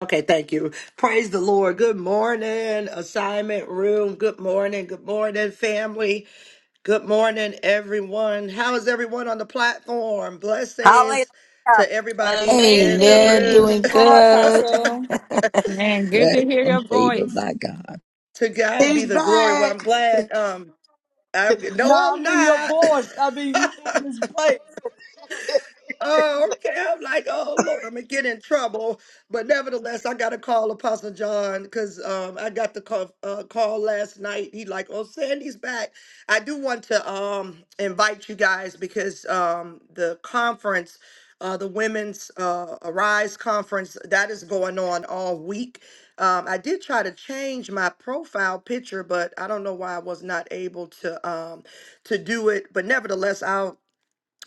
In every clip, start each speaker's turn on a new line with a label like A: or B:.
A: Okay, thank you. Praise the Lord. Good morning, assignment room. Good morning. Good morning, family. Good morning, everyone. How is everyone on the platform? Blessings
B: Hallelujah.
A: to everybody in the
C: Amen.
D: Amazing. Good
C: Doing
D: morning,
B: Lord.
A: room.
C: good.
D: Apostle.
E: Man, good
F: Blessed
E: to hear your
F: and favored
E: voice.
F: by God.
A: to God be
G: He's
A: the glory. Well, I'm
G: back.
A: glad. Um, I'm
G: No,
A: no,
G: I
A: I'm
G: mean your
A: not.
G: voice. I mean you in this place.
A: Oh, okay. I'm like, oh Lord, I'm gonna get in trouble. But nevertheless, I gotta call Apostle John because um, I got the call uh, call last night. He like, oh, Sandy's back. I do want to um invite you guys because um the conference, uh, the women's uh Arise conference that is going on all week. Um, I did try to change my profile picture, but I don't know why I was not able to um to do it. But nevertheless, I'll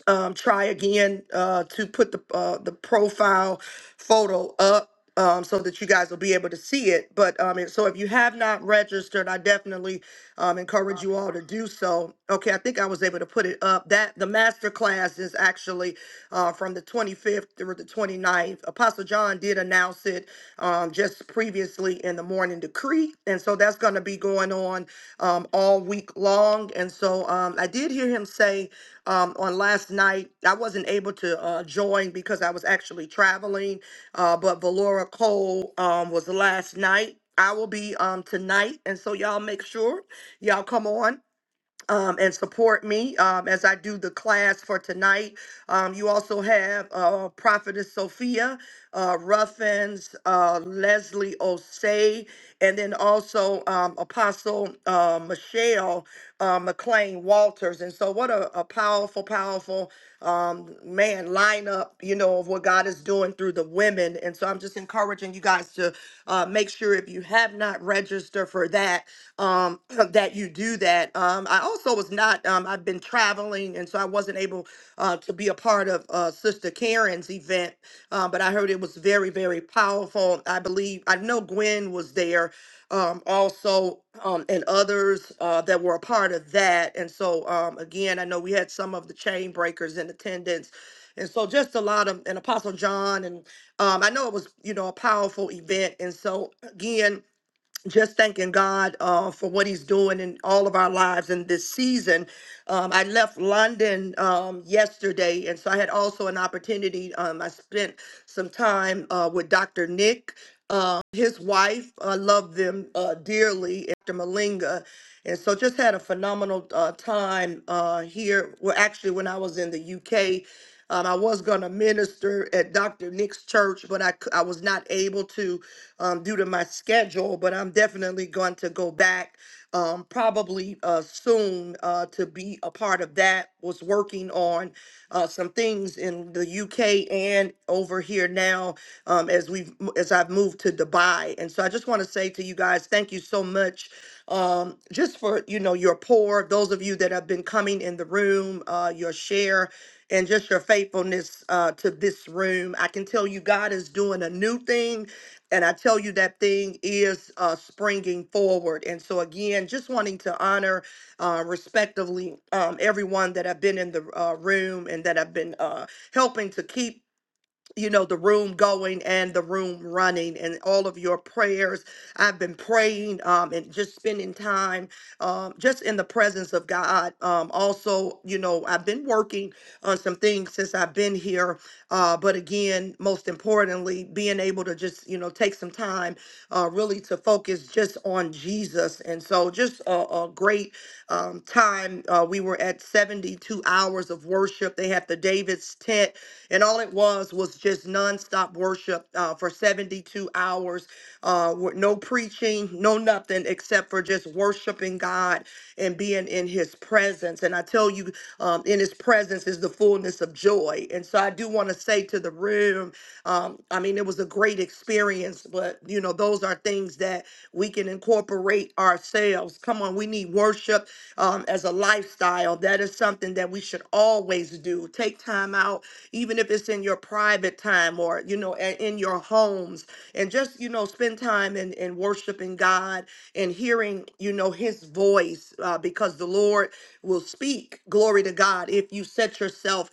A: um, try again uh, to put the uh, the profile photo up um, so that you guys will be able to see it. But um, and so if you have not registered, I definitely um, encourage you all to do so. Okay, I think I was able to put it up. That the master class is actually uh, from the 25th through the 29th. Apostle John did announce it um, just previously in the morning decree, and so that's going to be going on um, all week long. And so um, I did hear him say um, on last night. I wasn't able to uh, join because I was actually traveling, uh, but Valora Cole um, was last night. I will be um, tonight. And so y'all make sure y'all come on um, and support me um, as I do the class for tonight. Um, you also have uh, Prophetess Sophia uh, Ruffins, uh, Leslie Osei, and then also um, Apostle uh, Michelle uh, McLean Walters. And so, what a, a powerful, powerful um, man lineup, you know, of what God is doing through the women. And so, I'm just encouraging you guys to uh, make sure if you have not registered register for that um, that you do that. Um, I also was not. Um, I've been traveling, and so I wasn't able uh, to be a part of uh, Sister Karen's event. Uh, but I heard it was very, very powerful. I believe I know Gwen was there, um, also, um, and others uh, that were a part of that. And so um, again, I know we had some of the chain breakers in attendance. And so, just a lot of, and Apostle John, and um, I know it was, you know, a powerful event. And so, again, just thanking God uh, for what He's doing in all of our lives in this season. Um, I left London um, yesterday, and so I had also an opportunity. Um, I spent some time uh, with Dr. Nick. Uh, his wife. I love them uh, dearly after Malinga. And so just had a phenomenal uh, time uh, here. Well, actually, when I was in the UK, um, I was going to minister at Dr. Nick's church, but I, c- I was not able to um, due to my schedule. But I'm definitely going to go back um, probably uh, soon uh, to be a part of that. Was working on uh, some things in the UK and over here now um, as we've m- as I've moved to Dubai. And so I just want to say to you guys, thank you so much. Um, just for for you know your pour those of you that have been coming in the room uh your share and just your faithfulness uh to this room i can tell you god is doing a new thing and i tell you that thing is uh springing forward and so again just wanting to honor uh respectively um everyone that have been in the uh, room and that have been uh helping to keep you know the room going and the room running and all of your prayers i've been praying um and just spending time um just in the presence of god um also you know i've been working on some things since i've been here uh but again most importantly being able to just you know take some time uh really to focus just on jesus and so just a, a great um time uh we were at 72 hours of worship they had the david's tent and all it was was was just nonstop worship uh, for 72 hours, uh, with no preaching, no nothing except for just worshiping God and being in His presence. And I tell you, um, in His presence is the fullness of joy. And so I do want to say to the room um, I mean, it was a great experience, but you know, those are things that we can incorporate ourselves. Come on, we need worship um, as a lifestyle. That is something that we should always do. Take time out, even if it's in your private time or, you know, a- in your homes, and just, you know, spend time in, in worshiping God and hearing, you know, his voice uh, because the Lord will speak. Glory to God if you set yourself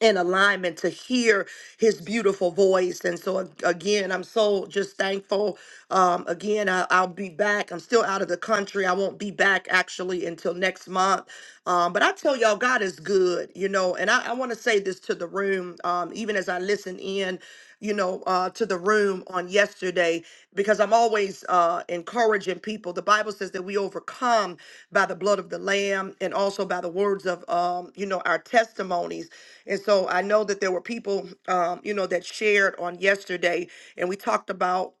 A: in alignment to hear his beautiful voice. And so, ag- again, I'm so just thankful. Um, again, I, I'll be back. I'm still out of the country. I won't be back actually until next month. Um, but I tell y'all, God is good, you know. And I, I want to say this to the room, um, even as I listen in. You know, uh, to the room on yesterday because I'm always uh, encouraging people. The Bible says that we overcome by the blood of the Lamb and also by the words of, um, you know, our testimonies. And so I know that there were people, um, you know, that shared on yesterday, and we talked about.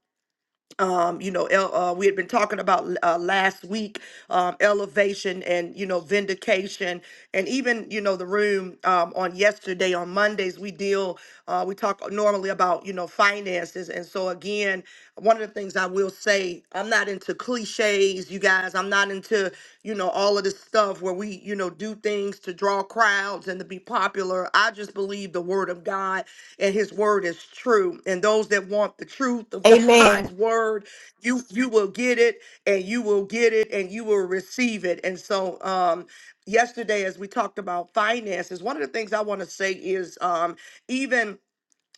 A: Um, you know, el- uh, we had been talking about uh, last week um, elevation and you know vindication, and even you know the room um, on yesterday on Mondays we deal uh, we talk normally about you know finances, and so again one of the things I will say, I'm not into cliches, you guys. I'm not into, you know, all of this stuff where we, you know, do things to draw crowds and to be popular. I just believe the word of God and his word is true. And those that want the truth of God's
H: Amen.
A: word, you you will get it and you will get it and you will receive it. And so um yesterday as we talked about finances, one of the things I want to say is um even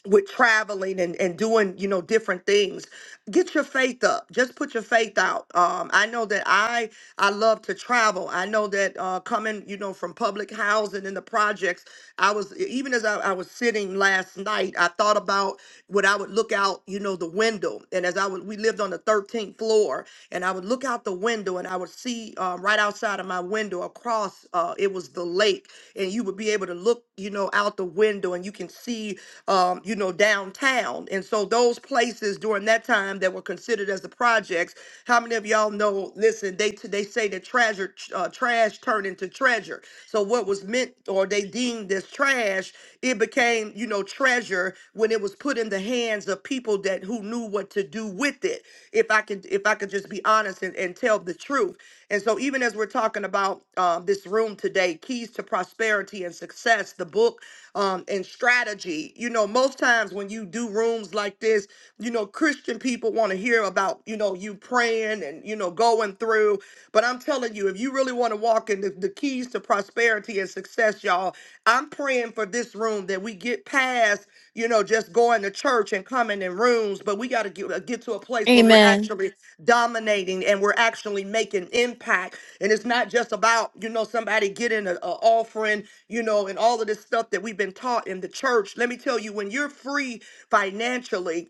A: with traveling and, and doing you know different things get your faith up just put your faith out um i know that i i love to travel i know that uh coming you know from public housing and the projects i was e, even as I, I was sitting last night i thought about what i would look out you know the window and as i would we lived on the 13th floor and i would look out the window and i would see um, right outside of my window across uh it was the lake and you would be able to look you know out the window and you can see um you know downtown and so those places during during that time that were considered as the projects. How many of y'all know? Listen, they they say that treasure uh, trash turned into treasure. So what was meant or they deemed as trash, it became you know treasure when it was put in the hands of people that who knew what to do with it. If I could if I could just be honest and, and tell the truth. And so even as we're talking about um, this room today, keys to prosperity and success, the book um, and strategy. You know, most times when you do rooms like this, you know, Christian people want to hear about, you know, you praying and, you know, going through. But I'm telling you, if you really want to walk in the, the keys to prosperity and success, y'all, I'm praying for this room that we get past. you you know, just going to church and coming in rooms, but we got to get, uh, get to a place where we're
C: Amen.
A: actually dominating and we're actually making impact. And it's not just about, you know, somebody getting an offering, you know, and all of this stuff that we've been taught in the church. Let me tell you, when you're free financially,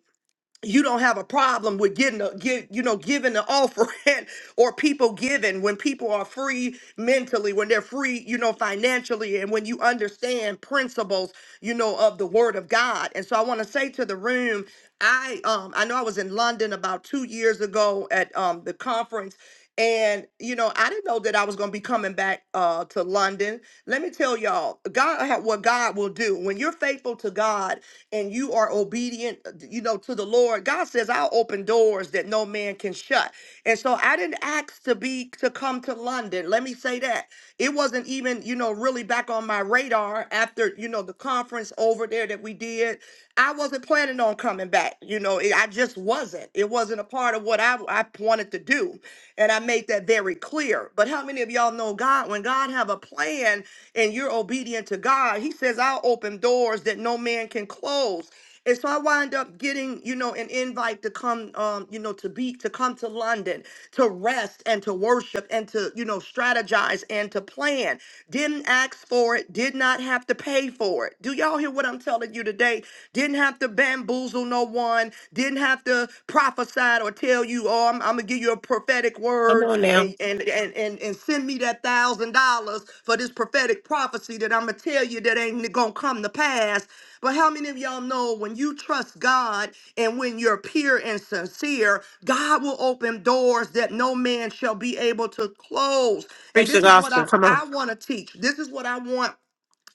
A: you don't have a problem with getting a get you know giving the offering or people giving when people are free mentally when they're free you know financially and when you understand principles you know of the word of god and so i want to say to the room i um i know i was in london about two years ago at um the conference and you know i didn't know that i was going to be coming back uh to london let me tell y'all god what god will do when you're faithful to god and you are obedient, uh, you know, to the Lord, God says, I'll open doors that no man can shut. And so I didn't ask to be to come to London. Let me say that. It wasn't even, you know, really back on my radar after, you know, the conference over there that we did I wasn't planning on coming back. You know, it, I just wasn't. It wasn't a part of what I, I wanted to do. And I made that very clear. But how many of y'all know God? When God have a plan and you're obedient to God, he says, I'll open doors that no man can close. And so I wind up getting, you know, an invite to come, um, you know, to be, to come to London, to rest and to worship and to, you know, strategize and to plan. Didn't ask for it, did not have to pay for it. Do y'all hear what I'm telling you today? Didn't have to bamboozle no one, didn't have to prophesy or tell you, oh, I'm, I'm gonna give you a prophetic
H: Come
A: word
H: on now.
A: and and and and, and send me that thousand dollars for this prophetic prophecy that I'm gonna tell you that ain't gonna come to pass. But how many of y'all know when you trust God and when you're pure and sincere, God will open doors that no man shall be able to close? And
H: Preach the
A: this is what
H: gospel.
A: I,
H: Come on.
A: I want to teach. This is what I want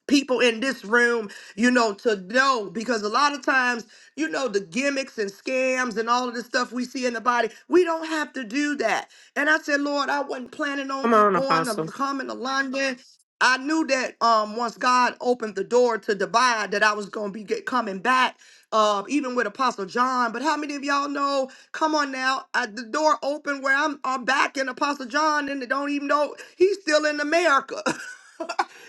A: people in this room, you know, to know because a lot of times, you know, the gimmicks and scams and all of this stuff we see in the body, we don't have to do that. And I said, Lord, I wasn't planning
H: Come
A: on g-
H: on,
A: going to
H: Apostle.
A: coming to London. I knew that um once God opened the door to Dubai, that I was gonna be get, coming back, uh, even with Apostle John. But how many of y'all know? Come on now, I, the door opened where I'm, I'm back in Apostle John, and they don't even know he's still in America.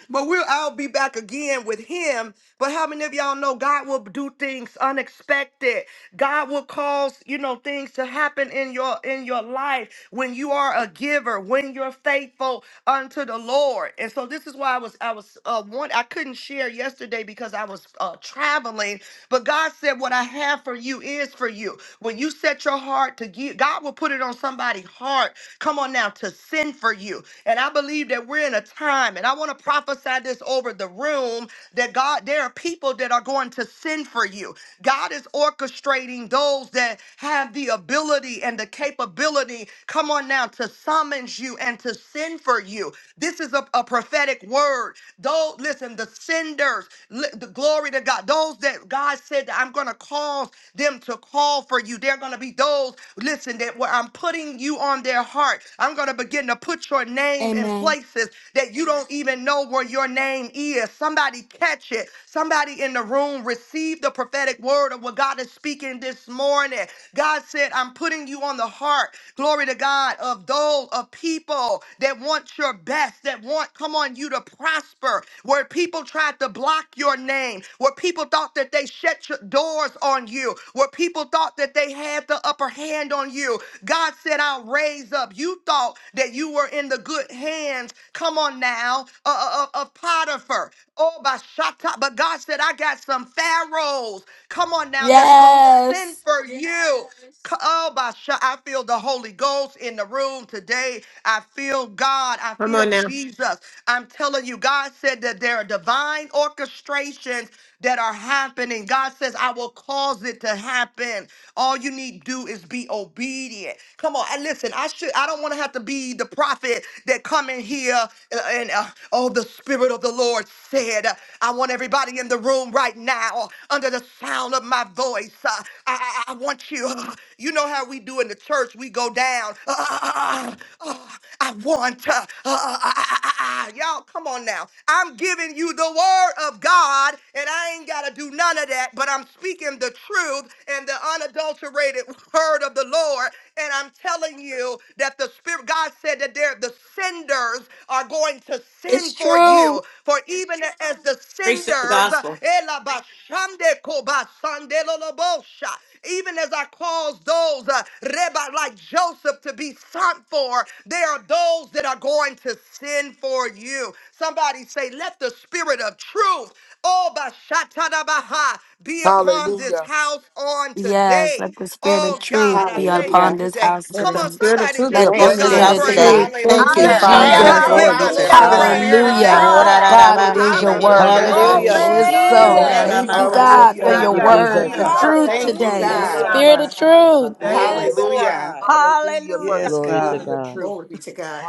A: But we'll all be back again with him. But how many of y'all know God will do things unexpected? God will cause, you know, things to happen in your in your life when you are a giver, when you're faithful unto the Lord. And so this is why I was I was uh one I couldn't share yesterday because I was uh traveling, but God said what I have for you is for you. When you set your heart to give, God will put it on somebody's heart. Come on now to send for you. And I believe believe that we're in a time, and I want to prophesy this over the room that God, there are people that are going to send for you. God is orchestrating those that have the ability and the capability, come on now, to summons you and to send for you. This is a, a prophetic word. Though, listen, the senders, li- the glory to God, those that God said that I'm going to cause them to call for you. They're going to be those, listen, that where I'm putting you on their heart. I'm going to begin to put your name in
C: Amen.
A: places that you don't even know where your name is. Somebody catch it. Somebody in the room receive the prophetic word of what God is speaking this morning. God said, I'm putting you on the heart, glory to God, of those of people that want your best, that want, come on, you to prosper, where people tried to block your name, where people thought that they shut your doors on you, where people thought that they had the upper hand on you, God said, I'll raise up. You thought that you were in the good hands, come on now, uh, uh, uh, of Potiphar. Oh, by Shatta. But God said, I got some pharaohs, come on now, that's going to send
C: Yes,
A: for you. C- Oh, by Sha- I feel the Holy Ghost in the room today. I feel God. I
H: Come
A: feel
H: on now.
A: Jesus. I'm telling you, God said that there are divine orchestrations that are happening. God says, I will cause it to happen. All you need do is be obedient. Come on, and listen, I should I don't want to have to be the prophet that come in here uh, and uh, oh the spirit of the Lord said, uh, I want everybody in the room right now under the sound of my voice. uh, I, I I want you. uh, you know how we do in the church, we go down. Uh, uh, uh, uh, uh, I want. Uh, uh, uh, uh, uh, uh, uh. Y'all, come on now. I'm giving you the word of God, and I ain't got to do none of that, but I'm speaking the truth and the unadulterated word of the Lord. And I'm telling you that the Spirit, God said that there, the senders are going to
C: it's
A: send for
C: true.
A: you. For even as the
H: Preach the
A: senders,
H: gospel.
A: eh, la ba shande ko ba sande lo lo bo sha even as I cause those uh, Rebbe like Joseph to be sent for, there are those that are going to sin for you. Somebody say, let the spirit of truth, oh, Bashatanabaha, be upon this
I: Hallelujah.
A: house on
C: Yes,
A: today.
C: let the spirit of
A: Oh,
C: truth
A: God, I
C: be
A: thank you
C: upon
J: Hallelujah.
C: this
A: today.
C: house
H: Let
A: Come
H: the
A: on,
C: today.
H: spirit of
A: somebody
H: truth be
A: just
C: Let the
J: Thank
H: upon
A: give
I: Let
J: you,
H: this
I: the
A: God
C: spirit
J: Lord.
H: house
C: of
I: spirit
H: today.
I: of
C: truth.
A: praise.
I: truth
C: Thank
H: Thank
I: be
H: you,
C: you,
J: Hallelujah.
I: upon
B: Hallelujah.
H: Father.
J: Thank
I: this
A: Just
C: Jesus.
J: you,
H: Glory
A: give
I: house
H: be
A: the
H: to
J: Father,
B: Hallelujah.
A: Lord
J: for
I: today.
J: the
H: God.
A: praise
J: spirit of
A: today.
C: Hallelujah.
H: Oh,
J: truth.
H: da, da,
D: Hallelujah.
B: hallelujah.
H: da,
C: God, it
H: ba,
I: Andarabasori,
K: Yes,
C: is your
H: shake,
K: God,
H: da, da,
K: yes,
C: word. We
H: da,
J: Hallelujah.
C: say
H: da.
D: Thank
K: God,
I: andarabosho,
C: it
L: Hallelujah.
D: you,
I: tori,
C: is
K: Spirit, truth.
H: Oh,
C: so.
H: da,
B: Glory.
J: Thank
H: da,
J: you,
D: Jesus.
C: Thank
I: andarabashi.
H: ba,
C: you,
H: ka,
B: Jesus.
J: Lord.
H: so,
C: God, for
H: ko,
K: Hallelujah,
H: da,
L: Thank
C: your
H: da,
L: you,
H: da,
B: Jesus.
C: word,
H: da, da,
C: for
L: Jesus.
H: da, da,
K: hallelujah.
B: Jesus.
C: truth
J: Thank you,
H: da.
C: today. The
K: Oh,
I: Iandarabasandarabansori,
D: Hallelujah.
K: da,
J: God.
K: da,
H: Oh,
C: spirit
K: ba,
I: andar-
H: da, da,
C: of
H: da, da,
K: shanda,
C: truth.
H: ba,
I: Thank
H: sha,
K: Glory.
I: you,
D: Yes,
H: ta.
I: Lord.
J: Hallelujah.
D: God.
I: Hallelujah for the
B: Hallelujah.
K: Yes,
L: Glory to
I: spirit
K: God.
I: of
L: God.
I: truth.
H: Glory be to God.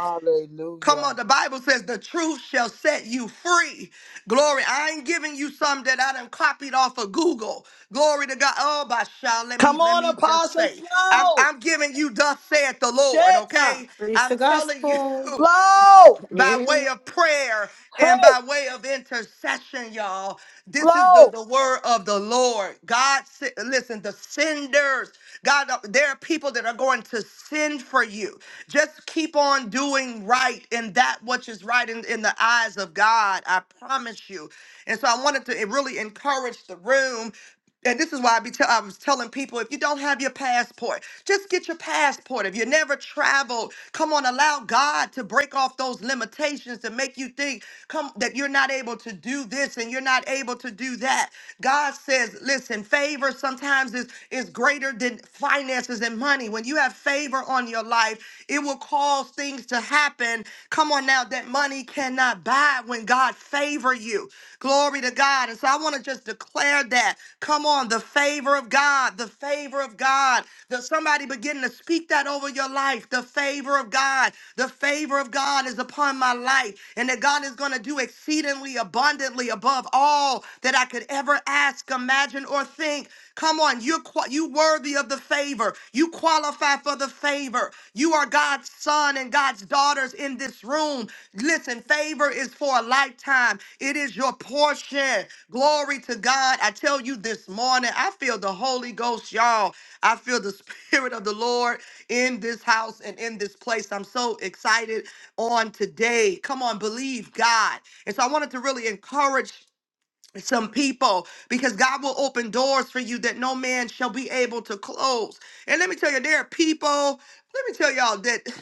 A: Come on, the Bible says the truth shall set you free. Glory. I ain't giving you some that I done copied off of Google. Glory to God. Oh, by shall let me
G: Come
A: let
G: on,
A: me just
G: Apostle
A: say. I'm
G: Flow.
A: I'm giving you thus saith the Lord,
G: Shit. uh,
A: okay?
H: Preach the
A: I'm telling you,
H: gospel.
G: Flow.
A: by
H: Yeah.
A: way of prayer and
G: Hey,
A: by way of intercession, y'all. This is the,
G: Flow.
A: the word of the Lord. God, se- listen, the senders, God, uh, there are people that are going to send for you. Just keep on doing right and that which is right in, in the eyes of God. I promise you. And so I wanted to really encourage the room and this is why I be tell I was telling people if you don't have your passport, just get your passport. If you never traveled, come on, allow God to break off those limitations to make you think come that you're not able to do this and you're not able to do that. God says, listen, favor sometimes is is greater than finances and money. When you have favor on your life, it will cause things to happen. Come on now, that money money cannot buy when God favor you. Glory to God. And so I want to just declare that. Come on, the favor of God, the favor of God. That somebody begin to speak that over your life. The favor of God, the favor of God is upon my life, and that God is going to do exceedingly abundantly above all that I could ever ask, imagine, or think. Come on, you're qu- you worthy of the favor favor. You qualify for the favor. You are God's son and God's daughters in this room. Listen, favor is for a lifetime, it is your portion. Glory to God. I tell you this morning, I feel the Holy Ghost, y'all. I feel the Spirit of the Lord in this house and in this place. I'm so excited on today. Come on, believe God. And so I wanted to really encourage some people because God will open doors for you that no man shall be able to close. And let me tell you, there are people, let me tell y'all that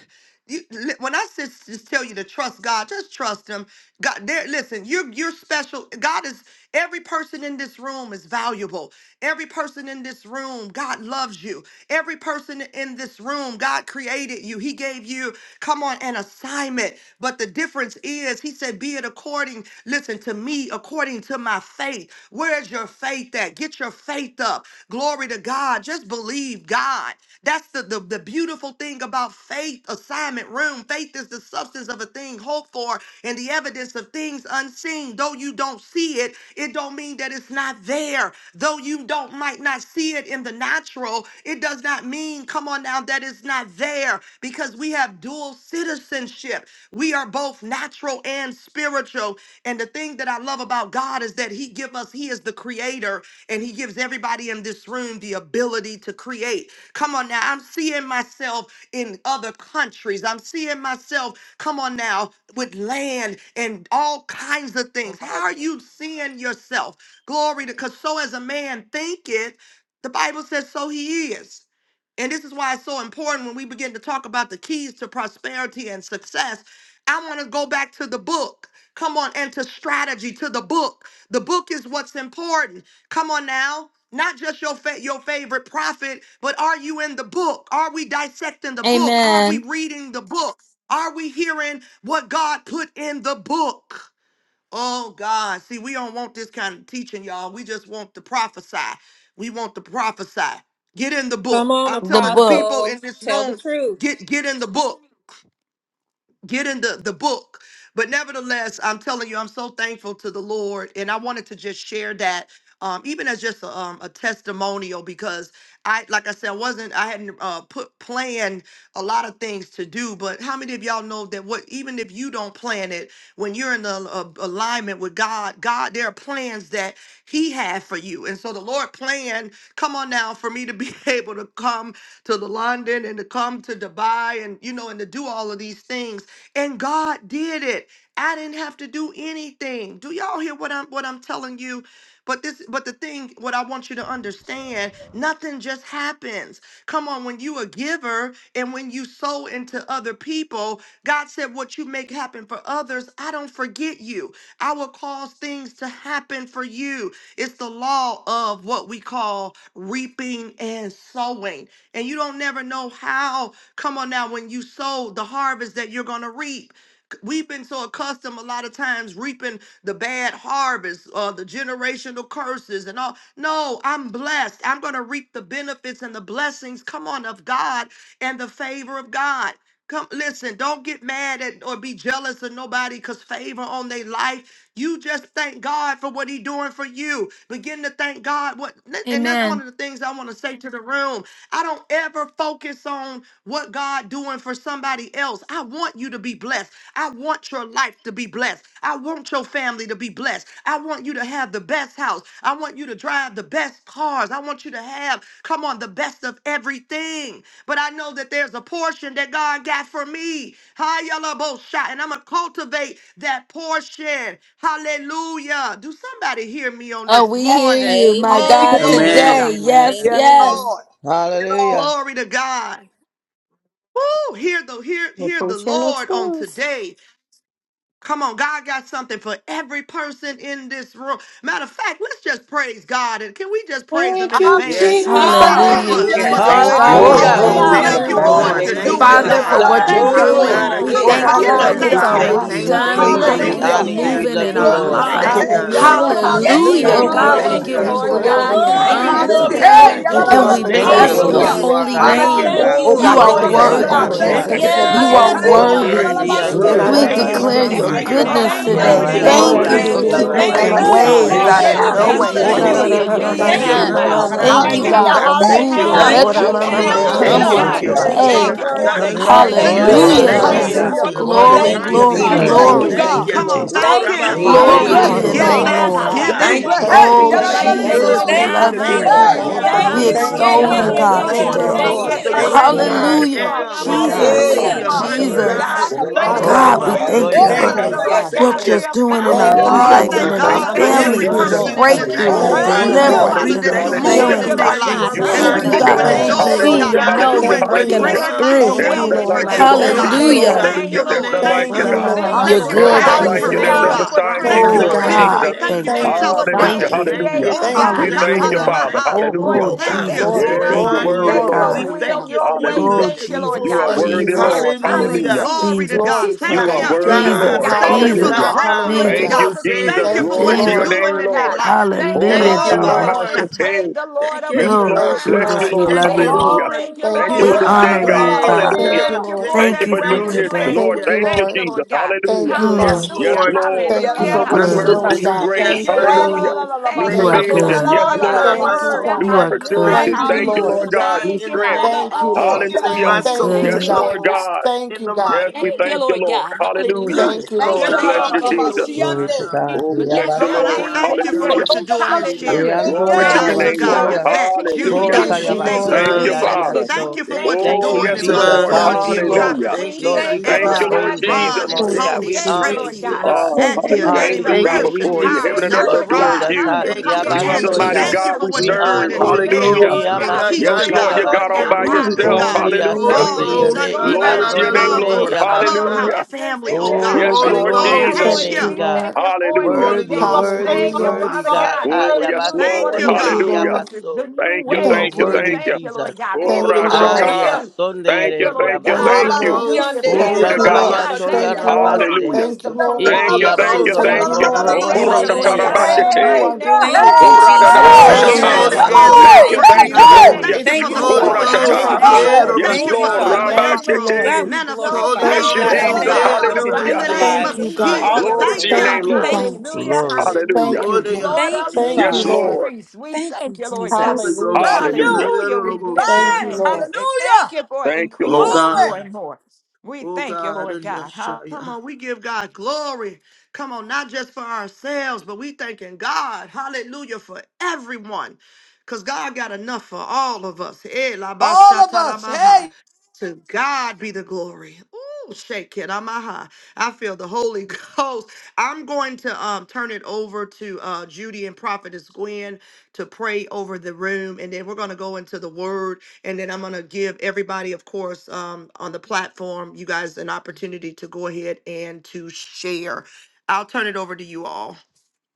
A: you li- when I just, just tell you to trust God, just trust him. God there listen, you're you're special. God is every person in this room is valuable. Every person in this room, God loves you. Every person in this room, God created you. He gave you, come on, an assignment. But the difference is, He said, be it according, listen to me, according to my faith. Where's your faith at? Get your faith up. Glory to God. Just believe God. That's the, the, the beautiful thing about faith assignment room. Faith is the substance of a thing hoped for and the evidence of things unseen. Though you don't see it, it don't mean that it's not there. Though you don't might not see it in the natural, it does not mean, come on now, that it's not there because we have dual citizenship. We are both natural and spiritual. And the thing that I love about God is that He give us, He is the creator, and He gives everybody in this room the ability to create. Come on now. I'm seeing myself in other countries. I'm seeing myself, come on now, with land and all kinds of
G: Oh
A: things.
G: my
A: How are you seeing yourself? Glory to because so as a man thinketh, the Bible says so he is. And this is why it's so important when we begin to talk about the keys to prosperity and success. I want to go back to the book. Come on, and to strategy, to the book. The book is what's important. Come on now. Not just your fa- your favorite prophet, but are you in the book? Are we dissecting the book? Are we
C: Amen.
A: reading the book? Are we hearing what God put in the book? Oh God, see, we don't want this kind of teaching, y'all. We just want to prophesy. We want to prophesy. Get in the
D: Come
A: book.
D: on,
A: I'm
C: The
A: telling the
C: book.
A: people in
D: Apostle.
A: this
D: Tell the
A: room,
D: truth.
A: get get in the book get in the the book but nevertheless i'm telling you i'm so thankful to the lord and i wanted to just share that um even as just a, um, a testimonial because i like i said i wasn't i hadn't uh put planned a lot of things to do but how many of y'all know that what even if you don't plan it when you're in the uh, alignment with god god there are plans that he had for you and so the lord planned come on now for me to be able to come to the london and to come to dubai and you know and to do all of these things and God did it. I didn't have to do anything. Do y'all hear what I'm what I'm telling you? But this but the thing what I want you to understand, nothing just happens. Come on, when you a giver and when you sow into other people, God said what you make happen for others, I don't forget you. I will cause things to happen for you. It's the law of what we call reaping and sowing. And you don't never know how Come on now, when you sow the harvest that you're going to reap. We've been so accustomed a lot of times reaping the bad harvest or the generational curses and all. No, I'm blessed. I'm going to reap the benefits and the blessings, come on, of God and the favor of God. Come, listen, don't get mad at or be jealous of nobody because favor on their life. You just thank God for what He doing for you. Begin to thank God. What and that's
C: Amen.
A: one of the things I want to say to the room. I don't ever focus on what God doing for somebody else. I want you to be blessed. I want your life to be blessed. I want your family to be blessed. I want you to have the best house. I want you to drive the best cars. I want you to have, come on, the best of everything. But I know that there's a portion that God got for me. Hayalabosha. And I'm going to cultivate that portion. Hallelujah. Do somebody hear me on
C: Oh,
A: this
C: we
B: Thank
C: hear
A: morning?
C: you, my
G: God.
A: Oh,
G: We
C: God,
G: hear you.
B: you.
A: glory to
D: Amen.
K: Amen,
C: today.
A: God.
C: Yes,
K: amen.
G: Yes,
D: Amen.
C: yes.
G: Lord. You know,
L: Hallelujah.
A: Glory to God. Woo! Hear the hear
H: We're
A: hear the
H: preaching the
A: Lord on
H: truth.
A: today. Come on, God got something for every person in this room. Matter of fact, let's just praise God and can we just praise Him
H: Thank
A: in
H: you,
A: advance?
K: Yes,
A: Lord,
K: God,
A: thank
B: Hallelujah.
A: you
D: Hallelujah.
C: Hallelujah,
H: Jesus.
A: for
G: Hallelujah.
J: Hallelujah.
A: for the
K: hallelujah.
C: Jesus.
J: Thank
A: open
J: you,
C: God,
H: Oh,
C: we
F: Glory,
L: Hallelujah.
A: doors.
J: Lord.
H: glory
C: thank
K: Oh,
H: be
B: Hallelujah.
H: to
G: Hallelujah.
F: hallelujah,
K: I
A: Thank
J: Thank
A: you
C: you,
J: you,
L: Thank
A: for
K: bless
L: you,
G: Glory
K: your
A: what
J: Lord.
H: God.
A: you're
G: to
L: Jesus.
G: your
K: name,
J: Thank
A: doing,
J: you,
G: name,
F: hallelujah,
C: Father,
L: Yes,
A: God.
G: God.
K: God.
C: for
L: God.
C: what
J: Father.
C: you're
A: Thank
D: Yes,
A: you,
G: Hallelujah.
A: Lord.
F: glory,
K: God,
C: doing.
K: I
C: We
A: Come
K: give
D: God.
H: Oh,
K: you
A: on,
F: hey,
K: the
J: Hallelujah.
C: thank
H: da,
C: you
A: begin
C: for
H: da,
A: to
F: my,
K: glory.
L: Father,
H: yeah,
C: it's
L: we
A: thank
G: Hallelujah.
H: ta,
F: my,
J: Father,
A: Him.
L: thank
H: da,
C: already
L: you.
K: Hallelujah.
H: shi,
L: We
J: thank
C: done.
H: ki,
K: Thank
C: We
L: praise
J: you.
H: ma,
L: you.
K: you,
C: thank
L: We
H: ya.
C: you
J: Thank
C: for
G: Hallelujah.
J: you.
L: honor
K: thank
L: you.
K: you,
F: hallelujah,
D: Hallelujah.
L: We
J: Thank
C: moving
J: you,
L: love
C: in
L: you,
D: Thank
C: our
H: Thank
D: you,
G: Glory
F: my
H: you,
J: Father.
L: Lord.
G: to your
K: thank
D: Father.
C: lives.
K: you,
F: God,
J: Thank
H: Father.
J: you,
G: head.
F: my
K: God.
F: God.
K: Thank you
E: Hallelujah,
K: for
J: Lord.
K: the
G: Yalalalabasu,
F: Yes,
D: Thank
E: hallelujah.
F: sir,
C: Hallelujah,
H: Oh,
D: you,
K: big.
E: We
C: God,
K: Thank
F: that's,
C: we
K: you,
D: Lord.
F: uh,
H: victory.
E: thank you,
C: give you
H: Thank
K: God,
J: Hallelujah.
H: you,
E: Lord
H: Lord,
K: for
G: talalalabasotoya.
H: for
E: God.
C: glory and
E: He
H: victory.
J: Hallelujah.
E: that
F: thank
D: Glory,
E: hath
C: honor
F: you,
G: Hallelujah.
K: hallelujah
D: glory,
F: God,
J: Hallelujah.
E: begun
C: today,
E: a
G: Hey,
D: glory,
F: thank
E: good
H: Thank
F: you,
H: you,
K: stretching
C: and
K: us.
E: work
H: Lord,
F: Lord,
C: we
H: for
D: glory.
J: Glory,
H: your
L: Thank
K: Thank
L: you
K: you,
J: glory,
C: bless
L: for
E: will
M: Hallelujah.
L: who
C: your
K: Lord.
F: hallelujah,
G: yalalalalalalalaosha.
E: continue.
D: Hallelujah,
L: you
H: faithfulness.
J: glory
L: are,
J: to
C: holy
J: you,
D: God.
L: God.
M: Glory
D: We
K: Thank
J: God.
M: to
K: you,
C: name.
M: God.
D: thank
G: Hallelujah.
B: Hallelujah.
K: God,
D: you,
H: Oh,
K: for the
C: You
H: God,
F: glory,
L: Oh,
H: thank
C: are
H: you for
L: yeah,
G: Hallelujah.
K: overflow,
D: Jesus.
H: every
G: God,
J: Thank
C: worthy,
G: I
J: you,
B: Hallelujah.
K: God.
F: hallelujah,
H: open
M: Hallelujah.
H: door.
G: thank
L: basoya.
G: you
F: thank
K: Thank
J: Lord.
H: Thank
M: Thank
H: you
G: in
K: you,
F: you,
C: Jesus.
H: for
M: you,
H: every
M: Lord
C: You
K: God.
G: advance.
C: are
F: Jesus.
H: closed
D: Yes,
E: Yeah,
F: Eh,
G: Hey,
H: door.
M: Jesus.
L: Only
D: Father.
K: stirring
C: worthy.
J: Jesus,
L: see
K: us
E: Hallelujah.
D: Thank
K: up,
J: thank
H: Shi,
L: ando
D: you,
K: God.
H: da,
F: bro,
C: We
H: da,
J: you.
M: Thank
F: ko
H: da,
D: Lord.
K: Thank
M: you,
G: yalalalabasotoya.
K: you
H: da,
E: We
M: Lord.
K: for
H: da,
C: declare
K: the
H: da,
B: We
F: shiki
L: yarabase.
C: your
E: bless
M: Thank
H: su,
G: Thank
B: give you
E: your
M: you,
H: ku,
G: you,
K: fire,
H: ba.
F: libra,
C: goodness
G: Father.
M: Jesus.
K: God.
E: name,
D: Thank
B: praise.
G: Thank
M: Hallelujah.
D: you,
E: Lord,
K: Thank
C: today.
G: you,
E: at
K: you,
F: mande
G: thank
H: Oh,
J: Thank
E: all
G: you,
H: da,
J: you,
C: Thank
L: Yarabasoya
K: Lord.
F: kili
H: di,
C: you
G: thank
H: di,
J: Lord.
G: you,
L: ando
D: Jesus.
C: for
B: Jesus.
E: times.
H: di, di,
F: bro,
G: thank
C: keep
E: Your
G: you,
B: Jesus.
H: da,
K: Thank
H: da,
G: thank
D: Thank
K: you,
G: you.
H: ba,
C: making
J: Thank
D: you,
L: yarabase.
J: you,
H: shi,
G: Hey,
E: praises
K: Lord.
H: ki.
J: Lord.
D: Father.
M: Thank
C: ways
F: o
K: Thank
M: you,
E: shall
C: out
K: you,
C: of
G: glory.
D: Yes,
K: Lord, for
C: no
F: saba,
D: yes,
K: your
J: Thank
C: way.
J: you,
D: yes,
H: Oh, da,
C: Thank
K: goodness
H: da,
J: Lord.
C: you
G: Hallelujah.
K: and
D: yes.
H: da,
F: bre
C: for
E: continually
K: your
H: da, da,
C: your
E: be
H: ba,
M: God.
K: mercy,
F: kili
E: in
J: Thank
D: Thank
K: your
J: you,
E: our
H: sa,
D: you,
F: bro,
C: hand.
H: ma,
K: loving
F: ko
H: na,
J: Lord.
M: We
E: mouths.
D: Father.
H: na,
E: We
M: Thank
C: Thank
K: kindness.
H: na,
E: make
C: you,
M: you.
H: di,
F: samande.
E: our
M: Lord.
B: hallelujah.
H: di.
C: God,
G: Yalalalabasuka.
K: God,
C: for
E: boast
G: Hey,
E: in
J: Thank
K: thank
J: you,
K: you
E: you,
K: for
C: moving.
J: Lord.
B: Hallelujah.
K: your
E: Lord.
H: Oh,
F: Thank
C: Let
H: da,
E: We
C: your
F: you,
H: ma,
D: Hallelujah.
F: God.
H: ma,
K: joy.
H: ma,
E: thank
C: kingdom
E: you,
H: ma,
J: Thank
H: to,
J: you,
K: Thank
C: come
E: Lord
N: Thank
G: yalalalalalalalaosha.
D: Hallelujah.
K: you
N: you,
C: on
H: shi,
K: for
D: You're
E: God.
M: We
H: ki,
K: your
G: Thank
J: Father.
M: are
H: ba.
N: Jesus.
G: you,
D: worthy.
F: Hallelujah.
K: peace,
M: worthy,
D: You're
C: today.
E: Thank
G: Father.
E: you
J: Thank
K: God.
J: you,
M: God.
E: for
H: The
E: the
K: God, we
D: worthy.
J: thank you,
E: new
H: blood,
M: Thank
H: the
K: thank
J: thank
M: you,
D: Thank
L: Oh,
G: Thank
E: things
K: you.
J: you,
D: you,
G: you,
H: blood,
M: God.
L: yeah,
E: that
H: the
E: are
N: Yes,
G: Lord.
F: Yee,
J: thank
C: Hallelujah,
J: you,
K: Thank
H: blood.
N: Lord.
K: you,
E: springing
D: Jesus.
J: God.
H: Thank
K: God,
L: basoya.
C: Jesus.
K: for
M: Hallelujah.
H: you,
G: Hallelujah.
E: forth
K: your
H: Lord.
F: boski,
K: loving
E: now
C: Glory,
M: We
L: Thank
D: Thank
J: Thank
E: in
L: you,
J: you,
D: you,
E: the
K: kindness.
C: glory,
G: We
J: thank
M: glorify
D: Father
J: you,
K: God,
L: Jesus.
E: name
M: you,
G: bless
K: we
J: thank
E: of
D: God.
M: Lord
G: you,
J: you,
F: ikilebro,
C: glory.
K: thank
G: God.
J: thank
N: Thank
J: you,
M: Jesus.
K: you.
N: you,
E: Jesus.
A: Come on,
J: Lord.
N: Jesus.
K: Oh,
A: thank
D: Thank
K: Rabbi
D: you,
A: Him.
M: You
D: Father
G: We
M: are
E: Hallelujah,
L: Thank
C: Glory
K: Shana,
L: you,
C: to
G: bless
D: God.
J: Hallelujah.
G: you,
M: worthy,
C: your
F: rekilebro
K: yes,
A: Give
L: Lord.
M: Lord.
G: God.
C: name,
H: Hallelujah.
B: Thank
J: Thank
K: Lord.
E: hallelujah,
J: you,
F: kusia.
D: Yes,
B: you,
C: Lord.
B: Lord.
J: Father.
D: God.
K: God,
G: We
E: hallelujah.
K: you're
F: Thank
A: thanksgiving.
B: Thank
G: bless.
D: Thank
F: you,
M: You
B: you,
F: Father.
K: great,
J: Thank
G: Hey,
M: are
K: you're
B: Lord.
J: you,
D: you.
C: Oh,
E: We
M: worthy,
G: yala la
J: thank
K: good,
G: la la
J: you,
F: Thank
K: you're
E: thank
M: Lord.
E: you,
F: you.
J: thank you,
K: good.
C: Jesus,
E: Lord
C: we
J: thank
G: yalalalaliosha.
J: you,
K: You're
E: God.
K: the
D: Thank
C: love
M: Hallelujah.
J: thank
C: you.
K: great
J: you,
K: I
D: you.
G: Hey,
F: Yeah,
H: Oh,
M: Glory
G: yala
K: am,
J: God.
E: Hallelujah,
K: the
F: my
G: la
M: to
D: Thank
C: We
M: your
H: glory.
K: King
D: you.
K: of
M: name,
F: worship
D: Yeah,
J: Thank you,
E: hallelujah,
C: extol
D: yeah,
K: Kings
C: you,
M: Jesus.
D: yeah,
F: belongs
K: the
J: Lord.
F: to
D: yeah,
C: God,
E: hallelujah.
F: you,
D: yeah.
K: Lord
J: Thank
K: of
H: You're
J: you,
M: Hallelujah.
F: Lord.
C: today.
E: Thank
D: Thank
E: you,
J: Lord.
H: awesome.
K: Lords, the
D: you.
M: Yes,
G: Madalalalabasataya.
J: Thank
K: great
J: you,
H: You're
F: Ikasaba.
M: Lord.
E: Elohim,
M: We
E: for
G: Thank
K: I
H: mighty.
J: Lord.
M: lift
G: you,
M: you
C: Hallelujah,
E: showing
M: up,
G: Father.
K: am.
E: up
H: You're
M: Lord
E: in
H: God.
E: us,
M: Jesus.
E: the
C: Jesus,
G: Thank
J: Hallelujah.
G: you,
F: Hey,
K: Hallelujah,
D: Hallelujah.
H: You're
F: my
G: Father.
M: Hallelujah.
K: mighty
E: created
H: King.
C: Jesus.
K: God.
E: God.
F: worship
G: Father,
M: Glory
E: We
H: You're
M: to
G: thank you.
L: Oh,
F: belongs
E: thank
M: God.
E: you
K: Awesome
F: to
L: yeah,
C: God,
H: deliverer.
C: we
J: Hallelujah.
E: for it.
K: Father,
C: thank
F: you,
C: you
G: Oh
K: your
H: You're
L: basoya.
C: for
G: God,
E: Thank
J: Thank
F: God.
G: I
J: you,
E: you,
H: healer.
G: thank
K: wonderful
E: Lord
G: you.
F: Yes,
J: Father.
E: God.
C: what
E: We
K: Savior.
C: you're
F: Lord.
E: are
C: doing in our
E: abounding
J: Thank
H: Victory.
M: Yes,
E: in
A: Come
J: you,
A: on, I
K: Hallelujah,
G: Oh
F: Thank
M: Lord,
C: lives
M: we
C: and
F: you,
A: thank
E: blessings.
G: God,
K: God.
C: in
J: Father.
G: I
C: our
E: We
M: thank
K: We
H: Ora
A: God
M: you,
A: for
G: thank
F: Father.
E: thank
M: Lord
E: you
G: you.
J: Thank
A: every
F: Thank
C: families
J: you,
E: for
K: glorify
E: it
C: and the
H: masi.
F: you.
M: Jesus.
A: person
E: this
K: you.
J: Lord.
A: in
K: We
A: this
E: morning
C: breakthrough
E: in the
C: and the
A: room.
J: Thank
F: Hallelujah.
K: magnify
J: you,
E: name
G: Thank
H: Ora ra
K: you.
M: Hallelujah,
E: of
G: you.
H: re
C: deliverance
J: God.
A: Father,
H: te
K: We
C: and
M: hallelujah,
E: Jesus.
C: the
A: that you're
K: thank you
H: mana.
K: for
F: Thank
M: hallelujah.
A: moving
J: Thank
E: Thank
C: healings,
A: in
E: you,
K: your
J: you,
F: you,
A: their
C: God.
E: Lord
K: mighty
A: life,
E: God.
M: You
K: works,
M: are
F: Jesus.
A: that
J: Jesus.
H: Ora
K: God.
C: Thank
A: you're
C: you,
H: ra
F: Thank
M: worthy,
F: you,
H: ra
E: Hallelujah.
C: God,
H: ra
K: God,
A: opening
M: God.
C: that
H: ra
K: we
C: you
J: Thank
E: Thank
F: Lord.
J: you,
E: you,
K: thank
A: doors,
H: masi.
E: Lord
K: you,
C: see,
J: Lord.
A: God,
C: you
M: Hallelujah,
K: God,
A: that you're
E: God.
K: for
C: know,
K: your
M: hallelujah,
C: you're
A: doing
J: Thank
E: For
J: you,
K: mighty
C: breaking
E: leading
A: great
M: hallelujah.
J: Lord.
C: us
E: us
A: and
K: love,
E: to
K: your
A: mighty
E: the
C: through.
J: Thank
H: Ora
M: There's
J: you,
H: re
E: wealthy
A: things
M: none
H: te
K: generous
A: for
J: Lord.
M: like
A: them,
M: you,
E: place
H: mana
A: oh
H: na
M: Lord
E: this
J: Thank
H: na.
A: God.
J: you,
E: day
M: Jesus.
E: in
K: generosity,
E: the
J: Lord.
C: Hallelujah.
K: God.
A: Thank you,
M: Hallelujah.
K: In
E: name
K: the
E: of
M: There's
A: Lord.
M: none like
K: name
A: Thank
E: Jesus.
J: Thank
M: you,
A: you.
K: of
J: you,
H: Ora
E: We
H: ba
M: God.
H: ba
E: thank
J: Lord.
E: you,
C: You're
A: Thank
K: Jesus,
A: you
H: masi
E: Lord
A: for
L: Oh,
B: Hallelujah.
H: te
M: There's
C: good,
E: God.
L: yeah,
H: ba.
M: none
A: every
K: thank
M: like
K: you,
M: you.
C: Jesus.
A: person,
K: Lord,
M: There's
A: oh
K: for
E: Thank
M: none
L: basoya.
J: Hallelujah.
B: Hallelujah.
E: you
K: your
A: God.
E: for
M: beside
H: Te
M: you,
J: Thank
A: Thank
K: promises
A: you
J: you,
K: of
H: mana
A: for
C: Oh,
M: Lord
H: na na
K: yea
J: God.
H: na.
E: transformation.
K: and
C: God,
A: victory.
M: Jesus.
E: We
A: Thank you
C: thank
A: for
C: you.
E: thank
J: Thank
K: amen.
J: you,
E: you
K: God,
M: Hallelujah,
K: we
C: Thank
J: Father.
E: again,
A: celebration.
H: Thank
C: you.
H: you,
K: thank
M: hallelujah.
H: Lord.
K: you.
A: Oh,
E: creative
K: We
J: Thank
E: God.
M: We
J: you,
K: thank
M: thank
K: you.
M: you,
A: Bashatana
K: We
J: Father.
C: Hallelujah.
M: Father.
E: Hallelujah.
K: thank
A: Maha.
K: you.
H: Oh,
E: For
C: Oh,
M: Hallelujah.
H: glory,
K: Oh
A: Thank
K: God,
H: glory,
A: you.
K: we
C: Jesus,
E: manifesting
J: Glory,
C: we
H: glory.
E: in us
M: Yeah,
C: thank
M: you're
K: glorify
J: glory,
C: you,
E: this
M: worthy,
C: Lord
E: day
K: you.
J: glory to
E: your
K: We
M: Lord.
C: God.
J: you,
E: will,
K: thank
J: God.
K: you for
E: your
K: your
E: way.
C: Oh,
M: Hallelujah.
H: Amen.
E: Thank
K: goodness,
E: you, Lord
M: You
C: Jesus,
E: God,
M: are
E: for
K: Lord.
J: Thank
E: your
J: you,
M: worthy,
C: Jesus,
J: Lord.
M: Lord.
E: spirit.
M: Hallelujah.
K: Hallelujah.
C: Jesus,
E: Hallelujah.
A: Glory to God.
J: Glory
C: Jesus,
E: Teaching
J: to
M: You
E: us,
A: Thank
M: are
A: you.
K: Mighty
J: God.
E: leading
M: worthy,
E: us, and
K: God,
M: Lord.
C: Jesus,
E: guiding
A: Thank
K: Robo
E: us
A: you for
E: into
A: the
M: Hallelujah.
J: Hallelujah.
C: Jesus,
E: all
K: Shana,
A: breakthroughs,
E: ways
M: Thank
J: Hallelujah.
K: Robo
M: you,
C: Jesus,
E: of
A: God.
E: the truth.
K: Se,
M: Jesus.
A: Thank
E: We
A: you
J: Thank
A: for
J: you,
M: Glory
A: what
M: to
A: you're
E: bless
C: Jesus.
M: your
E: you,
J: Lord.
M: name,
A: doing
E: Lord
A: in their
K: Yakorabanaya.
E: God.
M: Lord.
A: life.
E: Thank you
M: Ora
C: Hallelujah,
J: Thank
K: Thank
J: you,
A: Oh,
K: you,
E: so
C: Jesus.
A: Baba
J: Lord.
E: much this
K: Lord.
A: Shata.
E: day,
M: tarabashete.
E: the Lord
K: Thank
E: of
K: you.
E: a
M: Yes,
K: Hear
C: Oh,
K: I
M: Lord.
J: Thank you,
E: turnaround
M: Bless
E: and a
M: you,
C: Jesus,
K: cry.
J: Lord.
C: we
M: Lord.
C: love
K: Thank you,
E: comeback.
C: you.
E: We
M: Hallelujah.
K: Lord.
B: Glory,
E: thank you,
M: Thank
J: Thank
E: Lord
J: you,
M: you
K: Hear
M: for
C: We
M: this
E: God.
K: I
J: Lord.
C: honor
M: day,
B: glory,
M: God.
C: you,
E: Hallelujah.
K: praise,
C: God.
M: Hallelujah.
J: Thank
B: glory.
J: you,
K: God.
E: Thank
G: Shalalalalabasotoya.
E: you
J: Lord.
K: Thank
E: for
M: Thank
C: Thank
M: you
K: you,
E: that
C: you
M: for
C: for
K: thank
E: wealthy
K: you,
M: newness,
E: place.
C: today.
K: thank
M: Lord.
J: Thank
E: We
J: you,
K: you.
M: Thank you,
E: thank you,
J: Lord.
M: Jesus.
E: Lord God.
M: Hallelujah.
J: Thank
G: Thank
J: you,
G: you,
K: Yes,
G: Father.
C: Mm,
J: Lord.
M: Yes,
E: Hallelujah.
K: Lord.
G: Thank you,
M: Lord.
J: Thank
G: yala
J: you
B: Thank
C: you're
E: Hallelujah.
B: you
J: for
G: la
K: My
B: for
J: what
M: New
J: you're
B: peace.
K: soul
C: good.
E: Hallelujah.
M: mercy,
J: doing,
M: new
K: say
J: God.
B: Thank
M: grace.
B: you
E: Thank
K: yes.
J: Thank
E: you,
K: My
B: for
E: Lord
J: you.
B: strategy.
M: Hallelujah.
K: soul
E: Jesus.
M: New
E: Thank
K: make
C: You
E: you,
C: are
K: her
J: Thank
E: Lord
B: Thank you,
E: God.
J: you.
M: provision.
K: boast
C: good.
M: Yes,
K: in
B: Lord,
K: you,
B: for your
M: Lord.
K: God. My
J: Thank you,
B: word.
E: Hallelujah.
G: Yalalalalabasotolalalalalabasaya.
K: soul
M: New
C: You
J: God.
C: are
B: Thank you,
C: good.
B: Lord.
E: Hallelujah.
K: magnify
G: Thank
M: opportunities.
J: Thank
G: you,
J: you,
M: Thank
K: you.
M: you,
E: Hallelujah.
J: Lord.
G: Jesus.
M: Lord
B: Hallelujah.
M: God.
K: God,
M: New
E: Thank
K: in
E: you
K: the
B: Hallelujah.
M: strength.
E: for the
K: name
J: Thank you,
K: of
G: Thank
J: Lord.
G: you.
K: Jesus,
C: You
M: Hallelujah.
K: my
C: are
E: overflow. We
J: Thank
K: soul
E: thank
J: you,
M: Yes,
K: take
E: you,
C: good.
K: a
E: Lord
J: God.
M: Lord
E: God.
K: boast
M: God.
J: Thank
K: in
J: you,
K: the
J: God.
M: Yes,
K: mighty
M: we
E: Thank you,
K: man
M: thank you,
E: Lord
M: Lord.
E: God.
K: of
M: Hallelujah.
K: God.
E: Hallelujah.
J: Thank you,
K: Oh
B: Thank
M: We
B: you,
J: Lord.
M: bless
E: Thank
M: you,
B: Lord.
K: God,
E: you,
K: in
E: Lord
M: Jesus.
E: Jesus.
L: Glory to
G: Shalalalabasiande.
K: Yoshana.
E: We
L: God.
M: Oh, we bless
E: bless
M: you,
G: Thank
A: Come
E: your
A: on,
L: Yabaso.
K: My
A: I
M: Lord.
E: name
K: God,
A: thank
E: this
A: you
K: the
A: for
E: day.
M: Hallelujah.
A: what you're
K: honorable
A: doing and
K: shady of
E: Hallelujah.
A: sharing.
G: you.
L: Yando
M: Glory
K: Malaya.
M: to your
E: Treasures
A: Deandra,
J: Thank
M: name,
E: of
J: you,
A: God,
M: Lord.
J: Lord.
L: Yarabasaya.
E: darkness,
A: Yvette,
E: hidden
A: Judy,
K: Thank
M: Hallelujah.
K: you,
L: Kota
E: riches
A: Dr.
J: Thank you,
E: in
J: Lord.
A: Stacy,
M: Thank
L: Yabasete
E: secret
M: you,
K: Jesus.
A: Gwen.
M: Father.
E: places. We
A: Thank
L: Yandiaso.
A: you for
K: Thank
E: thank
A: what you're
E: you
K: you,
L: Thank
M: Oh,
E: for
L: you,
A: doing
M: yes,
G: God.
A: and Mother
E: being
L: Jesus.
M: Lord.
K: Jesus.
J: Thank
E: released
A: Dorothy
J: you,
E: to
A: and
E: us.
L: Hallelujah.
J: Lord.
A: Prophet
M: Hallelujah.
G: We
K: Thank
E: We
K: you,
L: Lord,
A: Sheila,
L: we
G: bless
E: thank
G: you,
E: you,
L: give
M: Thank
L: you
K: Jesus.
M: you,
E: Lord
A: Etna,
G: God.
M: Lord
E: God,
L: praise on
E: you've
L: this
A: Ron
M: Jesus.
A: and
L: morning,
E: released
J: Thank
K: Thank
E: it.
L: God.
J: you,
A: Tony
L: We
K: you,
A: and
E: Thank you,
L: honor
E: Lord
J: Jesus.
A: Tracy,
L: you,
E: God.
L: God.
K: Jesus.
M: Oh,
E: You've
J: Thank you,
A: Etnia,
E: given
M: hallelujah.
J: Lord.
E: us
A: Eddie
E: the
M: Angels
K: Thank
M: bow
A: Marie,
L: Hallelujah.
K: you,
E: earth.
L: We
E: And we
M: before you.
L: lift
M: Heaven
A: Shatara,
E: thank
M: and
K: Jesus.
E: you,
L: you
M: earth
L: up,
A: Dr.
G: Bless you,
E: Lord
M: adores
G: God.
A: Rod,
E: God.
L: Jesus.
M: you.
L: Hata
K: Thank
E: Hallelujah.
K: you,
A: Apostle
M: You
E: As
M: are
N: Yes,
M: the
E: the
A: Angela.
M: mighty
L: Yabasoya.
K: Jesus.
A: Thank
N: Jesus.
E: children
A: you
M: God
A: for
E: of
M: we
E: men,
A: what
L: We
N: Oh,
A: you're doing
M: serve.
L: honor
A: in
E: we
N: Gucci.
K: Holy
L: you.
E: thank
N: Thank
E: you,
A: Janelle
M: Hallelujah.
N: you,
K: Ghost,
E: Lord
K: ah,
A: and
N: Jesus.
E: God.
K: yeah,
E: We
M: Yes,
K: yeah,
A: Keisha,
L: Hiamasota
E: thank
M: Lord,
E: you,
K: yeah.
M: you
A: God,
M: God
E: Lord
M: all
E: God,
L: Yabase.
A: and
M: by
N: Oh,
E: for the
N: we
A: Robin,
M: yourself.
N: glorify.
A: God,
L: Only
A: and
E: release,
N: you.
E: the
M: Hallelujah.
K: Holy
N: Thank
A: all
N: you,
L: Asonde
A: the
N: Jesus.
E: release,
K: Ghost,
A: stunning
K: ah,
L: Yere
E: Lord,
K: na
E: the
M: Glory
K: na
M: to
A: crowns
K: na
M: your
A: and
L: Andonde
K: la
M: name,
K: la
A: all
E: release
A: the
L: Yere
K: bo
M: Lord.
E: of
K: sha,
E: your
L: Yabasoya.
A: clubhouse
M: Hallelujah.
E: blessings
A: family,
E: in
A: oh
E: the earth.
A: God.
L: Oh,
M: Yes,
K: Holy
M: Lord
E: Precious
A: Oh,
L: glory to your
K: Ghost,
A: thank
M: Jesus.
E: alloys,
J: Thank
A: you.
J: you,
L: name,
E: we
L: God.
E: thank
J: Lord.
E: you for
B: We
M: Hallelujah.
E: this
B: give
K: Holy
L: Worthy,
E: day.
B: you
K: Ghost,
B: glory,
L: worthy,
K: Holy
E: Thank you,
J: Hallelujah.
B: glory,
L: worthy
E: Father
K: Ghost,
L: God.
E: God.
L: Ah,
M: Oh,
B: glory.
M: yes,
E: Hallelujah. For
A: Thank
L: yabasonde
E: the
M: Lord.
A: you,
J: Thank
L: yere
E: new
J: you,
A: God.
M: Hallelujah.
J: Lord.
E: businesses,
L: yabaso.
E: the new
M: Thank you,
L: You are
M: thank
E: ways.
J: Thank you,
M: you,
E: We
J: Lord.
L: worthy,
M: thank you.
E: thank you, Lord
L: Jesus.
E: God, that you're
J: Thank
K: Holy
M: Ora
G: God,
J: you,
G: we
E: calling
J: Lord.
G: thank
E: us
L: Alia
G: you.
K: Ghost,
M: shata.
E: to.
L: sonde
M: Thank
E: Thank
L: yere
M: you,
E: you,
M: thank
E: Lord
M: you,
E: God.
J: Thank you,
M: thank
K: Holy
L: yabaso.
G: Rabba
M: you.
J: Lord.
G: Shiande,
E: Hallelujah.
K: Ghost,
G: da la
E: Thank
M: Glory
G: la
J: Thank
K: Ikea,
E: you,
M: to
G: la
K: la,
J: you,
K: la,
E: Lord
G: ba
M: God.
K: ba,
J: Lord.
E: God.
L: Ushatayando
K: sha,
E: Thank
J: Thank
G: sataya.
E: you
K: yeah.
J: you,
E: for
J: Lord.
E: the
L: yarabase.
M: Hallelujah.
J: Thank you,
E: wisdom
G: Da
E: to
G: la la
J: Lord.
G: la
E: walk
M: Thank
L: Iki
G: la
K: Holy
M: you,
G: ba
E: in it
M: thank
E: this
M: you,
L: yamando
G: suta,
K: Ghost,
G: da
E: day.
J: Thank
G: la la
M: thank
J: you,
K: Ikea,
M: you.
G: la
K: la,
G: la
L: yarobo
G: la
E: We
J: Lord.
K: la,
G: ba
D: Thank
K: ba,
J: You
E: thank
D: you,
L: honde
K: sha.
M: Okora
J: are
E: you, Lord
J: doing
L: yere
B: Praise,
G: sotoya.
J: it,
E: God,
D: Jesus.
E: in the
J: God.
L: yabaso
J: You
L: ya.
M: satarabashete.
G: Thank
E: mighty
J: are
B: praise,
G: you.
E: name
J: doing
E: of
D: Thank
J: it,
D: you,
B: praise,
J: God.
M: Ora
E: Jesus.
J: You
D: Jesus.
J: are
B: praise.
G: Hey!
A: Thank you
K: Oh,
L: Hata
M: dadadabashata.
J: doing
E: Hallelujah.
A: that
J: it,
K: Holy
D: Yes,
A: you're
E: Thank you
J: God.
D: Lord,
E: for
L: yamando.
D: we
G: Hey!
A: answering
M: Thank
K: Ghost,
M: you,
D: thank
E: calling
J: It's
G: Hey!
A: prayer,
E: us
M: thank
D: you.
J: you,
M: you,
A: God.
E: by
G: Hey!
M: thank
J: God.
M: you.
L: Glory,
E: name.
A: Thank you
J: It's
A: for
D: Thank
A: the
E: We
D: you,
J: you,
K: Holy
M: Ora
G: Glory,
J: God.
D: Father.
E: bless
G: glory,
D: You
E: your
K: Ghost,
A: supernatural,
M: shata.
J: Thank
D: are
J: you,
A: God.
E: name
G: glory.
K: Ikea, la,
D: faithful.
E: this
J: Lord.
K: ba,
M: Yes,
A: Thank you
D: Thank you,
A: for
E: morning
K: sha,
E: in
M: Lord.
E: the
K: yeah.
G: Ya
D: Father.
G: la ba
J: Thank
E: name
J: you,
E: of
A: supernatural
M: Rabashete.
G: suta.
E: Jesus.
D: God,
J: Lord.
D: we
K: Holy
D: glorify
E: Nobody
D: you.
J: Thank
M: Bless you,
J: you,
D: God,
G: Ya
A: manifestations,
D: I
E: like
K: Ghost,
G: la
A: oh
G: la
E: you,
M: Jesus.
G: la
J: Father.
D: thank you
G: la
E: God.
A: God.
D: for
K: Ikea,
G: ba
D: what
K: la,
D: you're
K: ba,
A: In
D: doing
E: Nobody
M: Hallelujah.
D: in
A: the
D: the
K: yeah,
E: like
G: sataya.
A: name
E: you.
J: Thank
K: yeah,
D: lives
A: of
J: you,
D: of
E: We
K: sha,
J: God.
K: yeah.
E: thank
D: all
A: Jesus,
E: you,
D: of
M: Glory
D: us,
E: Lord
M: to
D: oh
A: thank
M: your
A: you.
E: God.
D: God.
M: name,
J: Thank you,
M: Lord.
D: Thank you,
J: God.
E: Hallelujah.
L: glory.
D: Jesus.
M: Hallelujah.
J: Thank
E: Hallelujah.
J: you,
K: Oh, the
J: God.
E: Lord
D: Thank
E: of
K: Yakari,
D: you,
K: ode
E: the
J: Thank you,
M: Yes,
D: Father.
K: yese.
J: Lord.
M: Lord.
E: increase. We
D: Thank
E: thank
D: you,
E: you, Lord God.
K: Holy
D: Jesus.
K: Ghost,
J: Hallelujah.
G: Bless
K: in
M: Hallelujah.
G: you
E: Hallelujah.
G: in
K: the
E: We bless your
J: Thank you,
G: advance.
K: Shana.
E: name
J: Lord.
E: this day. Thank
G: Hallelujah.
E: you for
M: Thank you,
K: Oh
E: increasing
M: Lord.
E: us
G: Glory.
E: more
K: God,
E: and more. We
K: oh
E: thank you,
K: God,
E: Lord
K: and
E: God. Hall-
A: Come
K: Yeshaya.
A: on, we give God glory. Come on, not just for ourselves, but we thanking God, hallelujah, for everyone. Because God got enough for all of us. Eh, la ba sha
G: All of
A: ta da
G: us.
A: ma
G: Hey.
A: ha. To God be the glory. Ooh, shake it. I'm a high. I feel the Holy Ghost. I'm going to um, turn it over to uh, Judy and Prophetess Gwen to pray over the room, and then we're going to go into the Word and then I'm going to give everybody, of course, um, on the platform, you guys, an opportunity to go ahead and to share. I'll turn it over to you all.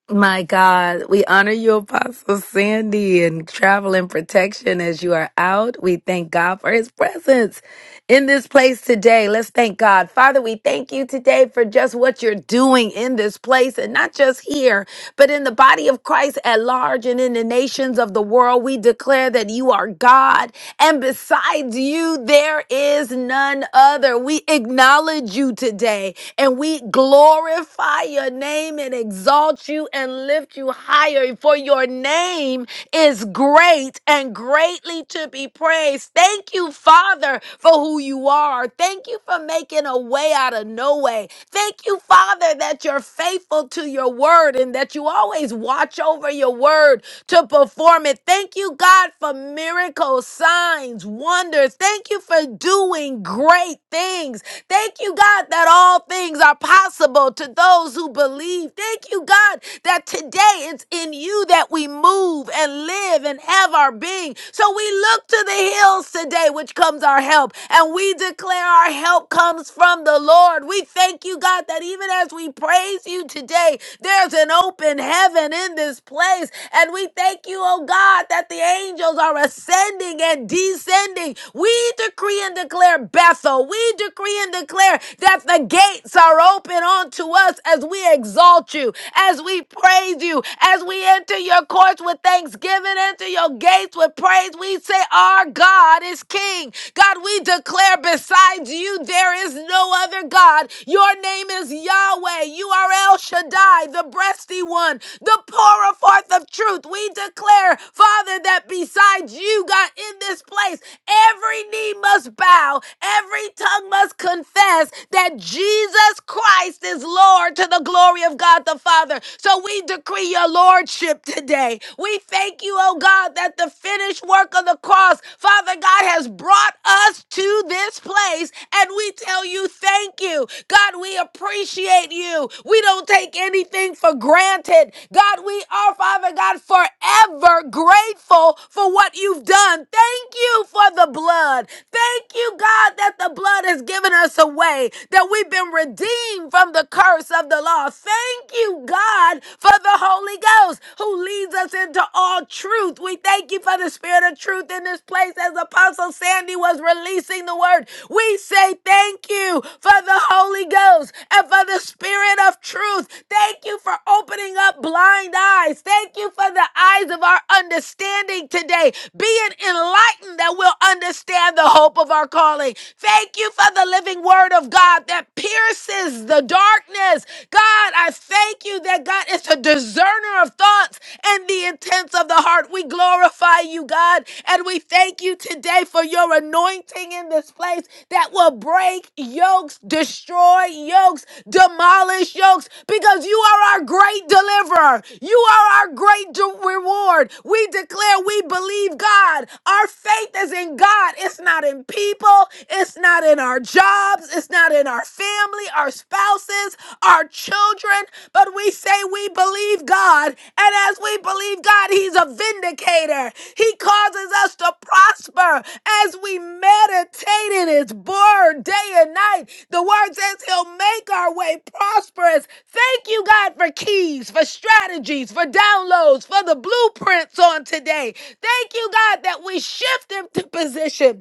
C: My God, we honor you, Apostle Sandy, and travel and protection as you are out. We thank God for his presence in this place today. Let's thank God. Father, we thank you today for just what you're doing in this place and not just here, but in the body of Christ at large and in the nations of the world. We declare that you are God, and besides you, there is none other. We acknowledge you today and we glorify your name and exalt you and lift you higher. For your name is great and greatly to be praised. Thank you, Father, for who you are. Thank you for making a way out of no way. Thank you, Father, that you're faithful to your word and that you always watch over your word to perform it. Thank you, God, for miracles, signs, wonders. Thank you for doing great things. Thank you, God, that all things are possible to those who believe. Thank you, God, that today it's in you that we move and live and have our being. So we look to the hills today, which comes our help, and we declare our help comes from the Lord. We thank you, God, that even as we praise you today, there's an open heaven in this place and we thank you, oh God, that the angels are ascending and descending. We decree and declare Bethel. We decree and declare that the gates are open unto us as we exalt you, as we praise you, as we enter your courts with thanksgiving, enter your gates with praise. We say, Our God is King. God, we declare besides you, there is no other God. Your name is Yahweh. You are El Shaddai, the breasty one the pourer forth of truth. We declare, Father, that besides you, God, in this place, every knee must bow, every tongue must confess that Jesus Christ is Lord to the glory of God the Father. So we decree your Lordship today. We thank you, oh God, that the finished work of the cross, Father God, has brought us to this place. And we tell you, thank you. God, we appreciate you. We don't don't take anything for granted. God, we are, Father God, forever grateful for what you've done. Thank you for the blood. Thank you, God, that the blood has given us a way, that we've been redeemed from the curse of the law. Thank you, God, for the Holy Ghost who leads us into all truth. We thank you for the spirit of truth in this place place as Apostle Sandy was releasing the word. We say thank you for the Holy Ghost and for the Spirit of truth. Thank you for opening up blind eyes. Thank you for the eyes of our understanding today, being enlightened that we'll understand the hope of our calling. Thank you for the living word of God that pierces the darkness. God, I thank you that God is a discerner of thoughts and the intents of the heart. We glorify you, God, and we thank you today for your anointing in this place that will break yokes, destroy yokes, demolish yokes, because you are our great deliverer. You are our great de- reward. We declare we believe God. Our faith is in God. It's not in people, it's not in our jobs, it's not in our family, our spouses, our children. But we say we believe God. And as we believe God, He's a vindicator. He causes us to prosper as we meditate in His word day and night. The word says He'll make our way prosperous. Thank you, God, for keys, for strategies, for downloads, for the blueprints on today. Thank you, God, that we shift into position.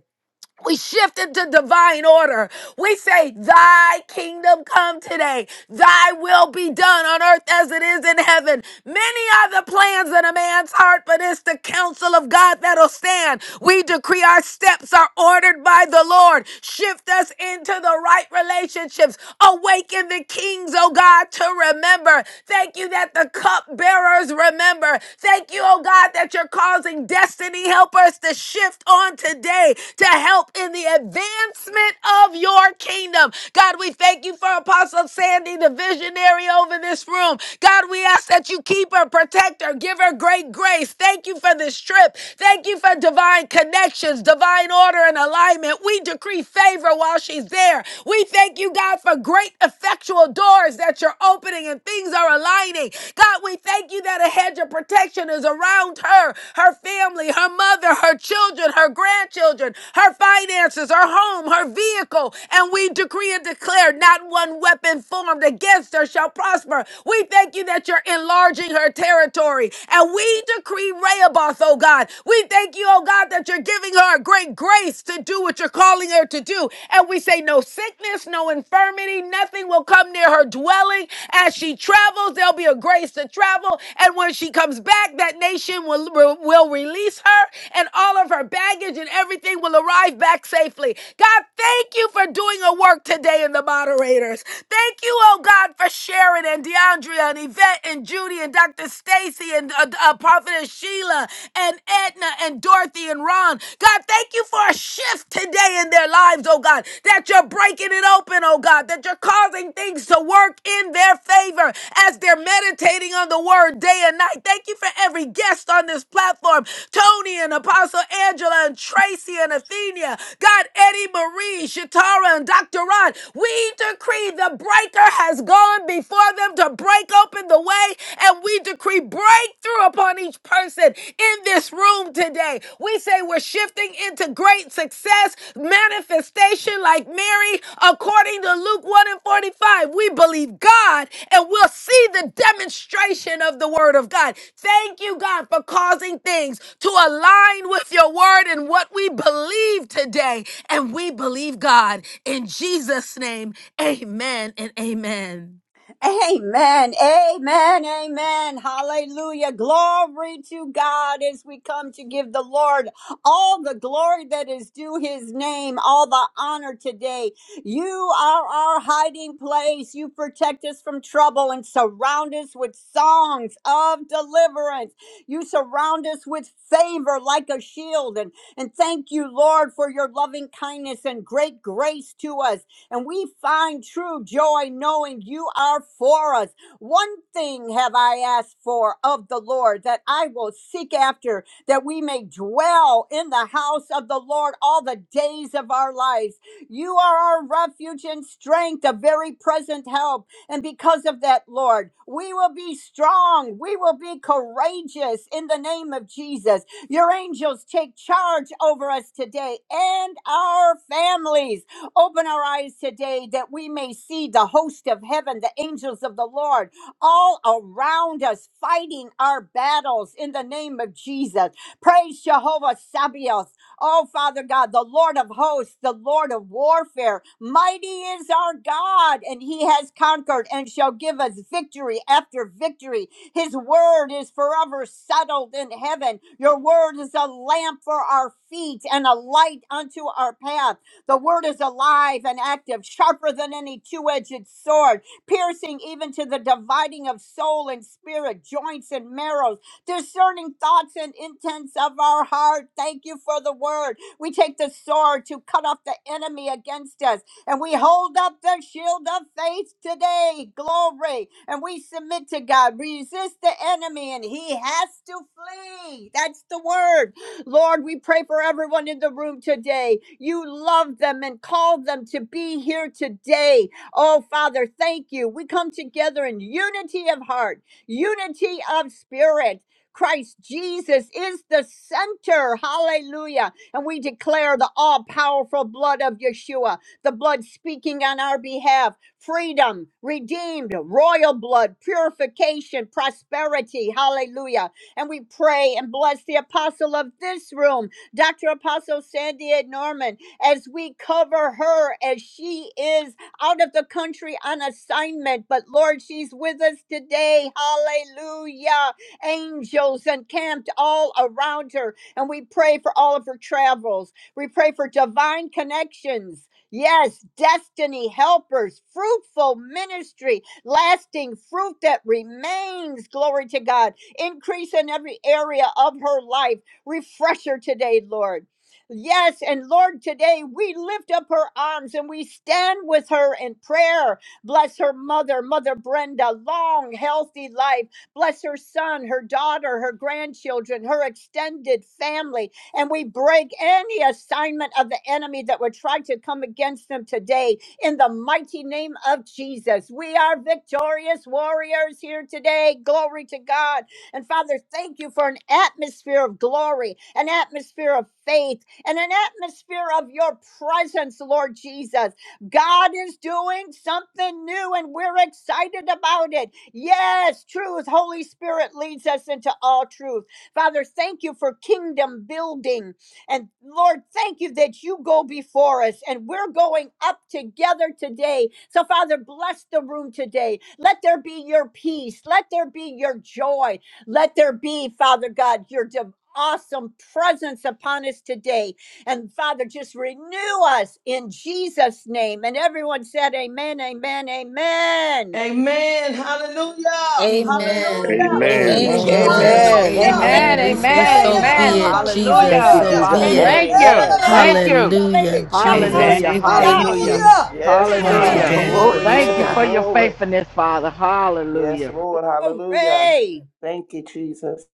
C: We shift into divine order. We say, Thy kingdom come today. Thy will be done on earth as it is in heaven. Many are the plans in a man's heart, but it's the counsel of God that'll stand. We decree our steps are ordered by the Lord. Shift us into the right relationships. Awaken the kings, oh God, to remember. Thank you that the cup bearers remember. Thank you, oh God, that you're causing destiny helpers to shift on today to help in the advancement of your kingdom. God, we thank you for Apostle Sandy, the visionary over this room room. God, we ask that you keep her, protect her, give her great grace. Thank you for this trip. Thank you for divine connections, divine order, and alignment. We decree favor while she's there. We thank you, God, for great effectual doors that you're opening and things are aligning. God, we thank you that a hedge of protection is around her, her family, her mother, her children, her grandchildren, her finances, her home, her vehicle. And we decree and declare not one weapon formed formed against her shall prosper. We thank you that you're enlarging her territory. And we decree Rehoboth, oh God. We thank you, oh God, that you're giving her a great grace to do what you're calling her to do. And we say, no sickness, no infirmity, nothing will come near her dwelling. As she travels, there'll be a grace to travel. And when she comes back, that nation will, will will release her and all of her baggage and everything will arrive back safely. God, thank you for doing a work today in the body moderators. Thank you, oh God, for Sharon and DeAndrea and Yvette and Judy and Dr. Stacy and uh, uh, Prophetess Sheila and Edna and Dorothy and Ron. God, thank you for a shift today in their lives, oh God, that you're breaking it open, oh God, that you're causing things to work in their favor as they're meditating on the word day and night. Thank you for every guest on this platform Tony and Apostle Angela and Tracy and Athenia. God, Eddie Marie, Shatar. Tara and Dr. Ron, we decree the breaker has gone before them to break open the way, and we decree breakthrough upon each person in this room today. We say we're shifting into great success, manifestation like Mary, according to Luke 1 and 45. We believe God, and we'll see the demonstration of the word of God. Thank you, God, for causing things to align with your word and what we believe today. And we believe God in Jesus' name. Amen and amen.
B: Amen. Amen. Amen. Hallelujah. Glory to God as we come to give the Lord all the glory that is due his name, all the honor today. You are our hiding place. You protect us from trouble and surround us with songs of deliverance. You surround us with favor like a shield. And, and thank you, Lord, for your loving kindness and great grace to us and we find true joy knowing you are for us. One thing have I asked for of the Lord that I will seek after, that we may dwell in the house of the Lord all the days of our lives. You are our refuge and strength, a very present help. And because of that, Lord, we will be strong. We will be courageous in the name of Jesus. Your angels take charge over us today and our families. Open our eyes today that we may see the host of heaven, the angels of the Lord, all around us fighting our battles in the name of Jesus. Praise Jehovah Sabaoth. Oh, Father God, the Lord of hosts, the Lord of warfare. Mighty is our God, and he has conquered and shall give us victory after victory. His word is forever settled in heaven. Your word is a lamp for our feet and a light unto our path. The word is alive and active, sharper than any two edged sword, piercing even to the dividing of soul and spirit, joints and marrows, discerning thoughts and intents of our heart. Thank you for the word. We take the sword to cut off the enemy against us, and we hold up the shield of faith today. Glory. And we submit to God. Resist the enemy, and he has to flee. That's the word. Lord, we pray for everyone in the room today. You love them and called them to be here today. Oh, Father, thank you. We come together in unity of heart, unity of spirit. Christ Jesus is the center. Hallelujah. And we declare the all powerful blood of Yeshua, the blood speaking on our behalf, freedom, redeemed, royal blood, purification, prosperity. Hallelujah and we pray and bless the apostle of this room, Dr. Apostle Sandy A. Norman, as we cover her as she is out of the country on assignment. But Lord, she's with us today. Hallelujah. Angels encamped all around her. And we pray for all of her travels. We pray for divine connections. Yes, destiny helpers, fruitful ministry, lasting fruit that remains. Glory to God increase in every area of her life. Refresh her today, Lord. Yes, and Lord, today we lift up her arms and we stand with her in prayer. Bless her mother, Mother Brenda, long, healthy life. Bless her son, her daughter, her grandchildren, her extended family. And we break any assignment of the enemy that would try to come against them today in the mighty name of Jesus. We are victorious warriors here today. Glory to God. And Father, thank you for an atmosphere of glory, an atmosphere of faith, and an atmosphere of your presence, Lord Jesus. God is doing something new and we're excited about it. Yes, truth. Holy Spirit leads us into all truth. Father, thank you for kingdom building. And Lord, thank you that you go before us and we're going up together today. So, Father, bless the room today. Let there be your peace. Let there be your joy. Let there be, Father God, your div- awesome presence upon us today. And Father, just renew us in Jesus' name. And everyone said, Amen, amen, amen.
G: Amen. Hallelujah.
C: Amen.
G: Hallelujah.
D: Amen.
B: Amen,
C: Thank
M: Amen.
C: you,
H: Amen.
C: Jesus.
D: Amen.
L: Amen.
G: Hallelujah.
C: Amen.
O: Amen,
C: We
D: Amen.
C: say,
O: amen,
G: Hey,
C: so
G: ya, la, la,
O: amen.
C: be
G: la, la,
C: it,
G: ba,
C: Jesus.
L: Thank
G: soto,
L: you,
O: Hallelujah.
C: So
G: ya.
O: Father,
C: be
L: Jesus.
K: Man, amen.
C: it.
O: thank
G: Hey, la,
O: you.
G: la,
K: amen.
G: la, la,
O: Thank
G: ba,
O: you.
B: amen.
C: Hallelujah,
G: siyande.
C: Jesus.
N: Amen.
O: Hallelujah,
B: Hallelujah,
C: We
N: Amen.
B: hallelujah.
C: thank
O: hallelujah,
C: you
G: Hallelujah.
K: Yes,
C: on
K: God.
O: hallelujah.
N: Amen.
C: today.
H: Glory
K: Glory,
H: be to
O: Thank you
K: glory,
O: for
H: God.
O: your
K: glory.
O: faithfulness, Father. Hallelujah.
K: Yes, Lord. Hallelujah.
B: Glory.
K: Thank you, Jesus.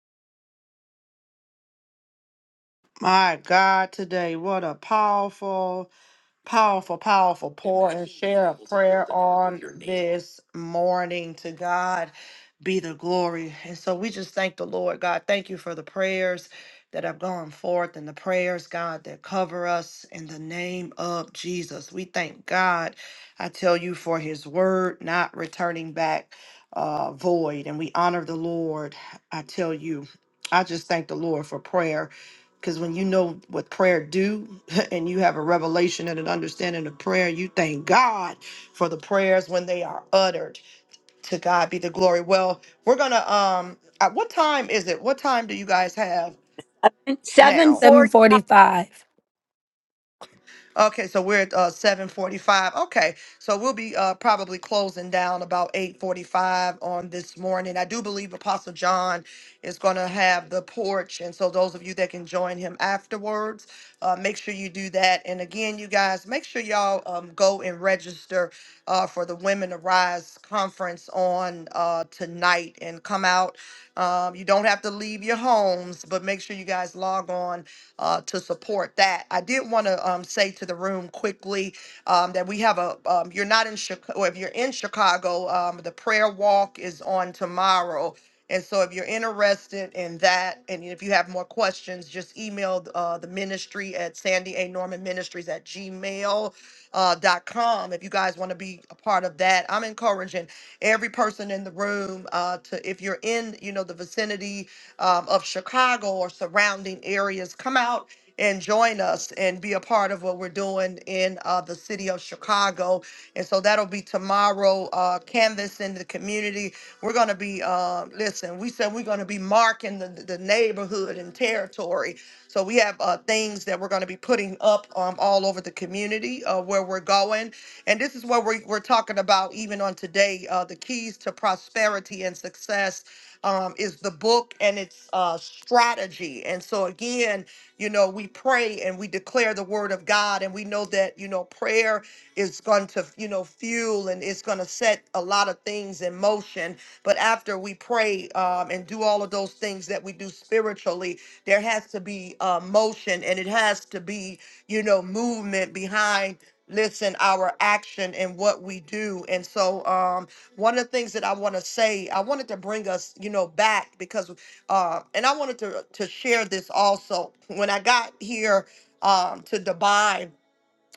A: My God, today, what a powerful. Powerful, powerful pour and share a prayer on this morning. To God be the glory. And so we just thank the Lord, God. Thank you for the prayers that have gone forth and the prayers, God, that cover us in the name of Jesus. We thank God, I tell you, for his word not returning back uh, void. And we honor the Lord, I tell you. I just thank the Lord for prayer because when you know what prayer do and you have a revelation and an understanding of prayer, you thank God for the prayers when they are uttered. To God be the glory. Well, we're gonna um. At what time is it? What time do you guys have now?
B: 745.
C: 745.
A: Okay, so we're at uh, seven forty-five. Okay, so we'll be uh, probably closing down about eight forty-five on this morning. I do believe Apostle John is going to have the porch, and so those of you that can join him afterwards, uh, make sure you do that. And again, you guys, make sure y'all um, go and register uh, for the Women Arise conference on uh, tonight and come out. Um, you don't have to leave your homes, but make sure you guys log on uh, to support that. I did want to um, say to the room quickly um, that we have a, um, you're not in Chicago, if you're in Chicago, um, the prayer walk is on tomorrow. And so if you're interested in that, and if you have more questions, just email uh, the ministry at Sandy A. Norman Ministries at gmail.com. Uh, dot com. if you guys want to be a part of that, I'm encouraging every person in the room uh, to, if you're in, you know, the vicinity um, of Chicago or surrounding areas, come out and join us and be a part of what we're doing in uh, the city of Chicago. And so that'll be tomorrow, uh, canvas in the community. We're going to be, uh, listen, we said we're going to be marking the, the neighborhood and territory. So we have uh, things that we're going to be putting up um, all over the community uh, where we're going. And this is what we're, we're talking about even on today, uh, the keys to prosperity and success um, is the book and its uh, strategy. And so, again, you know, we pray and we declare the word of God, and we know that, you know, prayer is going to, you know, fuel and it's going to set a lot of things in motion. But after we pray um, and do all of those things that we do spiritually, there has to be uh, motion and it has to be, you know, movement behind listen our action and what we do and so um one of the things that I want to say, I wanted to bring us, you know, back because, uh, and I wanted to to share this also. When I got here um, to Dubai,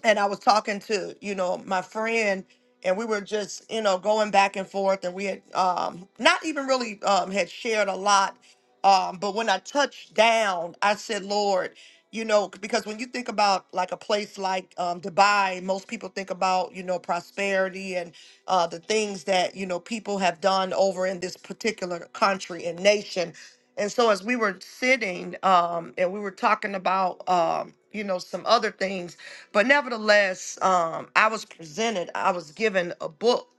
A: and I was talking to you know my friend, and we were just you know going back and forth, and we had um, not even really um, had shared a lot, um, but when I touched down, I said, Lord, you know, c- because when you think about like a place like um, Dubai, most people think about you know prosperity and uh, the things that you know people have done over in this particular country and nation. And so as we were sitting um, and we were talking about um, you know some other things but nevertheless, um, I was presented, I was given a book.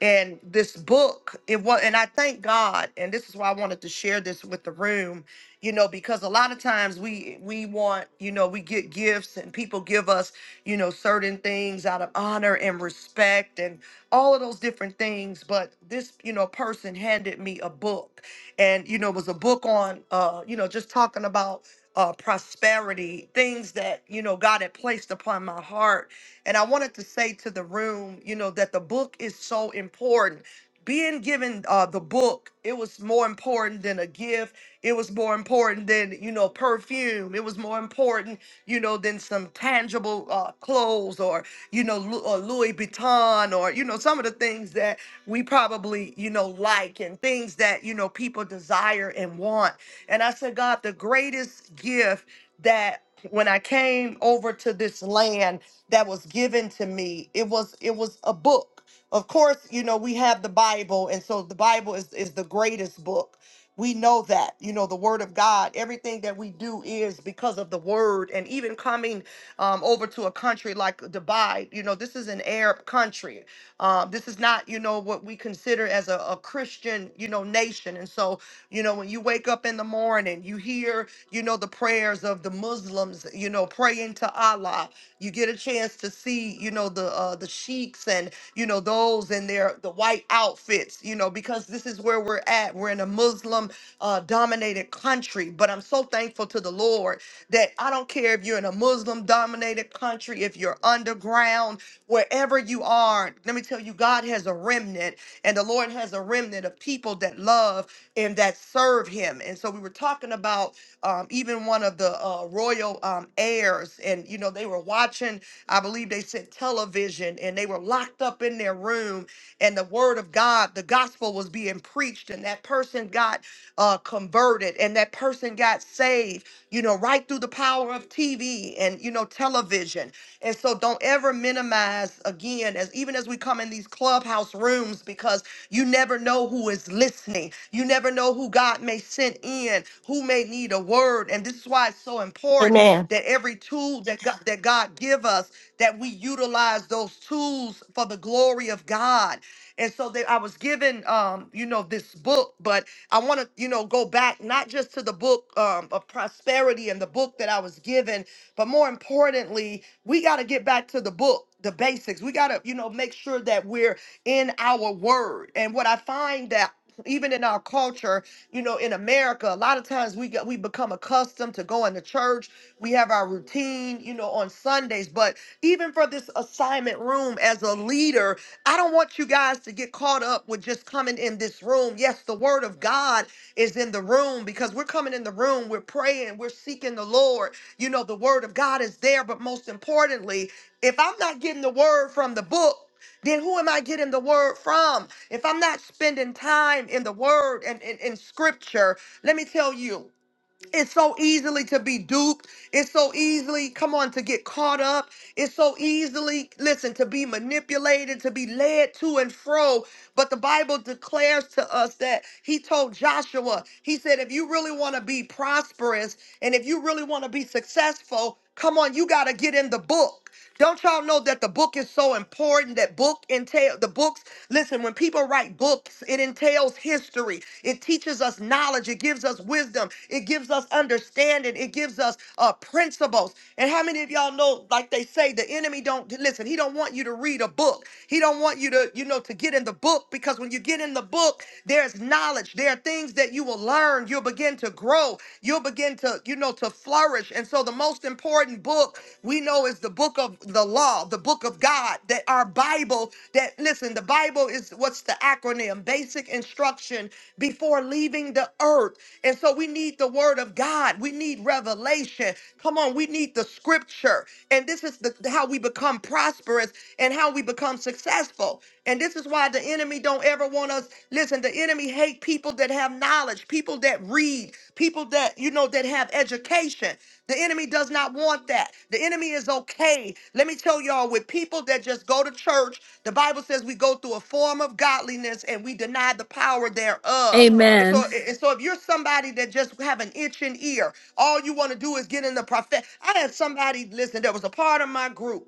A: And this book, it was, and I thank God, and this is why I wanted to share this with the room, you know, because a lot of times we we want, you know, we get gifts and people give us, you know, certain things out of honor and respect and all of those different things. But this, you know, person handed me a book, and you know, it was a book on, uh, you know, just talking about uh, prosperity, things that, you know, God had placed upon my heart. And I wanted to say to the room, you know, that the book is so important. Being given uh, the book, it was more important than a gift. It was more important than, you know, perfume. It was more important, you know, than some tangible uh, clothes or, you know, Lu- or Louis Vuitton or, you know, some of the things that we probably, you know, like and things that, you know, people desire and want and I said, God, the greatest gift that when I came over to this land that was given to me, it was it was a book. Of course, you know, we have the Bible, and so the Bible is, is the greatest book. We know that, you know, the word of God, everything that we do is because of the word. And even coming um, over to a country like Dubai, you know, this is an Arab country. Um, this is not, you know, what we consider as a, a Christian, you know, nation. And so you know, when you wake up in the morning, you hear, you know, the prayers of the Muslims, you know, praying to Allah. You get a chance to see, you know, the uh, the sheiks and you know those in their the white outfits, you know, because this is where we're at. We're in a Muslim uh, dominated country, but I'm so thankful to the Lord that I don't care if you're in a Muslim dominated country, if you're underground, wherever you are. Let me tell you, God has a remnant, and the Lord has a remnant of people that love and that serve him. And so we were talking about um, even one of the uh, royal um, heirs, and you know they were watching. I believe they said television, and they were locked up in their room, and the word of God, the gospel was being preached, and that person got uh, converted, and that person got saved. You know, right through the power of TV and you know television. And so don't ever minimize again, as even as we come in these clubhouse rooms, because you never know who is listening. You never know who God may send in, who may need a word. And this is why it's so important
H: Amen.
A: that every tool that God, that God give us, that we utilize those tools for the glory of God. And so they, I was given, um, you know, this book, but I want to, you know, go back not just to the book um, of prosperity and the book that I was given, but more importantly, we got to get back to the book, the basics. We got to, you know, make sure that we're in our word. And what I find that even in our culture, you know, in America, a lot of times we get we become accustomed to going to church. We have our routine, you know, on Sundays. But even for this assignment room as a leader, I don't want you guys to get caught up with just coming in this room. Yes, the word of God is in the room because we're coming in the room, we're praying, we're seeking the Lord. You know, the word of God is there, but most importantly, if I'm not getting the word from the book, then who am I getting the word from? If I'm not spending time in the word and in, scripture, let me tell you, it's so easily to be duped. It's so easily, come on, to get caught up. It's so easily, listen, to be manipulated, to be led to and fro. But the Bible declares to us that he told Joshua, he said, if you really want to be prosperous and if you really want to be successful, come on, you got to get in the book. Don't y'all know that the book is so important? That book entail the books. Listen, when people write books, it entails history. It teaches us knowledge. It gives us wisdom. It gives us understanding. It gives us uh, principles. And how many of y'all know, like they say, the enemy don't listen. He don't want you to read a book. He don't want you to, you know, to get in the book because when you get in the book, there's knowledge. There are things that you will learn. You'll begin to grow. You'll begin to, you know, to flourish. And so the most important book we know is the book of the law, the book of God, that our Bible, that listen, the Bible is what's the acronym? Basic instruction before leaving the earth. And so we need the word of God. We need revelation. Come on, we need the scripture. And this is the how we become prosperous and how we become successful. And this is why the enemy don't ever want us. Listen, the enemy hate people that have knowledge, people that read, people that you know that have education. The enemy does not want that. The enemy is okay. Let me tell y'all, with people that just go to church, the Bible says we go through a form of godliness and we deny the power thereof. And so,
C: Amen.
A: and so if you're somebody that just have an itching ear, all you want to do is get in the prophet. I had somebody listen. There was a part of my group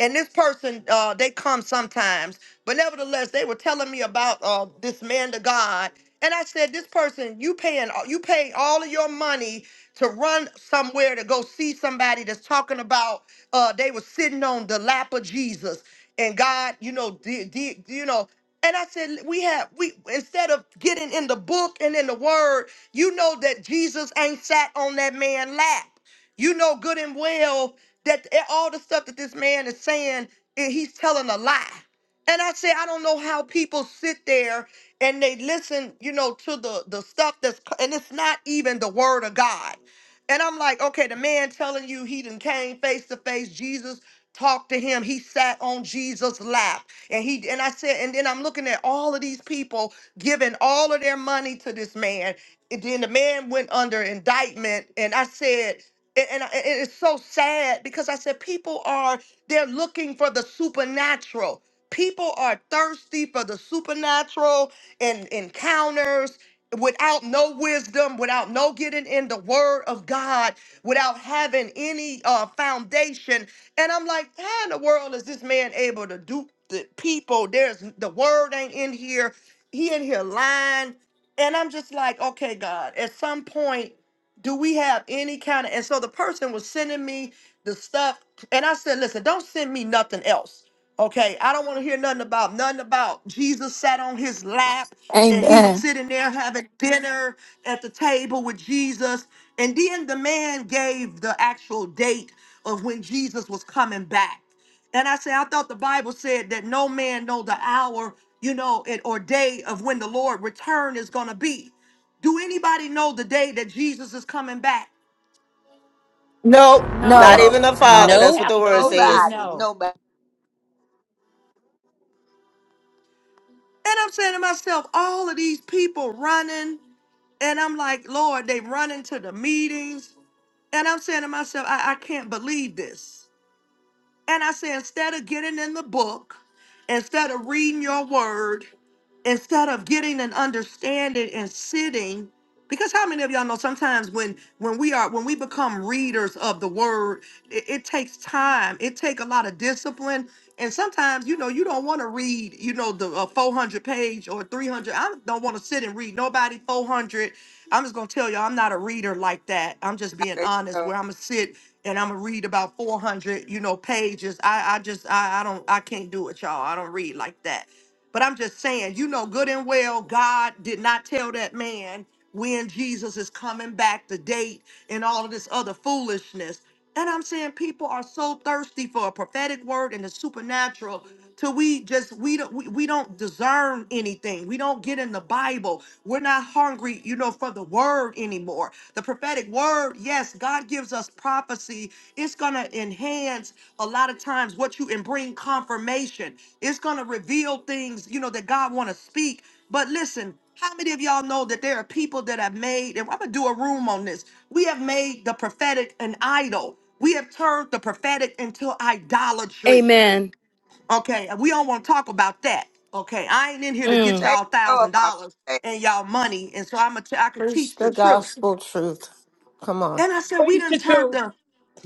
A: and this person uh they come sometimes but nevertheless they were telling me about uh this man to god and i said this person you paying you pay all of your money to run somewhere to go see somebody that's talking about uh they were sitting on the lap of jesus and god you know did, did you know and I said, we have we instead of getting in the book and in the word, you know that Jesus ain't sat on that man's lap. You know good and well that eh, all the stuff that this man is saying, eh, he's telling a lie. And I say, I don't know how people sit there and they listen, you know, to the the stuff that's and it's not even the word of God. And I'm like, okay, the man telling you he done came face to face, Jesus talked to him, he sat on Jesus' lap. And he and I said, and then I'm looking at all of these people giving all of their money to this man. And then the man went under indictment. And I said, and, and I- and it's so sad because I said people are they're looking for the supernatural. People are thirsty for the supernatural and encounters without no wisdom, without no getting in the word of God, without having any uh, foundation. And I'm like, how in the world is this man able to do the people? There's the word ain't in here. He in here lying. And I'm just like, okay, God, at some point do we have any kind of and so the person was sending me the stuff and i said listen don't send me nothing else okay i don't want to hear nothing about nothing about jesus sat on his lap and he was
C: Amen.
A: sitting there having dinner at the table with jesus and then the man gave the actual date of when jesus was coming back and i said i thought the bible said that no man know the hour you know it or day of when the lord return is going to be do anybody know the day that Jesus is coming back?
H: Nope, not
E: No,
C: No.
K: Oh,
H: even the Father.
E: no,
H: That's what
D: Nope.
H: the word
E: absolutely
H: says.
F: Nobody,
E: no.
F: nobody.
A: And I'm saying to myself, all of these people running, and I'm like, Lord, they running to the meetings. And I'm saying to myself, I, I can't believe this. And I say, instead of getting in the book, instead of reading your word, instead of getting an understanding and sitting, because how many of y'all know sometimes when when we are when we become readers of the word, it, it takes time. It take a lot of discipline. And sometimes, you know, you don't want to read, you know, the uh, 400 page or 300. I don't want to sit and read nobody 400. I'm just gonna tell you, all I'm not a reader like that. I'm just being honest. Where I'm gonna sit and I'm gonna read about 400, you know, pages. I, I just, I, I don't, I can't do it, y'all. I don't read like that. But I'm just saying, you know, good and well, God did not tell that man when Jesus is coming back, the date, and all of this other foolishness. And I'm saying people are so thirsty for a prophetic word and the supernatural till we just we don't we, we don't discern anything. We don't get in the Bible. We're not hungry, you know, for the word anymore. The prophetic word, yes, God gives us prophecy. It's gonna enhance a lot of times what you and bring confirmation. It's gonna reveal things, you know, that God wanna speak. But listen. How many of y'all know that there are people that have made, and I'm gonna do a room on this. We have made the prophetic an idol. We have turned the prophetic into idolatry.
C: Amen.
A: Okay, and we don't want to talk about that. Okay, I ain't in here to get
C: Mm.
F: Say it
A: y'all
F: so,
A: thousand
F: Apostle.
A: dollars
F: Say it
A: and y'all money, and so I'm a t- I gonna can
H: Preach
A: teach
H: the
A: the truth.
H: gospel truth. Come on.
A: And I said, we
G: Praise
A: done
G: the
A: turned
G: truth.
A: the,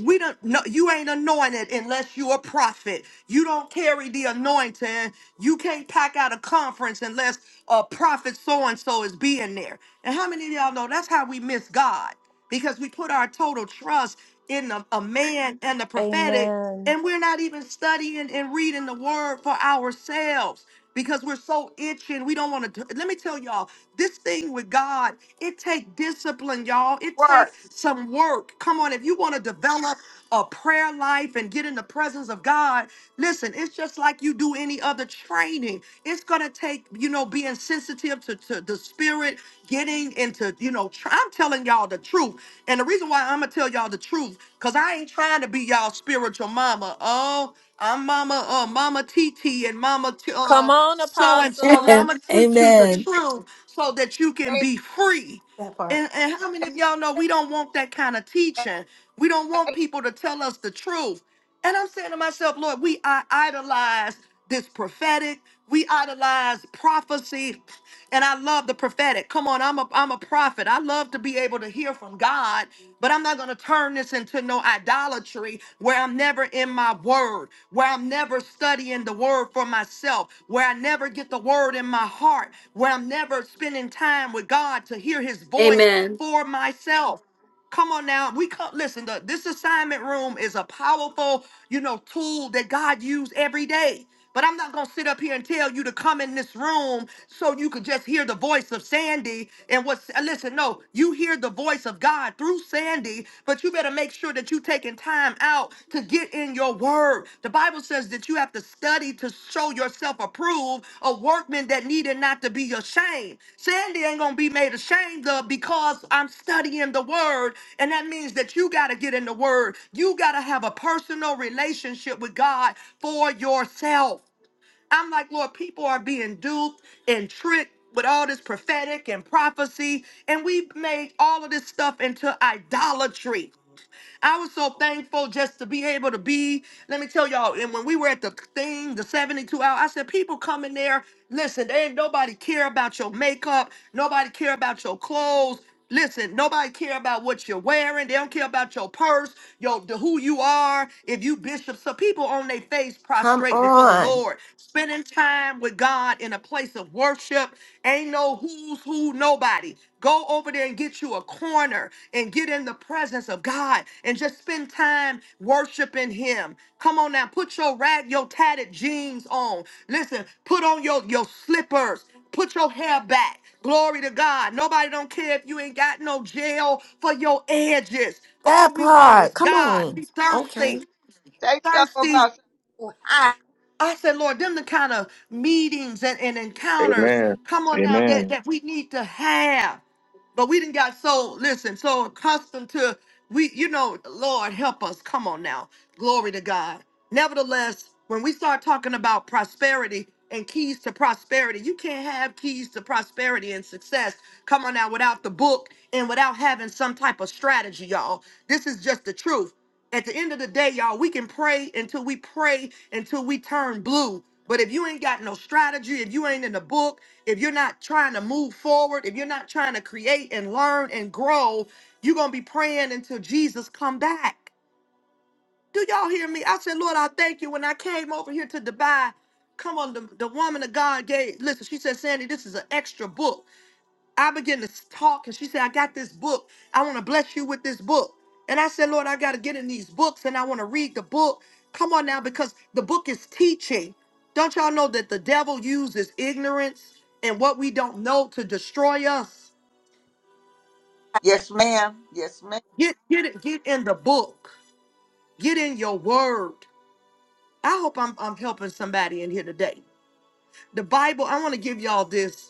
A: we don't no, you ain't anointed unless you a prophet. You don't carry the anointing. You can't pack out a conference unless a prophet so and so is being there. And how many of y'all know that's how we miss God? Because we put our total trust in a, a man and the prophetic
D: Amen.
A: and we're not even studying and reading the word for ourselves because we're so itching. We don't want to. Let me tell y'all, this thing with God, it take discipline, y'all. It
F: work.
A: take some work. Come on, if you want to develop a prayer life and get in the presence of God, listen, it's just like you do any other training. It's gonna take, you know, being sensitive to, to the spirit, getting into, you know, tr- I'm telling y'all the truth. And the reason why I'm gonna tell y'all the truth, because I ain't trying to be y'all spiritual mama. Oh, I'm mama, uh, mama T, T and mama t-
D: Come
A: uh
D: on,
A: so and so. Now I'm
D: Apostle.
A: gonna teach you the
C: Amen.
A: truth so that you can
F: Say
A: be free.
H: That part.
A: And, and how many of
F: it.
A: y'all know we don't want that kind of
F: Say
A: teaching? We don't want people to tell us the truth. And I'm saying to myself, Lord, we I idolize this prophetic. We idolize prophecy. And I love the prophetic. Come on, I'm a I'm a prophet. I love to be able to hear from God, but I'm not gonna turn this into no idolatry where I'm never in my word, where I'm never studying the word for myself, where I never get the word in my heart, where I'm never spending time with God to hear his voice
C: Amen.
A: for myself. Come on now. We come, listen, the, this assignment room is a powerful, you know, tool that God used every day. But I'm not going to sit up here and tell you to come in this room so you could just hear the voice of Sandy and what's, uh, listen, no, you hear the voice of God through Sandy, but you better make sure that you're taking time out to get in your word. The Bible says that you have to study to show yourself approved, a workman that needed not to be ashamed. Sandy ain't gonna be made ashamed of because I'm studying the word, and that means that you gotta get in the word. You gotta have a personal relationship with God for yourself. I'm like, Lord, people are being duped and tricked with all this prophetic and prophecy, and we've made all of this stuff into idolatry. I was so thankful just to be able to be. Let me tell y'all, and when we were at the thing, the 72 hour, I said, people come in there, listen, they ain't nobody care about your makeup, nobody care about your clothes. Listen, nobody care about what you're wearing. They don't care about your purse, your the, who you are. If you bishop, so people on their face
H: Come
A: prostrate before the
H: on.
A: Lord, spending time with God in a place of worship. Ain't no who's who, nobody. Go over there and get you a corner and get in the presence of God and just spend time worshiping Him. Come on now, put your rag, your tatted jeans on. Listen, put on your, your slippers. Put your hair back. Glory to God. Nobody don't care if you ain't got no gel for your edges. All
H: That
A: we want
H: part.
A: is
H: Come
A: God.
H: on.
A: We thirsty,
H: Okay.
A: thirsty
F: it.
A: I said, Lord, them the kind of meetings and, and encounters,
M: Amen.
A: come on now, that,
M: Amen.
A: that we need to have. But we didn't got so listen, so accustomed to we, you know, Lord help us. Come on now. Glory to God. Nevertheless, when we start talking about prosperity and keys to prosperity, you can't have keys to prosperity and success. Come on now, without the book and without having some type of strategy, y'all. This is just the truth. At the end of the day, y'all, we can pray until we pray until we turn blue. But if you ain't got no strategy, if you ain't in the book, if you're not trying to move forward, if you're not trying to create and learn and grow, you're going to be praying until Jesus come back. Do y'all hear me? I said, Lord, I thank you. When I came over here to Dubai, come on, the, the woman of God gave, listen, she said, Sandy, this is an extra book. I began to talk, and she said, I got this book. I want to bless you with this book. And I said, Lord, I got to get in these books and I want to read the book. Come on now, because the book is teaching. Don't y'all know that the devil uses ignorance and what we don't know to destroy us?
F: Yes, ma'am. Yes, ma'am.
A: Get get it, get in the book. Get in your word. I hope I'm I'm helping somebody in here today. The Bible, I want to give y'all this.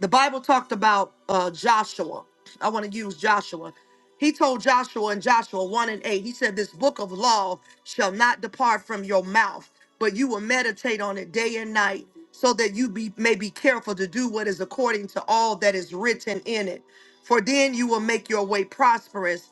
A: the Bible talked about uh, Joshua. I want to use Joshua. He told Joshua in Joshua 1 and 8, he said, This book of law shall not depart from your mouth, but you will meditate on it day and night, so that you be, may be careful to do what is according to all that is written in it. For then you will make your way prosperous,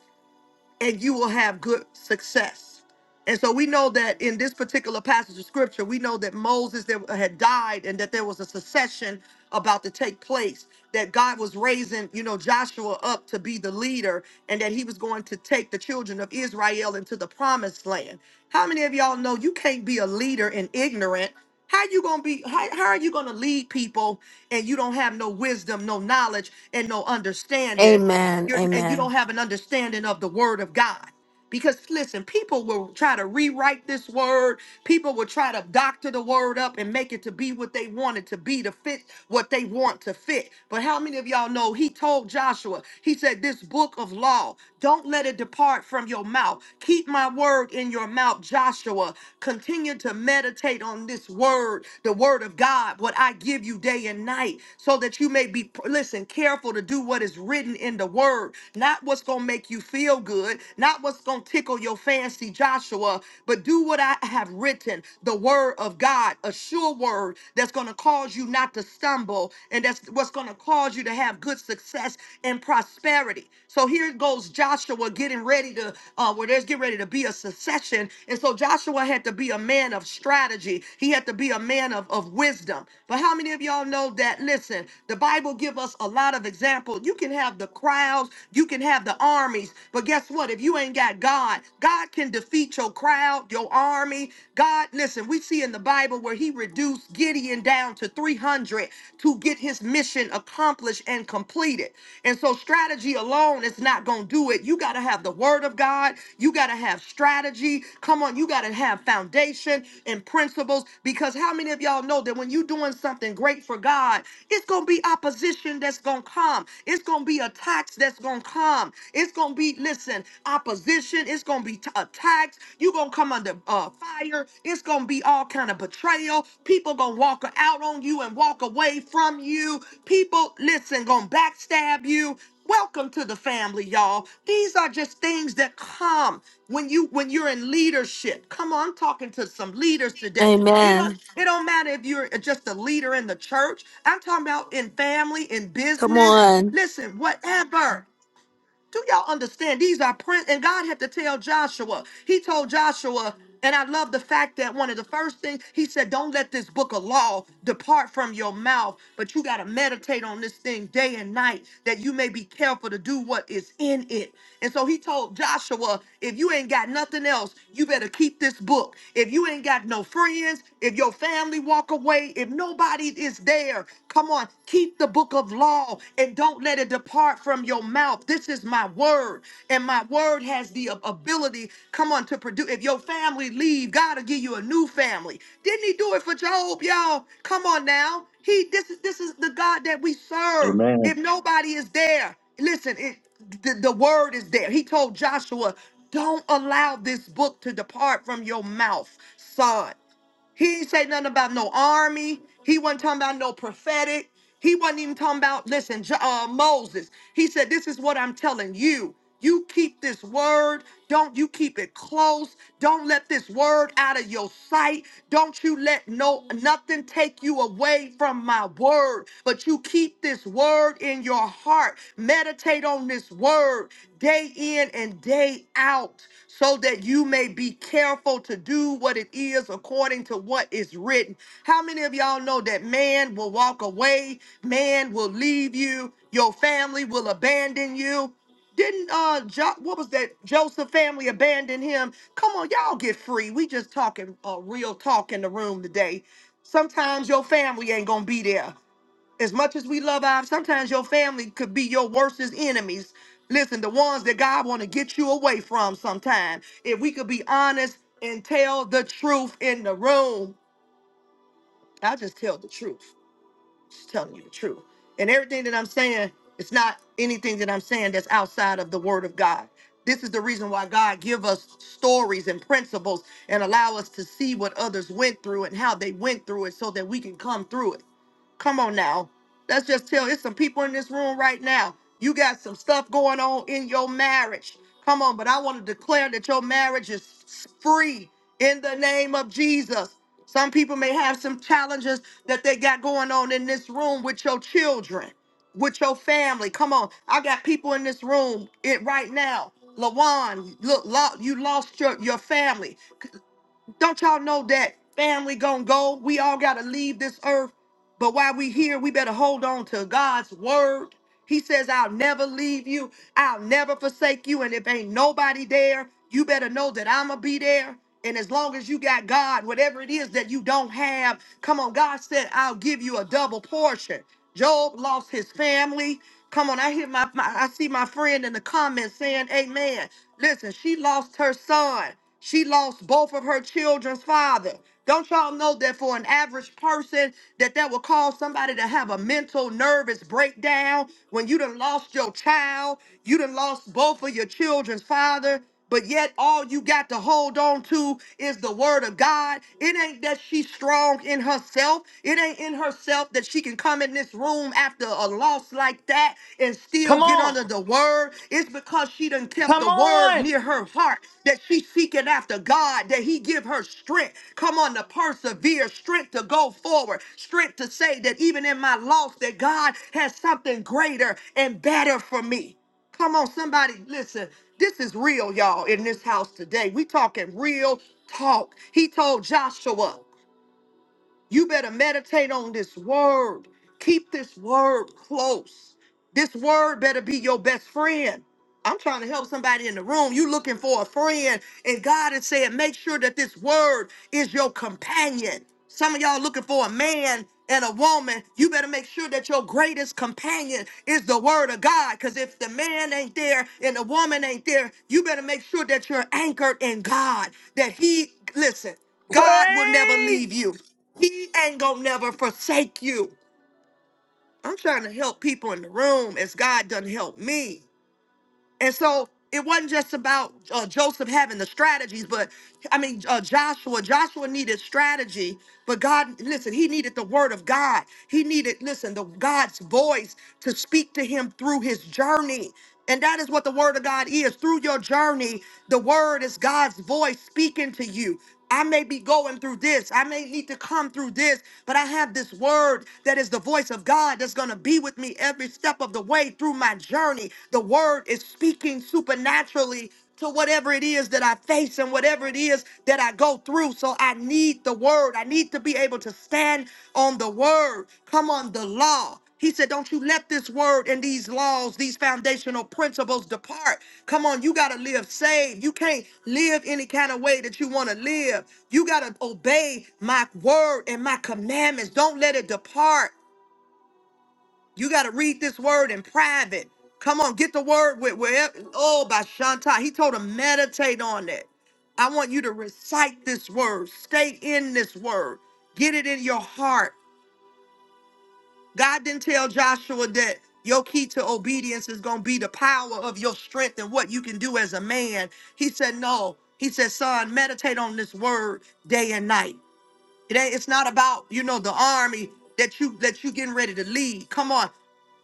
A: and you will have good success. And so we know that in this particular passage of scripture, we know that Moses that had died and that there was a succession about to take place, that God was raising, you know, Joshua up to be the leader and that he was going to take the children of Israel into the promised land. How many of y'all know you can't be a leader and ignorant? How you gonna be how, how are you gonna lead people and you don't have no wisdom, no knowledge, and no understanding? You're, and you don't
C: Amen.
A: have an understanding of the word of God. Because listen, people will try to rewrite this word. People will try to doctor the word up and make it to be what they want it to be to fit what they want to fit. But how many of y'all know he told Joshua, he said, This book of law, don't let it depart from your mouth. Keep my word in your mouth, Joshua. Continue to meditate on this word, the word of God, what I give you day and night, so that you may be, listen, careful to do what is written in the word, not what's going to make you feel good, good, not what's going to tickle your fancy, Joshua, but do what I have written the word of God, a sure word that's going to cause you not to stumble, and that's what's going to cause you to have good success and prosperity. So here goes Joshua getting ready to, uh, where there's getting ready to be a succession. And so Joshua had to be a man of strategy, he had to be a man of, of wisdom. But how many of y'all know that? Listen, the Bible give us a lot of example. You can have the crowds, you can have the armies, armies. But guess what? If you ain't got God, God can defeat your crowd, your army. God, listen, we see in the Bible where he reduced Gideon down to 300 to get his mission accomplished and completed. And so strategy alone is not going to do it. You got to have the word of God. You got to have strategy. Come on, you got to have foundation and principles because how many of y'all know that when you're doing something great for God, it's going to be opposition that's going to come. It's going to be attacks that's going to come come. It's gonna be, listen, opposition. It's gonna be t- attacks. You gonna come under uh, fire. It's gonna be all kind of betrayal. People gonna walk out on you and walk away from you. People, listen, gonna backstab you. Welcome to the family, y'all. These are just things that come when you when you're in leadership. Come on, I'm talking to some leaders today. It don't,
C: Amen.
A: it don't matter if you're just a leader in the church. I'm talking about in family, in
C: Come
A: business.
C: on.
A: Listen, whatever. Do y'all understand? These are prince, and God had to tell Joshua. He told Joshua, and I love the fact that one of the first things he said, "Don't let this book of law depart from your mouth, but you got to meditate on this thing day and night, that you may be careful to do what is in it." And so he told Joshua, if you ain't got nothing else, you better keep this book. If you ain't got no friends, if your family walk away, if nobody is there, come on, keep the book of law and don't let it depart from your mouth. This is my word, and my word has the ab- ability, come on, to produce. If your family leave, God will give you a new family. Didn't he do it for Job, y'all? Come on now. He this is this is the God that we serve.
M: Amen.
A: If nobody is there, Listen, it the, the word is there. He told Joshua, "Don't allow this book to depart from your mouth, son." He ain't say nothing about no army. He wasn't talking about no prophetic. He wasn't even talking about, listen, Jo- uh, Moses. He said, This is what I'm telling you. You keep this word. Don't you keep it close. Don't let this word out of your sight. Don't you let no nothing take you away from my word. But you keep this word in your heart. Meditate on this word day in and day out, so that you may be careful to do what it is according to what is written. How many of y'all know that man will walk away, man will leave you, your family will abandon you? Didn't uh jo- what was that Joseph family abandon him? Come on, y'all get free. We just talking uh, real talk in the room today. Sometimes your family ain't gonna be there. As much as we love our, sometimes your family could be your worstest enemies. Listen, the ones that God want to get you away from sometime. If we could be honest and tell the truth in the room, I just tell the truth. Just telling you the truth. And everything that I'm saying, it's not anything that I'm saying that's outside of the word of God. This is the reason why God give us stories and principles and allow us to see what others went through and how they went through it so that we can come through it. Come on now. Let's just tell it's some people in this room right now. You got some stuff going on in your marriage. Come on, but I want to declare that your marriage is free in the name of Jesus. Some people may have some challenges that they got going on in this room with your children, with your family. Come on, I got people in this room it right now. Lawan, look, lo- you lost your, your family. Don't y'all know that family gonna go? We all gotta leave this earth. But while we here, we better hold on to God's word. He says, I'll never leave you, I'll never forsake you. And if ain't nobody there, you better know that I'ma be there. And as long as you got God, whatever it is that you don't have, come on, God said, I'll give you a double portion. Job lost his family. Come on, I hear my, my I see my friend in the comments saying, Amen. Listen, she lost her son. She lost both of her children's father. Don't y'all know that for an average person that that will cause somebody to have a mental nervous breakdown when you done lost your child, you done lost both of your children's father, but yet all you got to hold on to is the word of God. It ain't that she's strong in herself. It ain't in herself that she can come in this room after a loss like that back and still
G: Come
A: get
G: on.
A: under the word. It's because she done kept
G: Come
A: the word
G: on.
A: near her heart that she's seeking after God, that he give her strength. Come on, to persevere, strength to go forward, strength to say that even in my loss, that God has something greater and better for me. Come on, somebody, listen. This is real, y'all, in this house today. We talking real talk. He told Joshua. You better meditate on this word. Keep this word close. This word better be your best friend. I'm trying to help somebody in the room. You looking for a friend, and God is saying, make sure that this word is your companion. Some of y'all looking for a man and a woman. You better make sure that your greatest companion is the word of God. Because if the man ain't there and the woman ain't there, you better make sure that you're anchored in God. That he listen. God will never
G: Praise.
A: leave you. He ain't gonna never forsake you. I'm trying to help people in the room as God done help me. And so it wasn't just about uh, Joseph having the strategies, but I mean uh, Joshua. Joshua needed strategy, but God, listen, he needed the word of God. He needed, listen, the God's voice to speak to him through his journey. And that is what the word of God is. Through your journey, the word is God's voice speaking to you. I may be going through this. I may need to come through this, but I have this word that is the voice of God that's going to be with me every step of the way through my journey. The word is speaking supernaturally to whatever it is that I face and whatever it is that I go through. So I need the word. I need to be able to stand on the word. Come on, the law. He said, Don't you let this word and these laws, these foundational principles depart. Come on, you got to live saved. You can't live any kind of way that you want to live. You got to obey my word and my commandments. Don't let it depart. You got to read this word in private. Come on, get the word with wherever. Oh, by Shanta. He told him, meditate on it. I want you to recite this word, stay in this word, get it in your heart. God didn't tell Joshua that your key to obedience is going to be the power of your strength and what you can do as a man. He said, No. He said, Son, meditate on this word day and night. It ain't. It's not about you know the army that you that you getting ready to lead. Come on,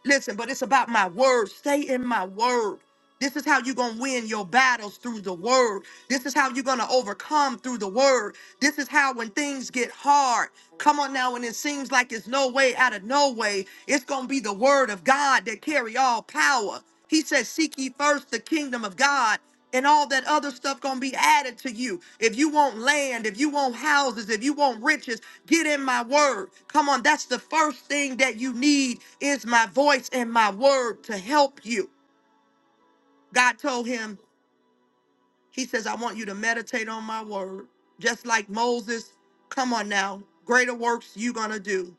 A: listen. But it's about my word. Stay in my word. This is how you're gonna win your battles through the word. This is how you're gonna overcome through the word. This is how when things get hard, come on now, when it seems like it's no way out of no way, it's gonna be the word of God that carry all power. He says, "Seek ye first the kingdom of God." and all that other stuff gonna be added to you. If you want land, if you want houses, if you want riches, get in my word. Come on, that's the first thing that you need is my voice and my word to help you. God told him, He says, I want you to meditate on my word, just like Moses. Come on now, greater works you gonna do.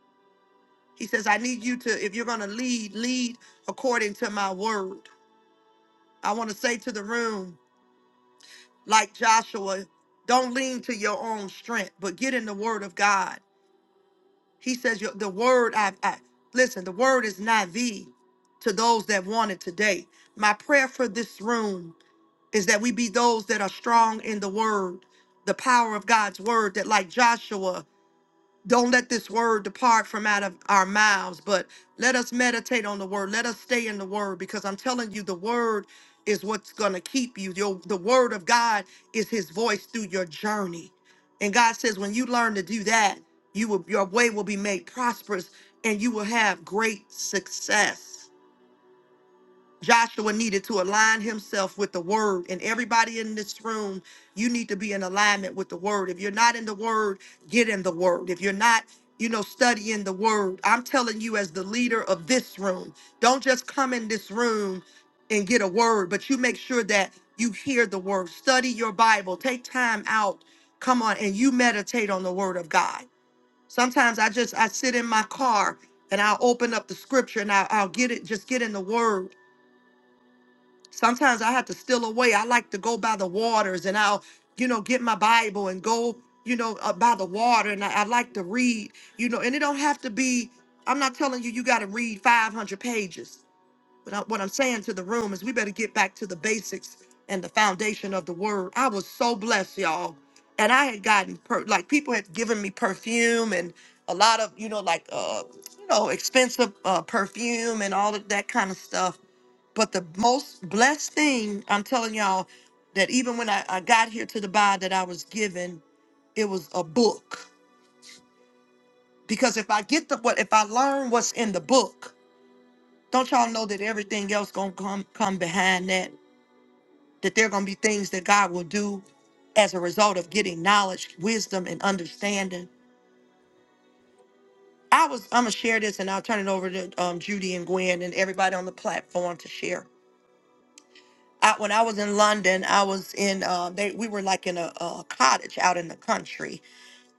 A: He says, I need you to, if you're gonna lead, lead according to my word. I wanna say to the room, like Joshua, don't lean to your own strength, but get in the word of God. He says, your- The word, I, I listen, the word is not thee to those that want it today. My prayer for this room is that we be those that are strong in the word, the power of God's word, that like Joshua, don't let this word depart from out of our mouths, but let us meditate on the word. Let us stay in the word because I'm telling you, the word is what's going to keep you. Your, the word of God is his voice through your journey. And God says, when you learn to do that, you will, your way will be made prosperous and you will have great success. Joshua needed to align himself with the word. And everybody in this room, you need to be in alignment with the word. If you're not in the word, get in the word. If you're not, you know, studying the word, I'm telling you, as the leader of this room, don't just come in this room and get a word, but you make sure that you hear the word. Study your Bible. Take time out. Come on, and you meditate on the word of God. Sometimes I just I sit in my car and I'll open up the scripture and I'll, I'll get it, just get in the word Sometimes I have to steal away. I like to go by the waters and I'll, you know, get my Bible and go, you know, uh, by the water and I, I like to read, you know, and it don't have to be, I'm not telling you, you got to read 500 pages. But I, what I'm saying to the room is we better get back to the basics and the foundation of the word. I was so blessed, y'all. And I had gotten, per, like, people had given me perfume and a lot of, you know, like, uh, you know, expensive uh, perfume and all of that kind of stuff but the most blessed thing, I'm telling y'all, that even when I, I got here to the Bible that I was given, it was a book. Because if I get the what if I learn what's in the book, don't y'all know that everything else gonna come come behind that? That there gonna be things that God will do as a result of getting knowledge, wisdom, and understanding. I was I'm gonna share this and I'll turn it over to um, Judy and Gwen and everybody on the platform to share I, when I was in London, I was in uh, they, we were like in a, a cottage out in the country,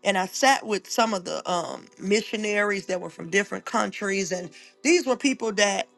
A: and I sat with some of the um, missionaries that were from different countries, and these were people that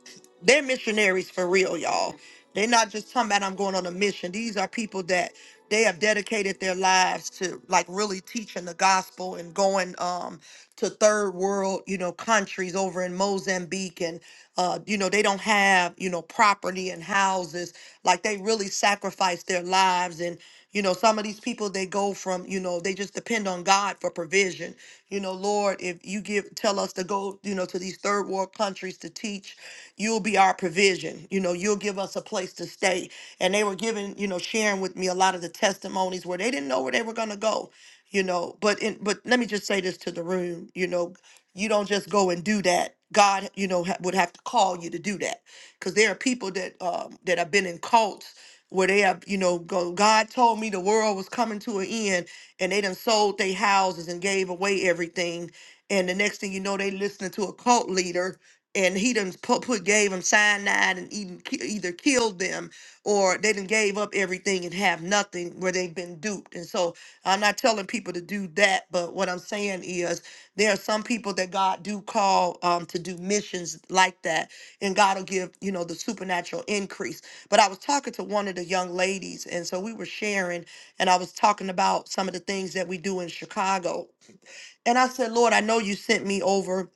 A: they're missionaries for real, y'all. They're not just talking about I'm going on a mission. These are people that they have dedicated their lives to, like really teaching the gospel and going um, to third world, you know, countries over in Mozambique, and uh, you know they don't have you know property and houses, like they really sacrifice their lives and. You know, some of these people they go from, you know, they just depend on God for provision. You know, Lord, if you give tell us to go, you know, to these third world countries to teach, you'll be our provision. You know, you'll give us a place to stay. And they were giving, you know, sharing with me a lot of the testimonies where they didn't know where they were gonna go. You know, but in, but let me just say this to the room. You know, you don't just go and do that. God, you know, ha- would have to call you to do that because there are people that um, that have been in cults where they have, you know, go, God told me the world was coming to an end and they done sold their houses and gave away everything. And the next thing you know, they listening to a cult leader and he done put, put gave them cyanide and even, ki- either killed them or they done gave up everything and have nothing where they've been duped. And so I'm not telling people to do that, but what I'm saying is there are some people that God do call um, to do missions like that and God will give, you know, the supernatural increase but I was talking to one of the young ladies, and so we were sharing, and I was talking about some of the things that we do in Chicago. And I said, Lord, I know you sent me over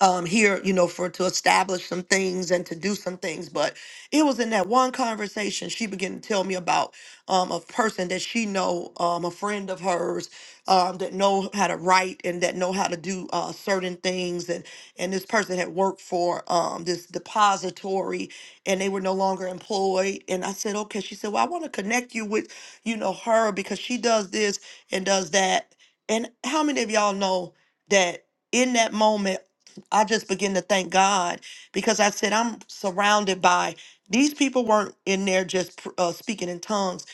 A: um here you know for to establish some things and to do some things but it was in that one conversation she began to tell me about um a person that she know um a friend of hers um that know how to write and that know how to do uh certain things and and this person had worked for um this depository and they were no longer employed and I said okay she said well I want to connect you with you know her because she does this and does that and how many of y'all know that in that moment I just begin to thank God because I said I'm surrounded by these people weren't in there just pr- uh, speaking in tongues.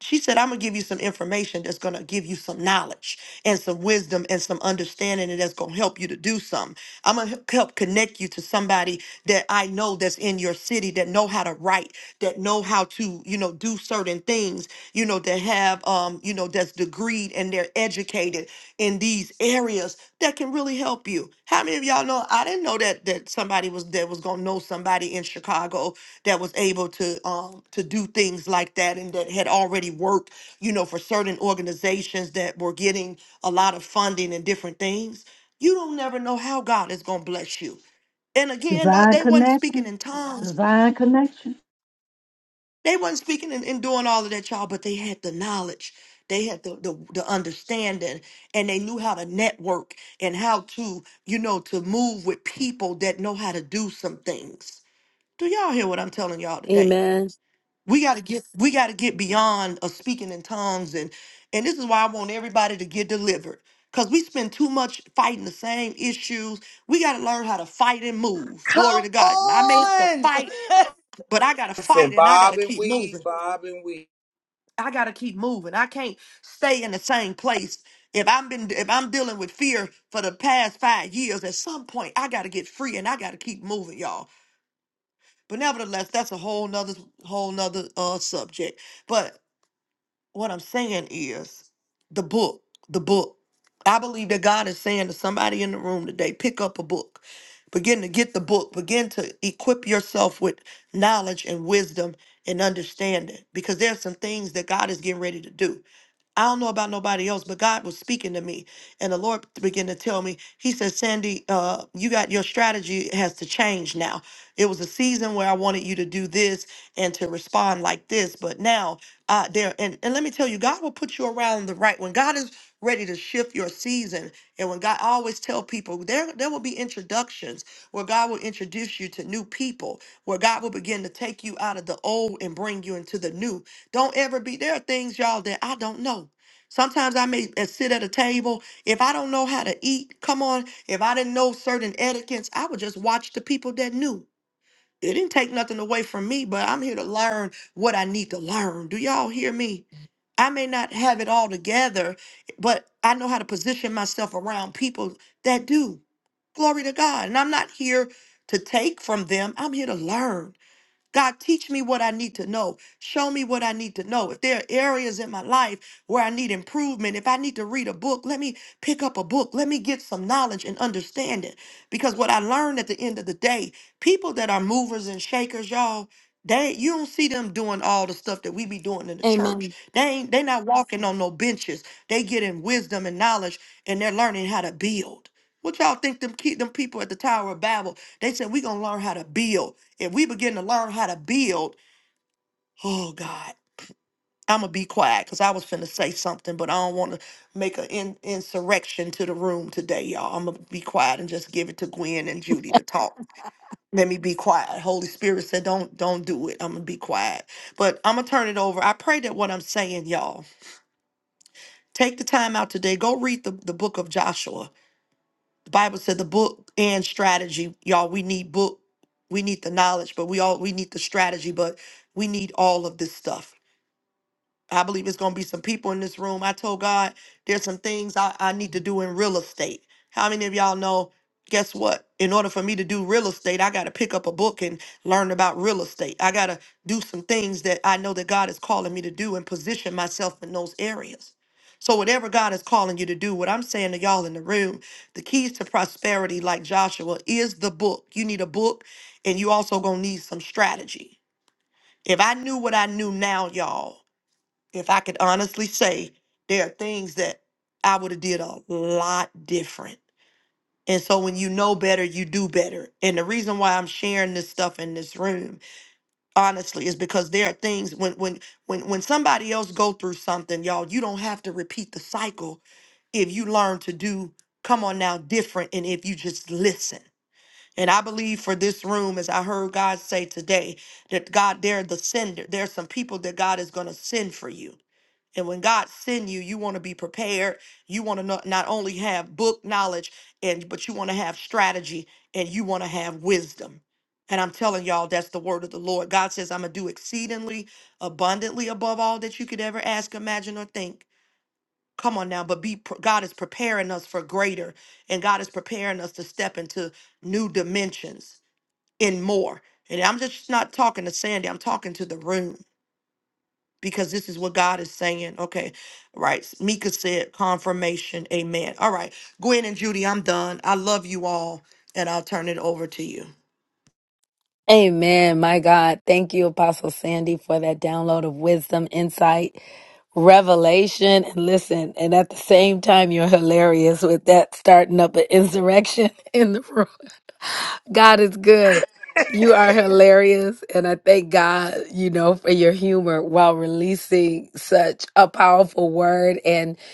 A: She said, I'm gonna give you some information that's gonna give you some knowledge and some wisdom and some understanding, and that's gonna help you to do something. I'm gonna help connect you to somebody that I know that's in your city that know how to write, that know how to, you know, do certain things, you know, that have, um, you know, that's degreed and they're educated in these areas that can really help you. How many of y'all know? I didn't know that that somebody was that was gonna know somebody in Chicago that was able to um to do things like that and that had already worked, you know, for certain organizations that were getting a lot of funding and different things. You don't never know how God is gonna bless you. And again, uh,
P: Divine
A: they wasn't speaking
P: connection.
A: in tongues.
P: Divine connection.
A: They wasn't speaking and, and doing all of that, y'all, but they had the knowledge. They had the, the the understanding and they knew how to network and how to, you know, to move with people that know how to do some things. Do y'all hear what I'm telling y'all today?
C: Amen.
A: We gotta get we gotta get beyond of speaking in tongues and and this is why I want everybody to get delivered. Cause we spend too much fighting the same issues. We gotta learn how to fight and move. Glory
G: Come
A: to God. I may have to
G: on.
A: fight, but I gotta
I: Listen,
A: fight and I
I: Bob
A: gotta
I: and
A: keep moving.
I: Weed, Bob and Weed.
A: I gotta keep moving. I can't stay in the same place. If I'm been if I'm dealing with fear for the past five years, at some point I gotta get free and I gotta keep moving, y'all. But nevertheless, that's a whole nother whole nother uh subject. But what I'm saying is the book, the book. I believe that God is saying to somebody in the room today, pick up a book. Begin to get the book. Begin to equip yourself with knowledge and wisdom and understanding because there's some things that God is getting ready to do. I don't know about nobody else, but God was speaking to me. And the Lord began to tell me, He said, Sandy, uh, you got your strategy has to change now. It was a season where I wanted you to do this and to respond like this, but now uh there and, and let me tell you, God will put you around the right when God is ready to shift your season. And when God I always tell people there there will be introductions where God will introduce you to new people, where God will begin to take you out of the old and bring you into the new don't ever be. There are things, y'all, that I don't know. Sometimes I may uh, sit at a table. If I don't know how to eat, come on. If I didn't know certain etiquettes, I would just watch the people that knew. It didn't take nothing away from me, but I'm here to learn what I need to learn. Do y'all hear me? I may not have it all together, but I know how to position myself around people that do. Glory to God. And I'm not here to take from them, I'm here to learn. God, teach me what I need to know. Show me what I need to know. If there are areas in my life where I need improvement, if I need to read a book, let me pick up a book. Let me get some knowledge and understanding. Because what I learned at the end of the day, people that are movers and shakers, y'all, they you don't see them doing all the stuff that we be doing in the
C: Amen.
A: church. They ain't they not walking on no benches. They getting wisdom and knowledge and they're learning how to build. What y'all think them keep them people at the Tower of Babel? They said we gonna learn how to build. If we begin to learn how to build, oh God, I'm gonna be quiet because I was finna say something, but I don't want to make an in- insurrection to the room today, y'all. I'm gonna be quiet and just give it to Gwen and Judy to talk. Let me be quiet. Holy Spirit said, "Don't, don't do it." I'm gonna be quiet, but I'm gonna turn it over. I pray that what I'm saying, y'all, take the time out today. Go read the the book of Joshua. The Bible said the book and strategy, y'all. We need book we need the knowledge, but we all we need the strategy, but we need all of this stuff. I believe it's going to be some people in this room. I told God there's some things I, I need to do in real estate. How many of y'all know? Guess what? In order for me to do real estate, I got to pick up a book and learn about real estate. I got to do some things that I know that God is calling me to do and position myself in those areas. So, whatever God is calling you to do, what I'm saying to y'all in the room, the keys to prosperity, like Joshua, is the book. You need a book, and you also gonna need some strategy. If I knew what I knew now, y'all if I could honestly say, there are things that I would have did a lot different. And so when you know better, you do better. And the reason why I'm sharing this stuff in this room, honestly, is because there are things when when when when somebody else go through something, y'all, you don't have to repeat the cycle if you learn to do come on now different and if you just listen and i believe for this room as i heard god say today that god they're the sender There are some people that god is going to send for you and when God send you, you want to be prepared. You want to not, not only have book knowledge, and but you want to have strategy and you want to have wisdom. And I'm telling y'all, that's the word of the Lord. God says, I'm gonna do exceedingly abundantly above all that you could ever ask, imagine, or think. Come on now, but be pre- God is preparing us for greater, and God is preparing us to step into new dimensions and more. And I'm just not talking to Sandy, I'm talking to the room because this is what God is saying. Okay, right. Mika said confirmation. Amen. All right, Gwen and Judy, I'm done. I love you all, and I'll turn it over to you.
C: Amen. My God, thank you, Apostle Sandy, for that download of wisdom, insight, revelation. And listen, and at the same time, you're hilarious with that starting up an insurrection in the room. God is good. You are hilarious. And I thank God, you know, for your humor while releasing such a powerful word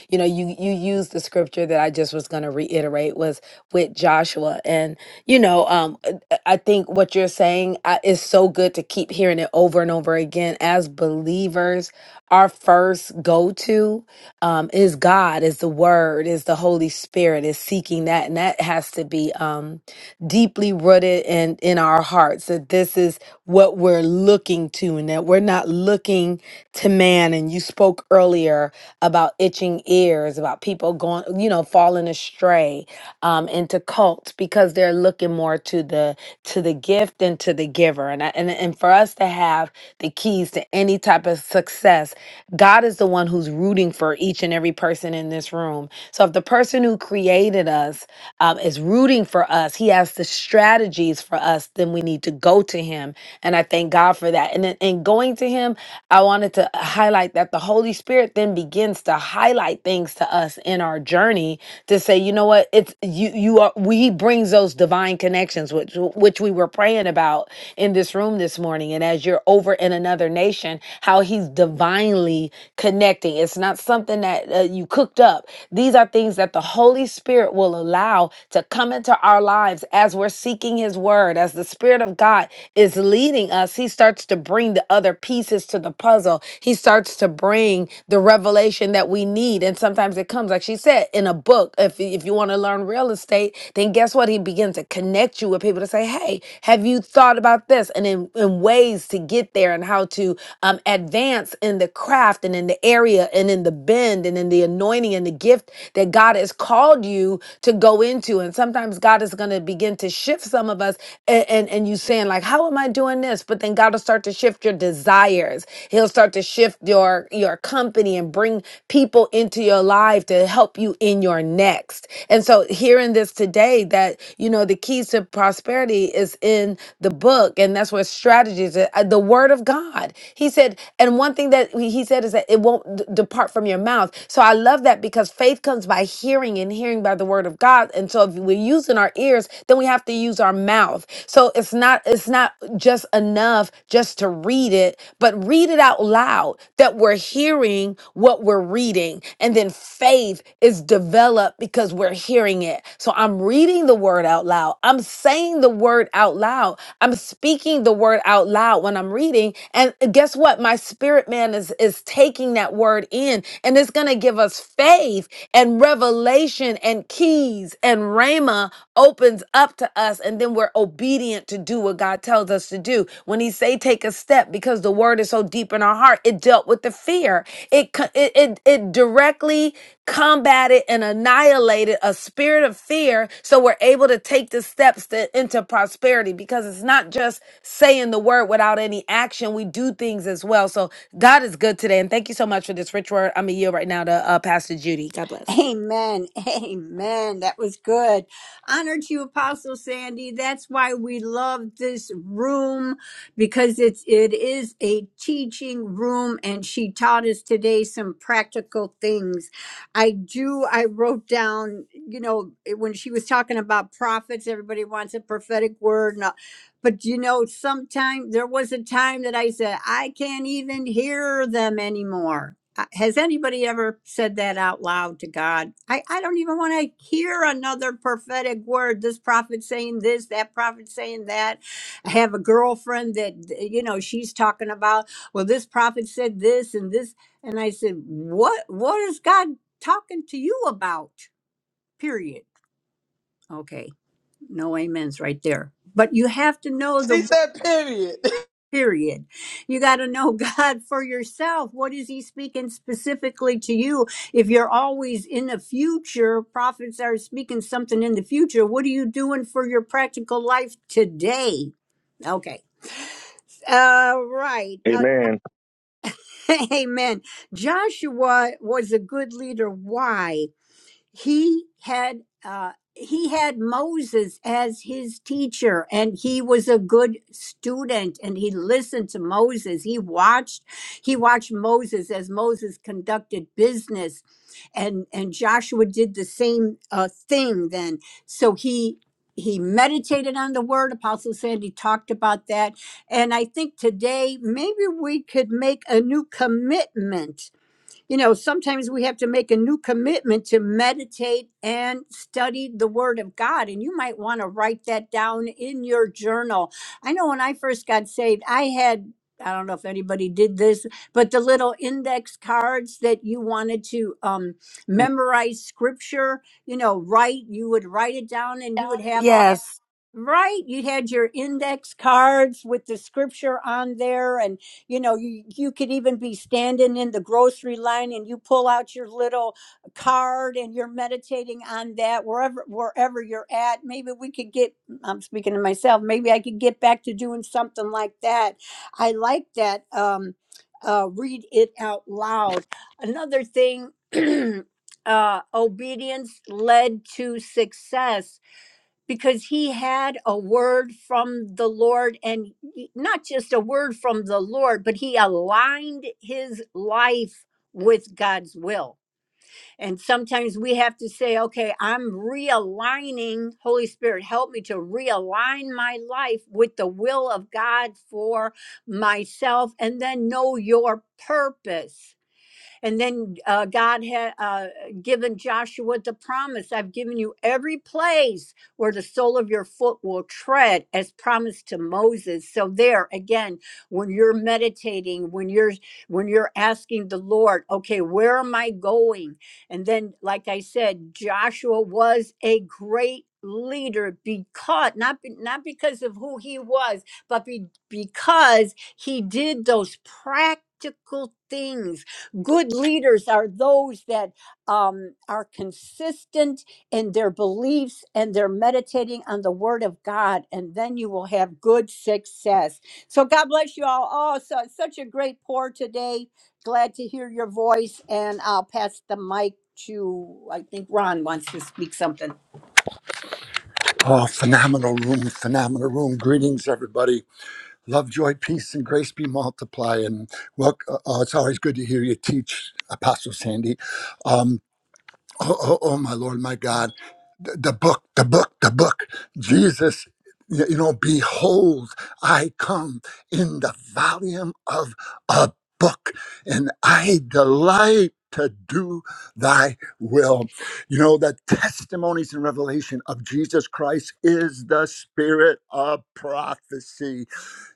C: you know you you used the scripture that i just was going to reiterate was with joshua and you know um i I think what you're saying I, is so good to keep hearing it over and over again as believers our first go-to um is god is the word is the holy spirit is seeking that and that has to be um deeply rooted in in our hearts that this is what we're looking to and that we're not looking to man and you spoke earlier about itching ears, about people going, you know, falling astray um, into cults because they're looking more to the to the gift and to the giver. And I, and and for us to have the keys to any type of success, God is the one who's rooting for each and every person in this room. So if the person who created us um, is rooting for us, He has the strategies for us. Then we need to go to Him, and I thank God for that. And then- and going to Him I wanted to highlight that the Holy Spirit then begins to highlight things to us in our journey to say, you know what, it's you you are we he brings those divine connections which which we were praying about in this room this morning and as you're over in another nation, how he's divinely connecting. It's not something that uh, you cooked up these are things that the Holy Spirit will allow to come into our lives as we're seeking His Word, as the Spirit of God is leading us. He starts to bring the other pieces to the puzzle. He starts to bring the revelation that we need. And sometimes it comes, like she said, in a book. If, if you want to learn real estate, then guess what? He begins to connect you with people to say, hey, have you thought about this? And in, in ways to get there and how to um, advance in the craft and in the area and in the bend and in and the anointing and the gift that God has called you to go into. And sometimes God is going to begin to shift some of us and, and, and you saying like, how am I doing this? But then God will start to shift your desires. He'll start to shift your, your company and bring people into your life to help you in your next. And so hearing this today that, you know, the keys to prosperity is in the book and that's where strategies, uh, the word of God. He said, and one thing that he he said is that it won't d- depart depart from your mouth. So I love that because faith comes by hearing and hearing by the word of God. And so if we're using our ears, then we have to use our mouth. So it's not it's not just enough just to read it, but read it out loud that we're hearing what we're reading. And then faith is developed because we're hearing it. So I'm reading the word out loud. I'm saying the word out loud. I'm speaking the word out loud when I'm reading. And guess what? My spirit man is is taking that word in and it's going to give us faith and revelation and keys and rhema opens up to us and then we're obedient to do what God tells us to do. When he say take a step because the word is so deep in our heart, it dealt with the fear. It co- it it, it directly combated and annihilated a spirit of fear so we're able to take the steps to, into prosperity because it's not just saying the word without any action. We do things as well. So God is good today. And thank you so much for this rich word. I'm a yield right now to uh, Pastor Judy. God bless.
B: Amen. Amen. That was good. Honor to you, Apostle Sandy. That's why we love this room because it's it is a teaching room and she taught us today some practical things. I do I wrote down, you know, it- when she was talking about prophets, everybody wants a prophetic word. and. But you know, sometime there was a time that I said, I can't even hear them anymore. Uh, Has anybody ever said that out loud to God? I, I don't even want to hear another prophetic word. This prophet saying this, that prophet saying that. I have a girlfriend that, you know, she's talking about, well, this prophet said this and this. And I said, What what is God talking to you about? Period. Okay. No amens right there. But you have to know
G: she
B: the
G: said, period.
B: period. You got to know God for yourself. What is He speaking specifically to you? If you're always in the future, prophets are speaking something in the future. What are you doing for your practical life today? Okay. Uh, right. Uh,
M: Amen.
B: amen. Joshua was a good leader. Why? he had uh, he had Moses as his teacher, and he was a good student, and he listened to Moses. He watched he watched Moses as Moses conducted business, and and Joshua did the same uh, thing. Then, so he. He meditated on the word. Apostle Sandy talked about that. And I think today maybe we could make a new commitment you know, sometimes we have to make a new commitment to meditate and study the Word of God. And you might want to write that down in your journal. I know when I first got saved, I had. I don't know if anybody did this, but the little index cards that you wanted to um, memorize scripture, you know, write, you would write it down and you would have all
C: Yes.
B: Right, you had your index cards with the scripture on there, and you know you you could even be standing in the grocery line, and you pull out your little card, and you're meditating on that wherever wherever you're at. Maybe we could get. I'm speaking to myself. Maybe I could get back to doing something like that. I like that. Um, uh, read it out loud. Another thing. uh, obedience led to success because he had a word from the Lord and not just a word from the Lord, but he aligned his life with God's will. And sometimes we have to say, okay, I'm realigning, Holy Spirit, help me to realign my life with the will of God for myself and then know your purpose and then uh, God had uh, given Joshua the promise I've given you every place where the sole of your foot will tread, as promised to Moses. So, there again, when you're meditating, when you're when you're asking the Lord, okay, where am I going? And then, like I said, Joshua was a great leader because not be- not because of who he was but be, because he did those practical things Good leaders are those that um, are consistent in their beliefs and they're meditating on the word of God, and then you will have good success. So, God bless you all. Oh, so it's such a great pour today. Glad to hear your voice, and I'll pass the mic to, I think Ron wants to speak something. Oh, phenomenal room, phenomenal room. Greetings, everybody. Love, joy, peace, and grace be multiply. And well, uh, uh, it's always good to hear you teach, Apostle Sandy. Um, oh, oh, oh, my Lord, my God, the, the book, the book, the book. Jesus, y- you know, behold, I come in the volume of a book, and I delight to do thy will. You know, the testimonies and revelation of Jesus Christ is the spirit of prophecy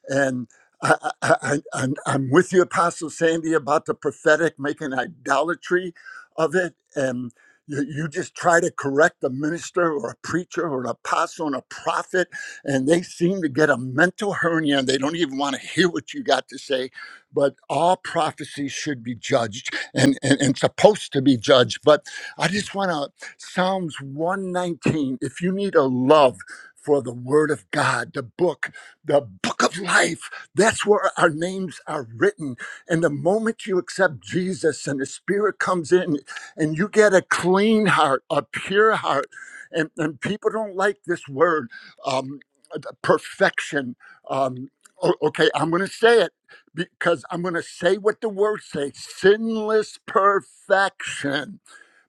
B: and I, I, I, I'm, I'm with you, Apostle Sandy, about the prophetic, making idolatry of it. And you, you just try to correct a minister or a preacher or an apostle and a prophet, and they seem to get a mental hernia and they don't even want to hear what you got to say. But all prophecy should be judged and, and, and supposed to be judged. But I just want to, Psalms 119, if you need a love for the Word of God, the book, the book of life. That's where our names are written. And the moment you accept Jesus and the Spirit comes in and you get a clean heart, a pure heart, and, and people don't like this word, um, uh, perfection. Um, o- okay, I'm going to say it because I'm going to say what the word says sinless perfection.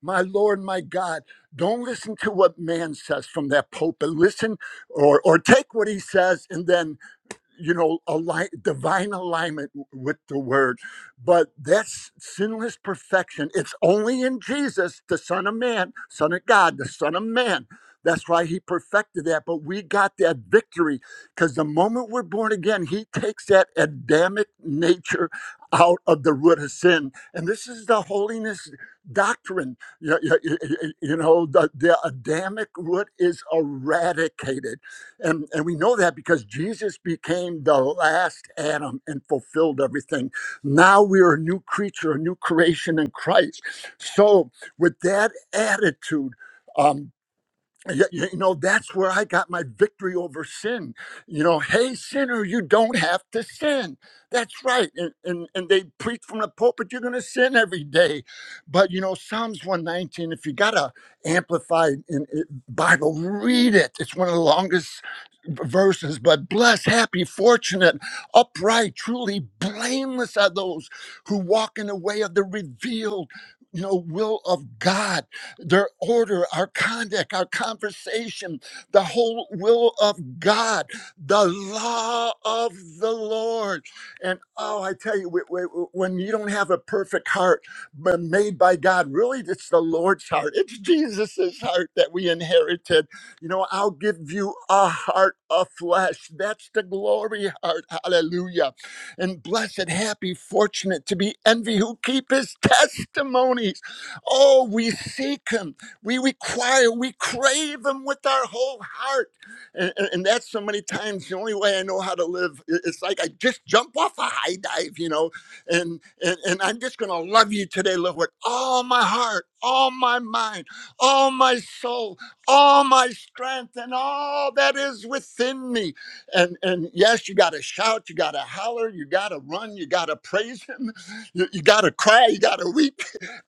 B: My Lord, my God, don't listen to what man says from that pulpit. Listen or or take what he says and then you know align divine alignment with the word but that's sinless perfection it's only in jesus the son of man son of god the son of man that's why he perfected that but we got that victory because the moment we're born again he takes that adamic nature out of the root of sin and this is the holiness doctrine you, you- you- you know the, the adamic root is eradicated and, and we know that because Jesus became the last Adam and fulfilled everything. Now we are a new creature, a new creation in Christ. So, with that attitude, um, Y- y- You know, that's where I got my victory over sin. You know, hey, sinner, you don't have to sin. That's right. And, and, and they preach from the pulpit, you're going to sin every day. But, you know, Psalms 119, if you got a amplified in, in Bible, read it. It's one of the longest v- verses. But blessed, happy, fortunate, upright, truly blameless are those who walk in the way of the revealed, you know, will of God their order, our conduct, our conversation, the whole will of God, the law of the Lord. And oh, I tell you, wh- wh- when you don't have a perfect heart but made by God, really, it's the Lord's heart. It's Jesus's heart that we inherited. You know, I'll give you a heart of flesh. That's the glory heart. Hallelujah. And blessed, happy, fortunate to be envy who keep his testimonies. Oh, we seek him. We require, we crave him with our whole heart. And, and, and that's so many times the only way I know how to live. I- It's like I just jump off a high dive, you know, and, and, and I'm just going to love you today, Lord, with all my heart, all my mind, all my soul, all my strength, and all that is within me. And, and yes, you got to shout, you got to holler, you got to run, you got to praise him, you, you got to cry, you got to weep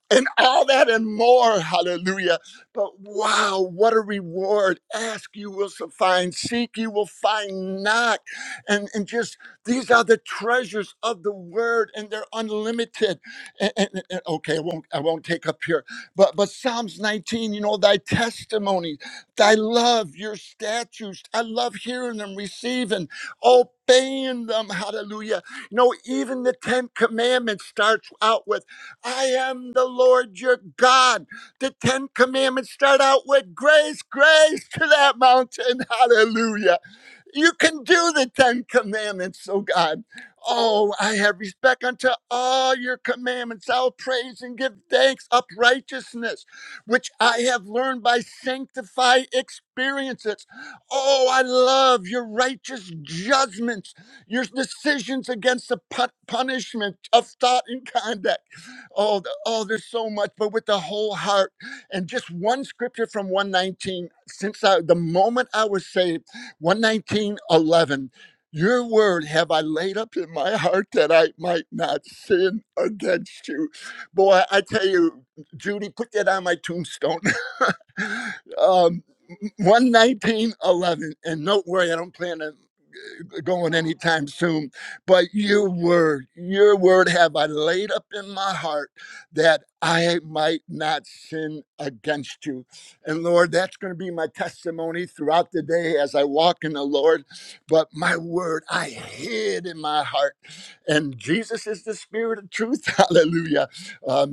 B: and all that and more. Hallelujah. But wow, what a reward. Ask, you will so find. Seek, you will find. Knock. And, and just these are the treasures of the word, and they're unlimited. And, and- and- okay, I won't, I won't take up here. But, but Psalms 19, you know, thy testimony, thy love, your statutes. I love hearing them, receiving, obeying them. Hallelujah. You know, even the Ten Commandments starts out with. I am the Lord your God. The Ten Commandments start out with grace, grace to that mountain. Hallelujah. You can do the Ten Commandments, oh God. Oh, I have respect unto all your commandments. I'll praise and give thanks up righteousness, which I have learned by sanctified experiences. Oh, I love your righteous judgments, your decisions against the pu- punishment of thought and conduct. Oh, the, oh, there's so much, but with the whole heart. And just one scripture from 119, since I, the moment I was saved, one nineteen eleven. Your word have I laid up in my heart that I might not sin against you. Boy, I tell you, Judy, put that on my tombstone. um, 119.11. And don't worry, I don't plan to going anytime soon. But your word, your word have I laid up in my heart that I might not sin against you. And Lord, that's going to be my testimony throughout the day as I walk in the Lord. But my word I hid in my heart. And Jesus is the spirit of truth. Hallelujah. Um,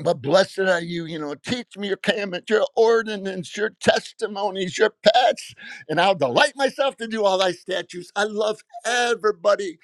B: but blessed are you, you know, teach me your commandments, your ordinance, your testimonies, your paths, and I'll delight myself to do all thy statutes. I love everybody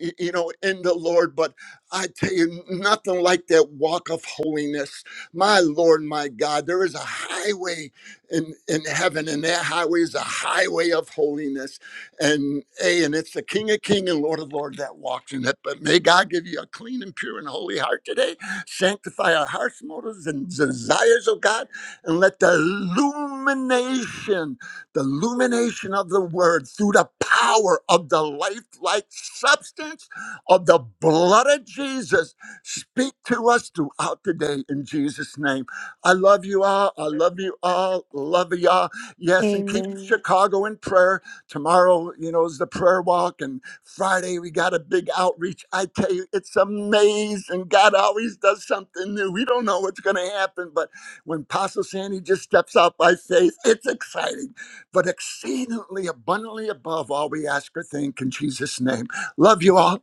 B: y- you know, in the Lord. But I tell you, nothing like that walk of holiness. My Lord, my God, there is a highway in, in heaven, and that highway is a highway of holiness. And A, and it's the King of King and Lord of Lord that walks in it. But may God give you a clean and pure and holy heart today. Sanctify our hearts, motives, and desires of God, and let the illumination the illumination of the word through the power of the lifelike substance of the blood of Jesus. Speak to us throughout the day in Jesus' name. I love you all. I love you all. Love y'all. Yes, and keep
C: Amen.
B: Chicago in prayer. Tomorrow, you know, is the prayer walk, and Friday we got a big outreach. I tell you, it's amazing. God always does something new. We don't know what's going to happen, but when Apostle Sandy just steps out by faith, it's exciting but exceedingly abundantly above all we ask or think in Jesus' name. Love you all.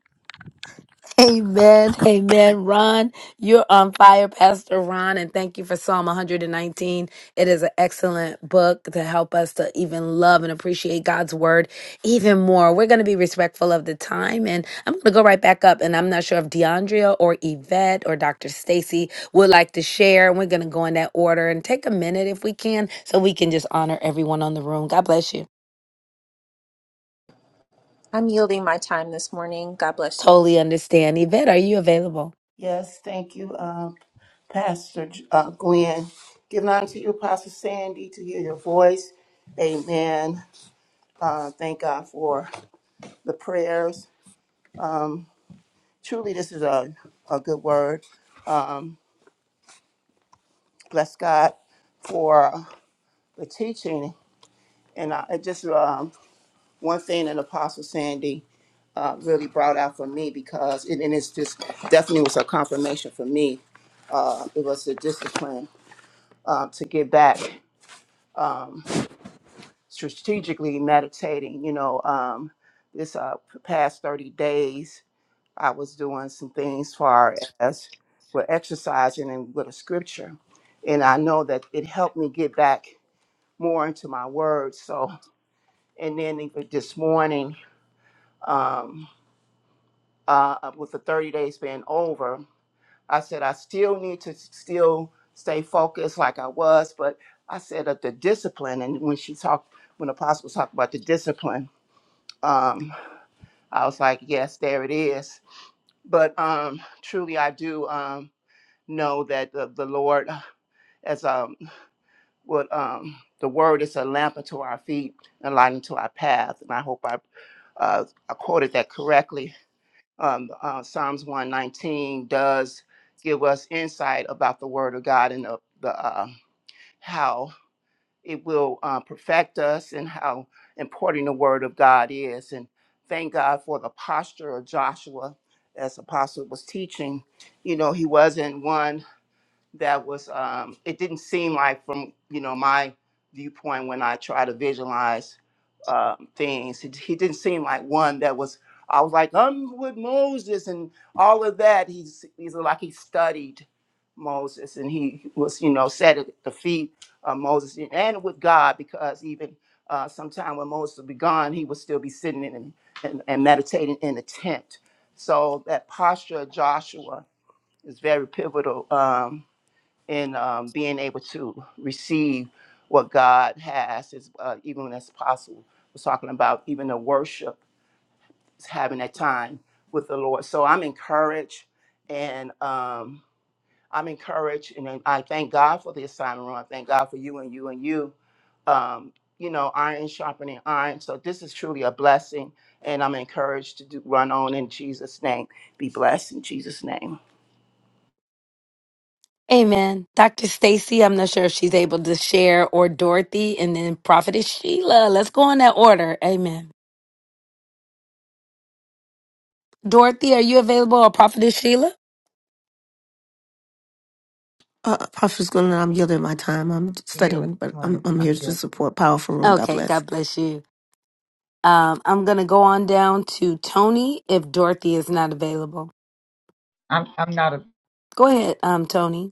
C: Amen. Amen. Ron, you're on fire, Pastor Ron, and thank you for Psalm 119. It is an excellent book to help us to even love and appreciate God's word even more. We're going to be respectful of the time, and I'm going to go right back up. And I'm not sure if DeAndrea or Yvette or Dr. Stacy would like to share. We're going to go in that order and take a minute if we can so we can just honor everyone on the room. God bless you.
D: I'm yielding my time this morning. God bless you.
C: Totally understand. Yvette, are you available?
K: yes, thank you, um, Pastor uh, Glenn. Giving honor to you, Apostle Sandy, to hear your voice. Amen. Uh, thank God for the prayers. Truly, this is a, a good word. Um, bless God for the teaching. And I, it just um, one thing that Apostle Sandy uh, really brought out for me because, it, and it's just definitely was a confirmation for me. Uh, it was the discipline uh, to get back um, strategically meditating. You know, um, this uh, past 30 days, I was doing some things far as with exercising and with a scripture. And I know that it helped me get back more into my words. So, And then even this morning, um, uh, with the 30 days being over, I said I still need to still stay focused like I was, but I said that the discipline, and when she talked, when Apostle talked about the discipline, um, I was like, yes, there it is. But um, truly, I do um, know that the, the Lord, as um, what um, the word is a lamp unto our feet and light unto our path. And I hope I uh, I quoted that correctly um, uh, Psalms 119 does give us insight about the Word of God and the, the uh, how it will uh, perfect us and how important the Word of God is. And thank God for the posture of Joshua as Apostle was teaching. You know, he wasn't one that was um it didn't seem like from you know my viewpoint when i try to visualize um, things it, he didn't seem like one that was i was like i'm with moses and all of that he's he's like he studied moses and he was you know sat at the feet of moses and with god because even uh sometime when moses would be gone he would still be sitting in and, and, and meditating in the tent so that posture of joshua is very pivotal um in um, being able to receive what God has, is, uh, even when that's possible. We're talking about even the worship, is having that time with the Lord. So I'm encouraged, and um, I'm encouraged, and then I thank God for the assignment room. I thank God for you and you and you. Um, you know, iron sharpening iron. So this is truly a blessing, and I'm encouraged to do, run on in Jesus' name. Be blessed in Jesus' name.
C: Amen. Dr. Stacy, I'm not sure if she's able to share, or Dorothy, and then Prophetess Sheila. Let's go in that order. Amen. Dorothy, are you available, or Prophetess Sheila?
F: You this morning. I'm here.
C: Okay, God bless you. Um, I'm going to go on down to Tony if Dorothy is not available.
F: I'm I'm not a.
C: Go ahead, um, Tony.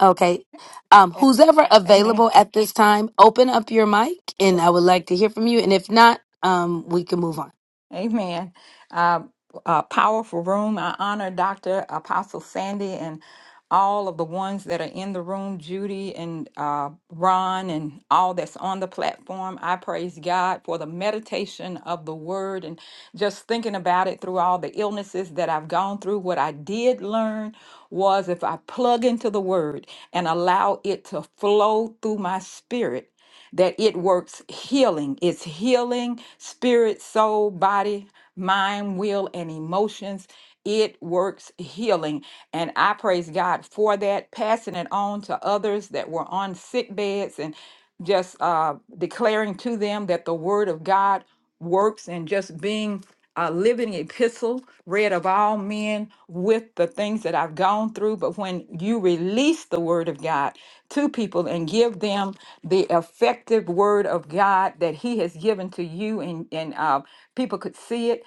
C: Okay. Um,
E: A-
C: who's ever
E: Amen.
C: available at this time, open up your mic, and I would like to hear from you. And if not, um, we can move on.
E: Amen. Uh, a powerful room. I honor Dr. Apostle Sandy and all of the ones that are in the room, Judy and uh, Ron, and all that's on the platform. I praise God for the meditation of the word and just thinking about it through all the illnesses that I've gone through. What I did learn was if I plug into the word and allow it to flow through my spirit, that it works healing. It's healing spirit, soul, body, mind, will, and emotions. It works healing. And I praise God for that, passing it on to others that were on sick beds and just uh, declaring to them that the word of God works and just being a living epistle, read of all men with the things that I've gone through. But when you release the word of God to people and give them the effective word of God that He has given to you, and, and uh, people could see it,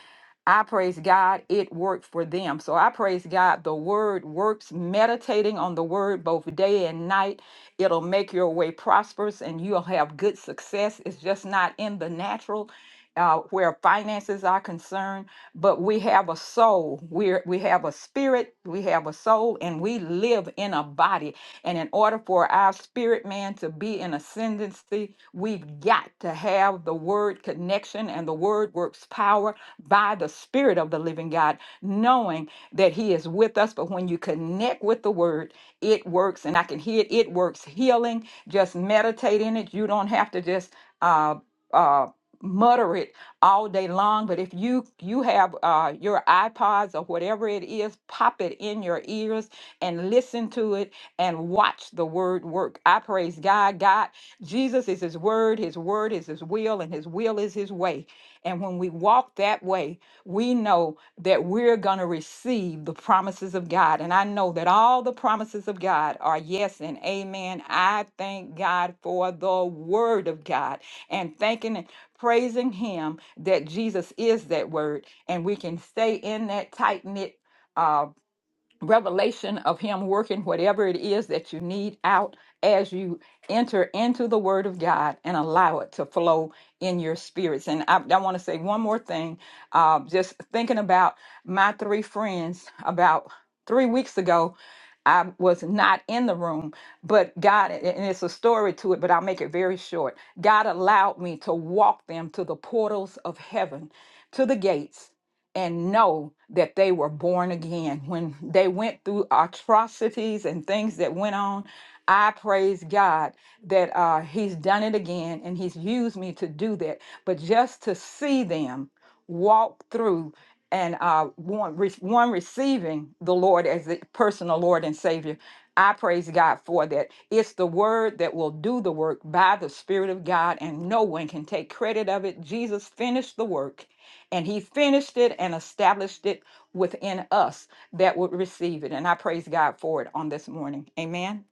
E: I praise God, it worked for them. So I praise God, the word works. Meditating on the word both day and night, it'll make your way prosperous and you'll have good success. It's just not in the natural, uh, where finances are concerned, but we have a soul. We we have a spirit, we have a soul, and we live in a body. And in order for our spirit man to be in ascendancy, we've got to have the word connection, and the word works power by the spirit of the living God, knowing that He is with us. But when you connect with the word, it works, and I can hear it, it works healing. Just meditate in it. You don't have to just. Uh, uh, mutter it all day long but if you you have uh, your ipods or whatever it is pop it in your ears and listen to it and watch the word work i praise god god jesus is his word his word is his will and his will is his way and when we walk that way we know that we're going to receive the promises of god and i know that all the promises of god are yes and amen i thank god for the word of god and thanking praising Him that Jesus is that word, and we can stay in that tight knit. uh, revelation of him working whatever it is that you need out as you enter into the word of god and allow it to flow in your spirits and i, I want to say one more thing uh, just thinking about my three friends about three weeks ago i was not in the room but god and it's a story to it but i'll make it very short god allowed me to walk them to the portals of heaven to the gates and know that they were born again. When they went through atrocities and things that went on, I praise God that uh, He's done it again and He's used me to do that. But just to see them walk through and uh, one, re- one receiving the Lord as the personal Lord and Savior. I praise God for that. It's the word that will do the work by the Spirit of God, and no one can take credit of it. Jesus finished the work and he finished it and established it within us that would receive it. And I praise God for it on this morning. Amen.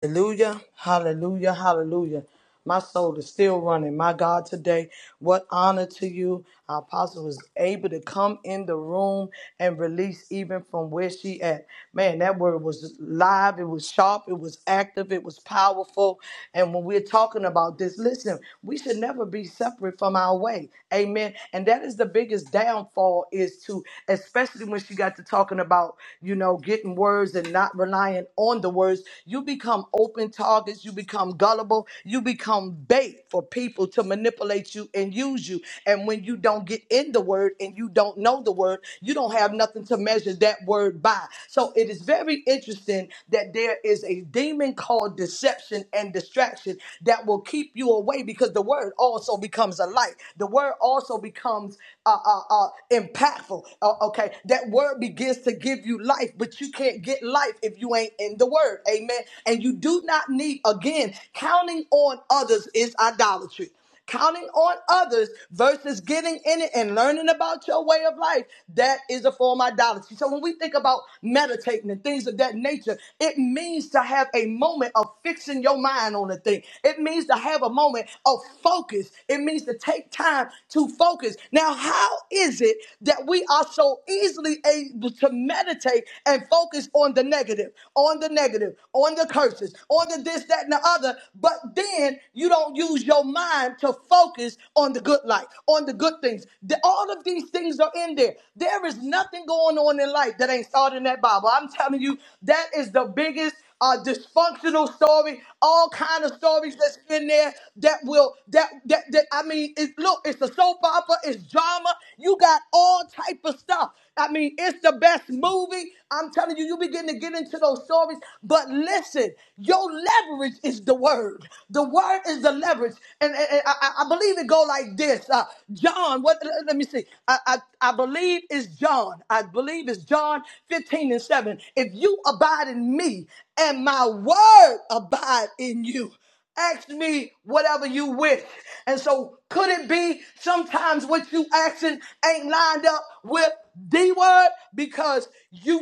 G: Hallelujah, hallelujah, hallelujah. My soul is still running. My God, today, what honor to you. Our apostle was able to come in the room and release even from where she at. Man, that word was live. It was sharp. It was active. It was powerful. And when we're talking about this, listen, we should never be separate from our way. Amen. And that is the biggest downfall is to, especially when she got to talking about you know, getting words and not relying on the words. You become open targets, you become gullible, you become bait for people to manipulate you and use you. And when you don't get in the word and you don't know the word, you don't have nothing to measure that word by. So it is very interesting that there is a demon called deception and distraction that will keep you away because the word also becomes a light. The word also becomes a. a, uh, uh, impactful. Uh, okay, that word begins to give you life, but you can't get life if you ain't in the word. Amen. And you do not need, again, counting on others is idolatry counting on others versus getting in it and learning about your way of life that is a form of idolatry so when we think about meditating and things of that nature it means to have a moment of fixing your mind on a thing it means to have a moment of focus. It means to take time to focus. Now, how is it that we are so easily able to meditate and focus on the negative, on the negative, on the curses, on the this, that, and the other, but then you don't use your mind to focus on the good life, on the good things? The- all of these things are in there. There is nothing going on in life that ain't started in that Bible. I'm telling you, that is the biggest uh, dysfunctional story, all kind of stories that's in there that will that that, that I mean, it, look, it's a soap opera, it's drama. You got all type of stuff. I mean, it's the best movie. I'm telling you, you begin to get into those stories. But listen, your leverage is the word. The word is the leverage, and, and- and I, I I believe it go like this. Uh, John, what? Let, me see. I, I I believe it's John. I believe it's John. John 15 and 7. If you abide in me and my word abide in you, ask me whatever you wish. And so could it be sometimes what you asking ain't lined up with the word because you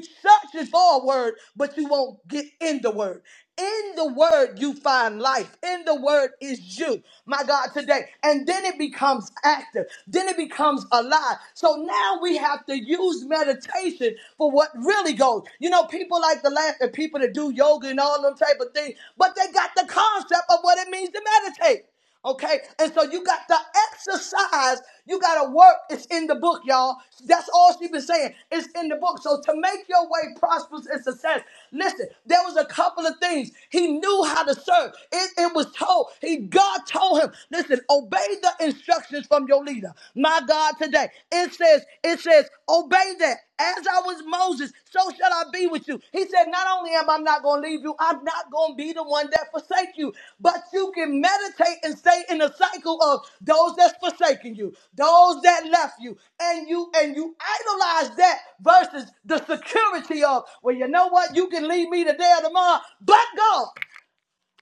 G: searching for a word, but you won't get in the word. In the word, you find life. In the word is you, my God, today. And then it becomes active. Then it becomes alive. So now we have to use meditation for what really goes. You know, people like to laugh at people that do yoga and all them type of things, but they got the concept of what it means to meditate. Okay, and so you got to exercise. You got to work. It's in the book, y'all. That's all she been saying. It's in the book. So to make your way prosperous and success, listen. There was a couple of things he knew how to serve. It, it was told. He God told him, listen, obey the instructions from your leader. My God, today it says, it says, obey. Obey that. As I was Moses, so shall I be with you. He said, Not only am I not going to leave you, I'm not going to be the one that forsake you. But you can meditate and stay in the cycle of those that's forsaken you, those that left you, and you and you idolize that versus the security of, well, you know what? You can leave me today or tomorrow, but God.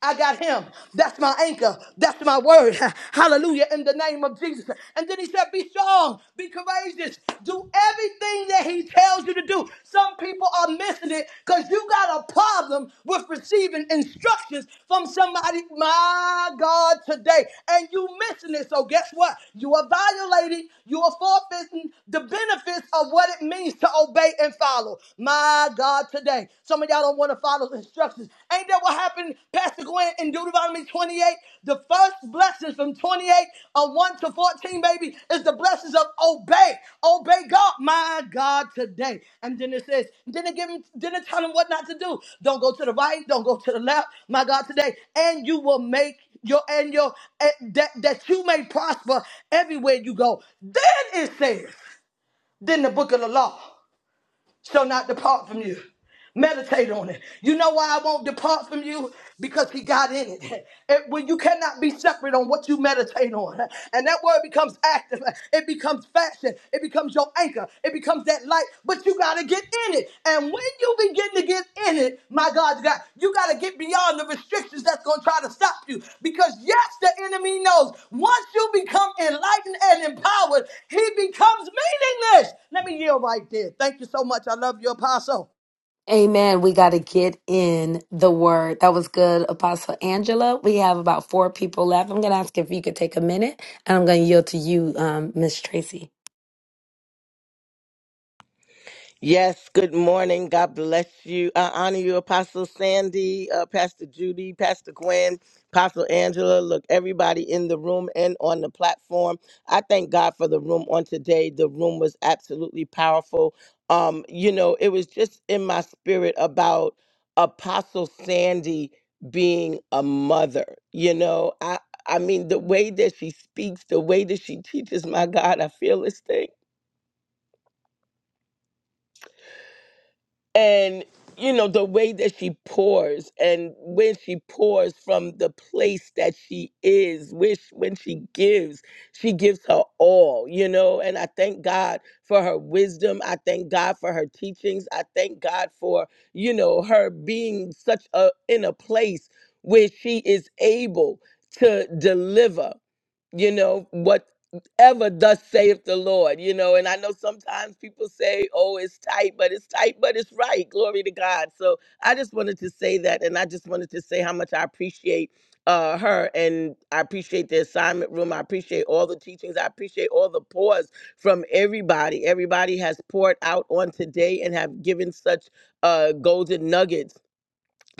G: I got him. That's my anchor. That's my word. Hallelujah. In the name of Jesus. And then he said, Be strong, be courageous, do everything that he tells you to do. Some people are missing it because you got a problem with receiving instructions from somebody, my God, today. And you missing it. So guess what? You are violating, you are forfeiting the benefits of what it means to obey and follow. My God. God today. Some of y'all don't want to follow the instructions. Ain't that what happened, Pastor Gwen, in Deuteronomy 28? The first blessings from 28 on 1 to 14, baby, is the blessings of obey. Obey God, my God, today. And then it says, then it give him, then it tell him what not to do. Don't go to the right, don't go to the left, my God, today. And you will make your and your and that, that you may prosper everywhere you go. Then it says, then the book of the law shall not depart from you. Meditate on it. You know why I won't depart from you? Because he got in it. it when you cannot be separate on what you meditate on. And that word becomes active. It becomes fashion. It becomes your anchor. It becomes that light. But you got to get in it. And when you begin to get in it, my God, God you got to get beyond the restrictions that's going to try to stop you. Because, yes, the enemy knows once you become enlightened and empowered, he becomes meaningless. Let me yield right there. Thank you so much. I love you, Apostle.
C: Amen. We got to get in the word. That was good, Apostle Angela. We have about four people left. I'm going to ask if you could take a minute, and I'm going to yield to you, um, Miss Tracy.
L: Yes, good morning. God bless you. I honor you, Apostle Sandy, uh, Pastor Judy, Pastor Gwen, Apostle Angela. Look, everybody in the room and on the platform. I thank God for the room on today. The room was absolutely powerful. Um, you know, it was just in my spirit about Apostle Sandy being a mother. You know, I I mean the way that she speaks, the way that she teaches, my God, I feel this thing and you know the way that she pours and when she pours from the place that she is which when she gives she gives her all you know and i thank god for her wisdom i thank god for her teachings i thank god for you know her being such a in a place where she is able to deliver you know, whatever thus saith the Lord, you know. And I know sometimes people say, oh, it's tight, but it's tight, but it's right. Glory to God. So I just wanted to say that. And I just wanted to say how much I appreciate uh, her and I appreciate the assignment room. I appreciate all the teachings. I appreciate all the pours from everybody. Everybody has poured out on today and have given such uh, golden nuggets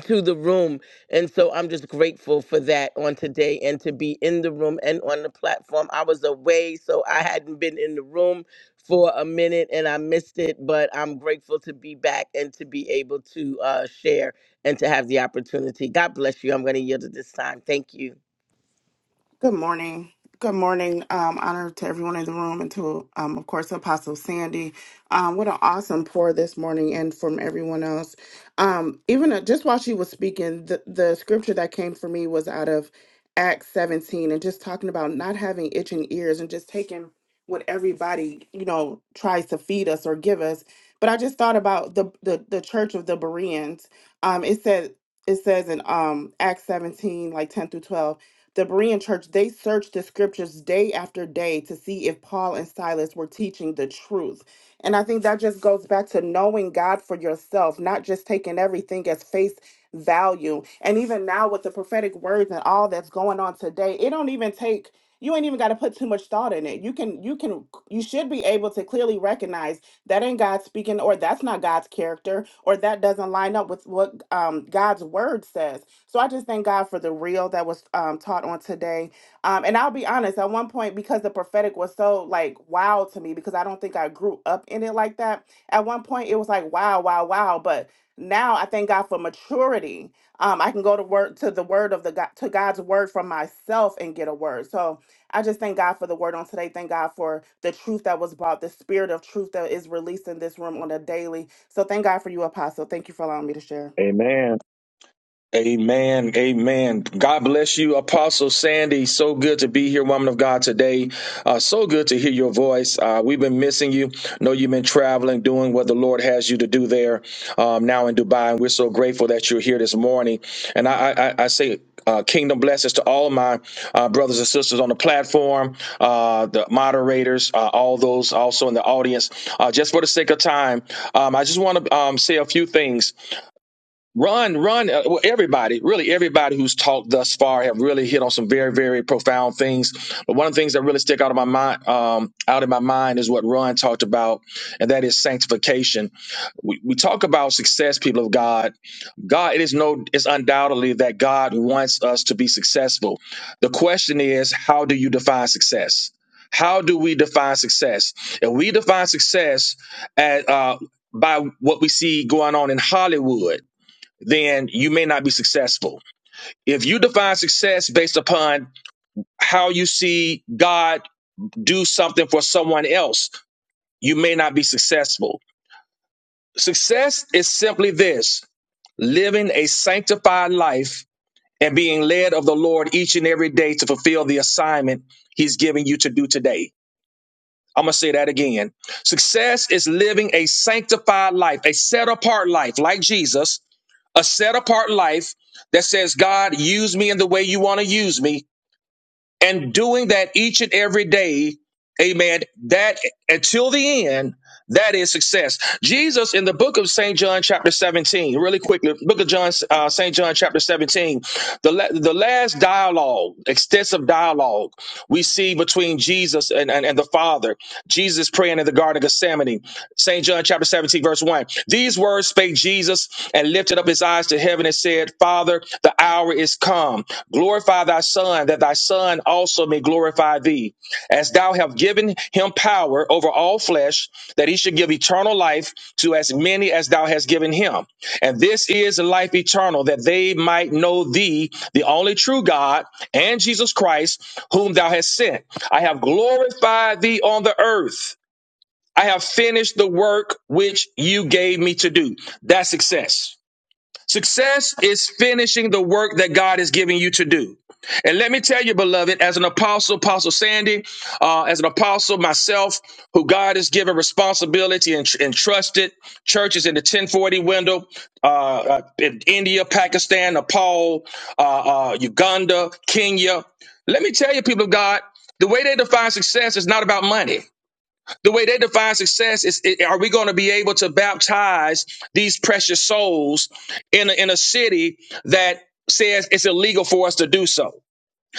L: to the room. And so I'm just grateful for that on today and to be in the room and on the platform. I was away, so I hadn't been in the room for a minute and I missed it, but I'm grateful to be back and to be able to uh, share and to have the opportunity. God bless you. I'm going to yield at this time. Thank you.
J: Good morning. Good morning. Um, honor to everyone in the room and to, um, of course, Apostle Sandy. Um, what an awesome pour this morning and from everyone else. Um, even uh, just while she was speaking, the, the scripture that came for me was out of Acts 17 and just talking about not having itching ears and just taking what everybody, you know, tries to feed us or give us. But I just thought about the, the, the church of the Bereans. Um, it said, it says in um, Acts 17, like 10 through 12, the Berean church, they searched the scriptures day after day to see if Paul and Silas were teaching the truth. And I think that just goes back to knowing God for yourself, not just taking everything as face value. And even now with the prophetic words and all that's going on today, it don't even take you ain't even got to put too much thought in it. You can you can you should be able to clearly recognize that ain't God speaking or that's not God's character or that doesn't line up with what um God's word says. So I just thank God for the real that was um, taught on today. Um, and I'll be honest, at one point, because the prophetic was so like wow to me, because I don't think I grew up in it like that. At one point, it was like wow, wow, wow. But now I thank God for maturity. Um, I can go to word to the word of the God, to God's word for myself and get a word. So I just thank God for the word on today. Thank God for the truth that was brought, the spirit of truth that is released in this room on a daily. So thank God for you, Apostle. Thank you for allowing me to share.
M: Amen. Amen. Amen. God bless you, Apostle Sandy. So good to be here, woman of God, today. Uh, so good to hear your voice. Uh, we've been missing you. Know you've been traveling, doing what the Lord has you to do there um, now in Dubai. And we're so grateful that you're here this morning. And I, I, I I say, uh, kingdom blessings to all my uh, brothers and sisters on the platform, uh, the moderators, uh, all those also in the audience. Uh, just for the sake of time, um, I just want to um, say a few things. Run, run! uh, well, everybody, really everybody who's talked thus far have really hit on some very, very profound things. But one of the things that really stick out of my mind, um, out in my mind, is what Ron talked about, and that is sanctification. We, we talk about success, people of God. God, it is no, it's undoubtedly that God wants us to be successful. The question is, how do you define success? How do we define success? If we define success at uh, by what we see going on in Hollywood then you may not be successful. If you define success based upon how you see God do something for someone else, you may not be successful. Success is simply this living a sanctified life and being led of the Lord each and every day to fulfill the assignment He's giving you to do today. I'm going to say that again. Success is living a sanctified life, a set apart life like Jesus a set apart life that says, God, use me in the way you want to use me, and doing that each and every day, amen, that until the end. That is success. Jesus in the book of St. John, chapter 17, really quickly, book of John, uh, St. John, chapter 17, the, la- the last dialogue, extensive dialogue we see between Jesus and, and, and the Father. Jesus praying in the Garden of Gethsemane. St. John, chapter 17, verse 1. These words spake Jesus and lifted up his eyes to heaven and said, Father, the hour is come. Glorify thy Son, that thy Son also may glorify thee as thou have given him power over all flesh, that he should give eternal life to as many as thou hast given him. And this is life eternal, that they might know thee, the only true God, and Jesus Christ, whom thou hast sent. I have glorified thee on the earth. I have finished the work which you gave me to do. That's success. Success is finishing the work that God is giving you to do. And let me tell you, beloved, as an apostle, Apostle Sandy, uh, as an apostle myself, who God has given responsibility and, and trusted churches in the 1040 window, uh, uh, in India, Pakistan, Nepal, uh, uh, Uganda, Kenya. Let me tell you, people of God, the way they define success is not about money the way they define success is i- are we going to be able to baptize these precious souls in a, in a city that says it's illegal for us to do so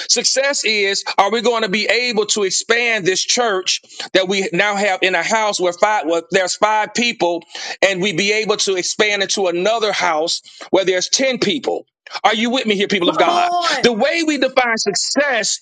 M: success is are we going to be able to expand this church that we now have in a house where five well, there's five people and we be able to expand into another house where there's 10 people are you with me here people of
G: Come
M: god
G: on.
M: the way we define success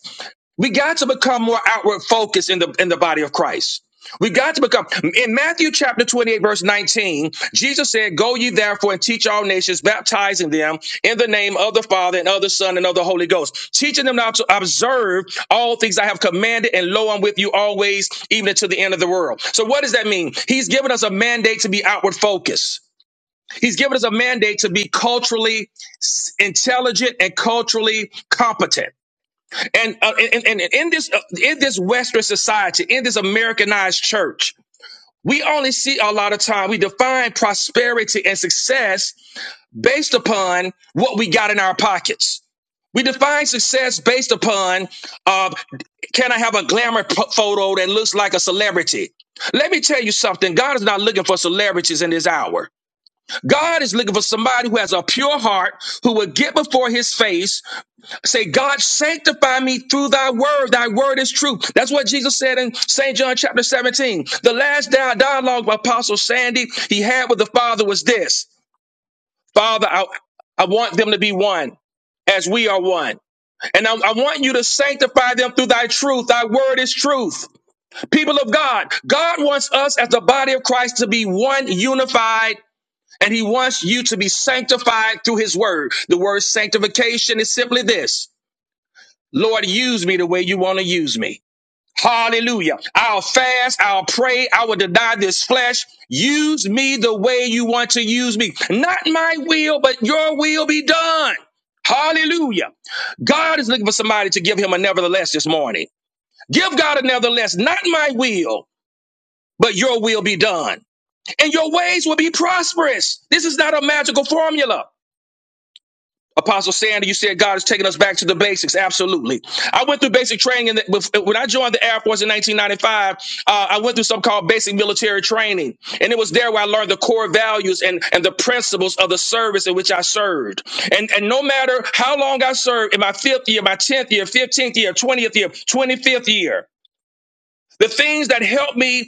M: we got to become more outward focused in the in the body of Christ. We got to become in Matthew chapter 28, verse 19, Jesus said, Go ye therefore and teach all nations, baptizing them in the name of the Father and of the Son and of the Holy Ghost, teaching them now to observe all things I have commanded, and lo, I'm with you always, even to the end of the world. So, what does that mean? He's given us a mandate to be outward focused. He's given us a mandate to be culturally s- intelligent and culturally competent. And, uh, and, and and in this uh, in this Western society, in this Americanized church, we only see a lot of time we define prosperity and success based upon what we got in our pockets. We define success based upon uh, can I have a glamour p- photo that looks like a celebrity? Let me tell you something. God is not looking for celebrities in this hour. God is looking for somebody who has a pure heart, who will get before his face, Say, God, sanctify me through thy word. Thy word is true. That's what Jesus said in St. John chapter 17. The last dialogue by Apostle Sandy he had with the Father was this Father, I, I want them to be one as we are one. And I, I want you to sanctify them through thy truth. Thy word is truth. People of God, God wants us as the body of Christ to be one, unified, and he wants you to be sanctified through his word. The word sanctification is simply this. Lord, use me the way you want to use me. Hallelujah. I'll fast, I'll pray, I will deny this flesh. Use me the way you want to use me. Not my will, but your will be done. Hallelujah. God is looking for somebody to give him a nevertheless this morning. Give God a nevertheless, not my will, but your will be done. And your ways will be prosperous. This is not a magical formula. Apostle Sandy, you said God is taking us back to the basics. Absolutely. I went through basic training. In the, when I joined the Air Force in 1995, uh, I went through something called basic military training. And it was there where I learned the core values and, and the principles of the service in which I served. And, and no matter how long I served, in my fifth year, my 10th year, 15th year, 20th year, 25th year, the things that helped me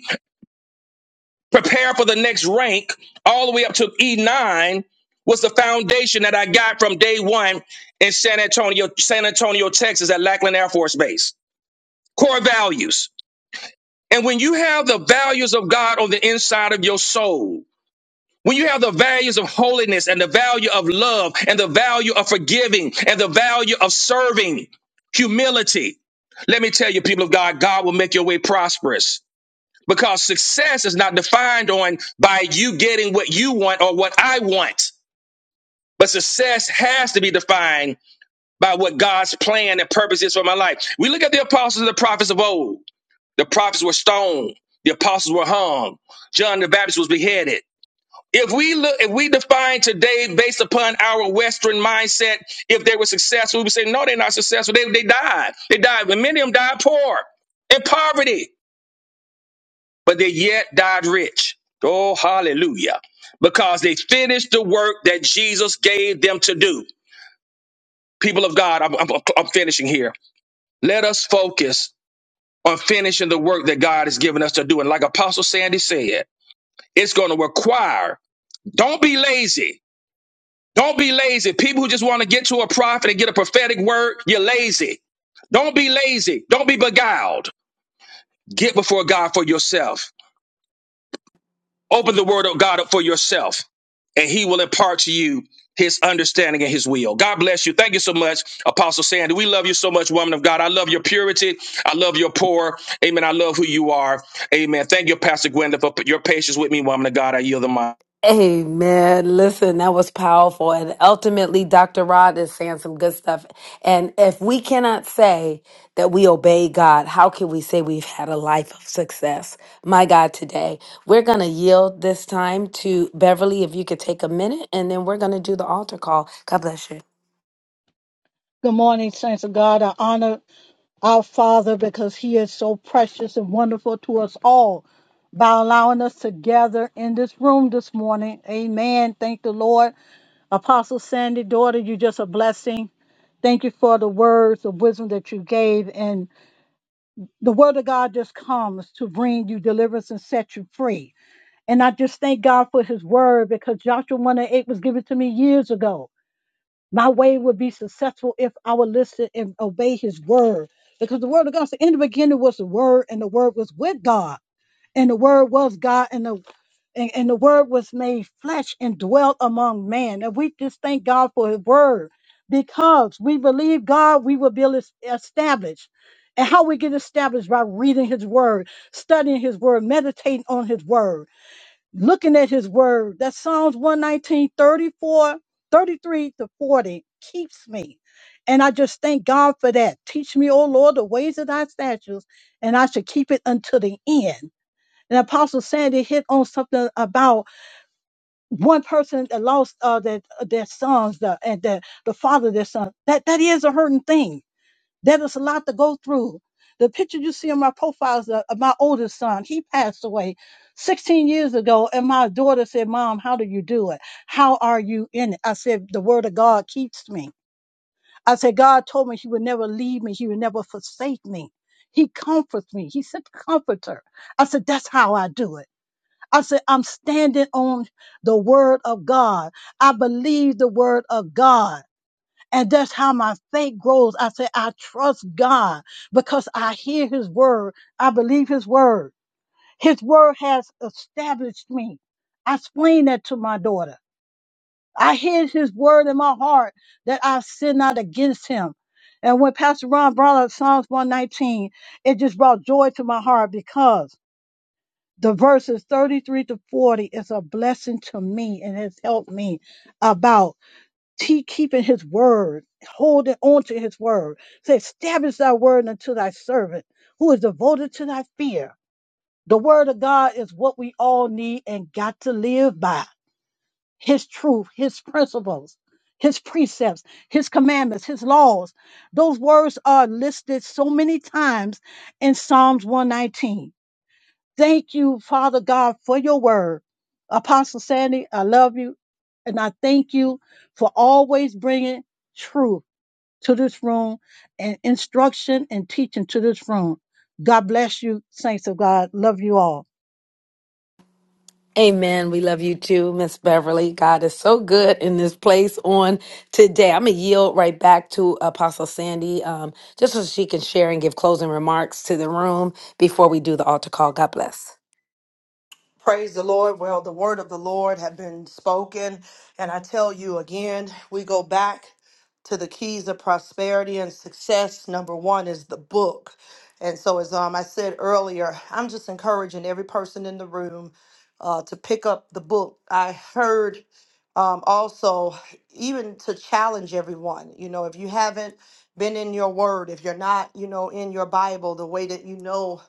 M: prepare for the next rank all the way up to E9 was the foundation that I got from day one in San Antonio, San Antonio, Texas at Lackland Air Force Base. Core values. And when you have the values of God on the inside of your soul, when you have the values of holiness and the value of love and the value of forgiving and the value of serving, humility, let me tell you, people of God, God will make your way prosperous because success is not defined on by you getting what you want or what I want. But success has to be defined by what God's plan and purpose is for my life. We look at the apostles and the prophets of old. The prophets were stoned. The apostles were hung. John the Baptist was beheaded. If we look, if we define today based upon our Western mindset, if they were successful, we would say, no, they're not successful. They, they died. They died. And many of them died poor in poverty. but they yet died rich. Oh, hallelujah. Because they finished the work that Jesus gave them to do. People of God, I'm, I'm, I'm finishing here. Let us focus on finishing the work that God has given us to do. And like Apostle Sandy said, it's going to require, don't be lazy. Don't be lazy. People who just want to get to a prophet and get a prophetic word, you're lazy. Don't be lazy. Don't be beguiled. Get before God for yourself Open the word of God up for yourself, and he will impart to you his understanding and his will. God bless you. Thank you so much, Apostle Sandy. We love you so much, woman of God. I love your purity. I love your poor. Amen. I love who you are. Amen. Thank you, Pastor Gwenda, for your patience with me, woman of God. I yield the mic.
C: Amen. Listen, that was powerful. And ultimately, Dr. Rod is saying some good stuff. And if we cannot say that we obey God, how can we say we've had a life of success? My God, today, we're going to yield this time to Beverly. If you could take a minute, and then we're going to do the altar call. God bless you.
P: Good morning, saints of God. I honor our Father because He is so precious and wonderful to us all by allowing us to gather in this room this morning. Amen. Thank the Lord. Apostle Sandy, daughter, you're just a blessing. Thank you for the words of wisdom that you gave. And the word of God just comes to bring you deliverance and set you free. And I just thank God for his word because Joshua 1 and 8 was given to me years ago. My way will be successful if I will listen and obey his word. Because the word of God said, in the beginning was the word, and the word was with God, and the word was God, and the and, and the word was made flesh and dwelt among man. And we just thank God for his word because we believe God, we will be es- established. And how we get established by reading his word, studying his word, meditating on his word looking at his word. That Psalms 119, 34, 33 to 40 keeps me. And I just thank God for that. Teach me, O Lord, the ways of thy statutes, and I should keep it until the end. And Apostle Sandy hit on something about one person that lost uh, their, their sons the, and the, the father of their son. That, that is a hurting thing there is a lot to go through. The picture you see in my profile is of of my oldest son. He passed away 16 years ago, and my daughter said, Mom, how do you do it? How are you in it? I said, The word of God keeps me. I said, God told me He would never leave me, He would never forsake me. He comforts me. He said, Comforter. I said, That's how I do it. I said, I'm standing on the word of God. I believe the word of God. And that's how my faith grows. I say, I trust God because I hear his word. I believe his word. His word has established me. I explain that to my daughter. I hear his word in my heart that I sin not against him. And when Pastor Ron brought up Psalms 119, it just brought joy to my heart because the verses 33 to 40 is a blessing to me and has helped me about he keeping his word, holding on to his word. Say, establish thy word unto thy servant who is devoted to thy fear. The word of God is what we all need and got to live by. His truth, his principles, his precepts, his commandments, his laws. Those words are listed so many times in Psalms 119. Thank you, Father God, for your word. Apostle Sandy, I love you. And I thank you for always bringing truth to this room and instruction and teaching to this room. God bless you, saints of God. Love you all.
C: Amen. We love you too, Miss Beverly. God is so good in this place on today. I'm going to yield right back to Apostle Sandy um, just so she can share and give closing remarks to the room before we do the altar call. God bless.
A: Praise the Lord. Well, the word of the Lord had been spoken. And I tell you again, we go back to the keys of prosperity and success. Number one is the book. And so, as um, I said earlier, I'm just encouraging every person in the room uh, to pick up the book. I heard um, also, even to challenge everyone, you know, if you haven't been in your word, if you're not, you know, in your Bible the way that you know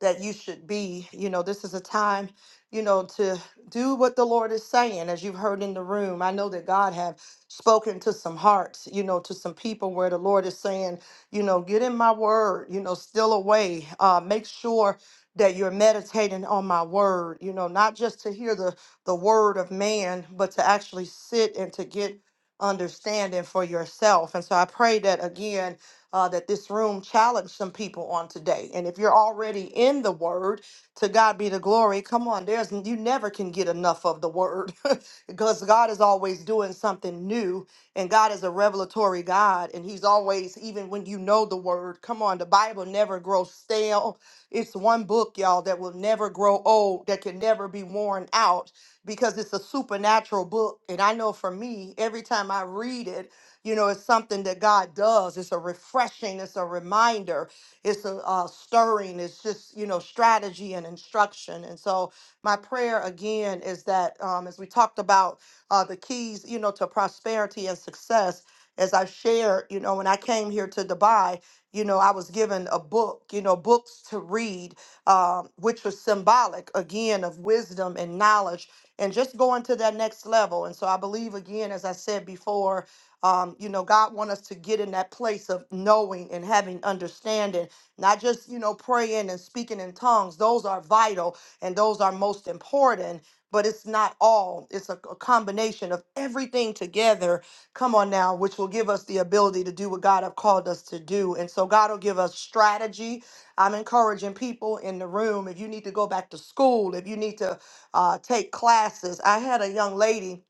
A: that you should be, you know, this is a time you know, to do what the Lord is saying, as you've heard in the room. I know that God have spoken to some hearts, you know, to some people where the Lord is saying, you know, get in my word, you know, still away. Uh, make sure that you're meditating on my word, you know, not just to hear the the word of man, but to actually sit and to get understanding for yourself. And so I pray that again, uh, that this room challenge some people on today. And if you're already in the word, to God be the glory. Come on, there's you never can get enough of the word because God is always doing something new and God is a revelatory God and he's always even when you know the word. Come on, the Bible never grows stale. It's one book, y'all, that will never grow old, that can never be worn out because it's a supernatural book and I know for me, every time I read it, you know, it's something that God does. It's a refreshing, it's a reminder it's a, uh stirring it's just you know strategy and instruction and so my prayer again is that um, as we talked about uh, the keys you know to prosperity and success as i shared you know when i came here to dubai you know i was given a book you know books to read um, which was symbolic again of wisdom and knowledge and just going to that next level and so i believe again as i said before um, you know god want us to get in that place of knowing and having understanding not just, you know, praying and speaking in tongues. Those are vital and those are most important, but it's not all. It's a, a combination of everything together. Come on now, which will give us the ability to do what God have called us to do. And so God will give us strategy. I'm encouraging people in the room if you need to go back to school, if you need to uh, take classes. I had a young lady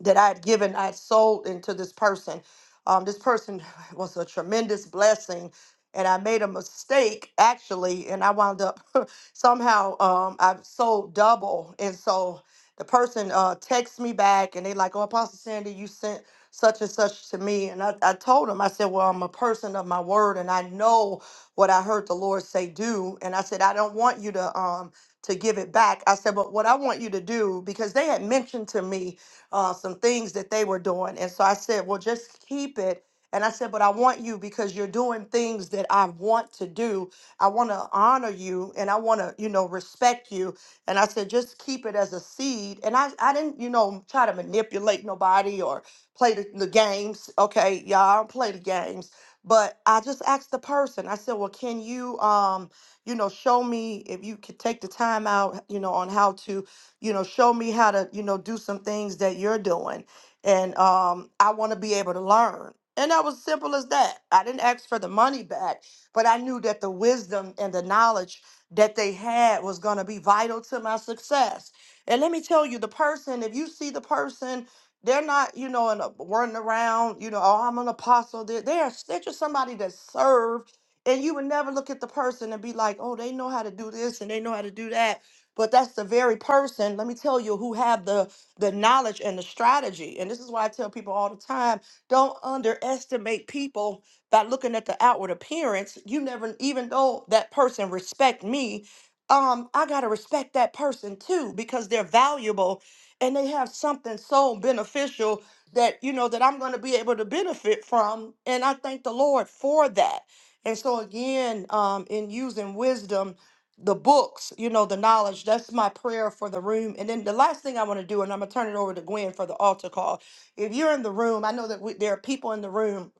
A: that I had given, I had sold into this person. Um, this person was a tremendous blessing, and I made a mistake actually, and I wound up somehow um, I sold double, and so the person uh, texts me back, and they like, "Oh, Apostle Sandy, you sent such and such to me," and I, I told him, I said, "Well, I'm a person of my word, and I know what I heard the Lord say do," and I said, "I don't want you to." Um, to give it back. I said, but what I want you to do, because they had mentioned to me uh, some things that they were doing. And so I said, well, just keep it. And I said, but I want you because you're doing things that I want to do. I want to honor you and I want to, you know, respect you. And I said, just keep it as a seed. And I, I didn't, you know, try to manipulate nobody or play the, the games. Okay, y'all I don't play the games. But I just asked the person, I said, well, can you, um, you know, show me if you could take the time out, you know, on how to you know show me how to you know do some things that you're doing and um i want to be able to learn and that was simple as that i didn't ask for the money back but i knew that the wisdom and the knowledge that they had was going to be vital to my success and let me tell you the person if you see the person they're not you know in a, running around you know oh i'm an apostle they're, they're, they're just somebody that served and you would never look at the person and be like oh they know how to do this and they know how to do that but that's the very person let me tell you who have the the knowledge and the strategy and this is why i tell people all the time don't underestimate people by looking at the outward appearance you never even though that person respect me um i gotta respect that person too because they're valuable and they have something so beneficial that you know that i'm gonna be able to benefit from and i thank the lord for that and so again um in using wisdom the books, you know, the knowledge. That's my prayer for the room. And then the last thing I want to do, and I'm going to turn it over to Gwen for the altar call. If you're in the room, I know that we, there are people in the room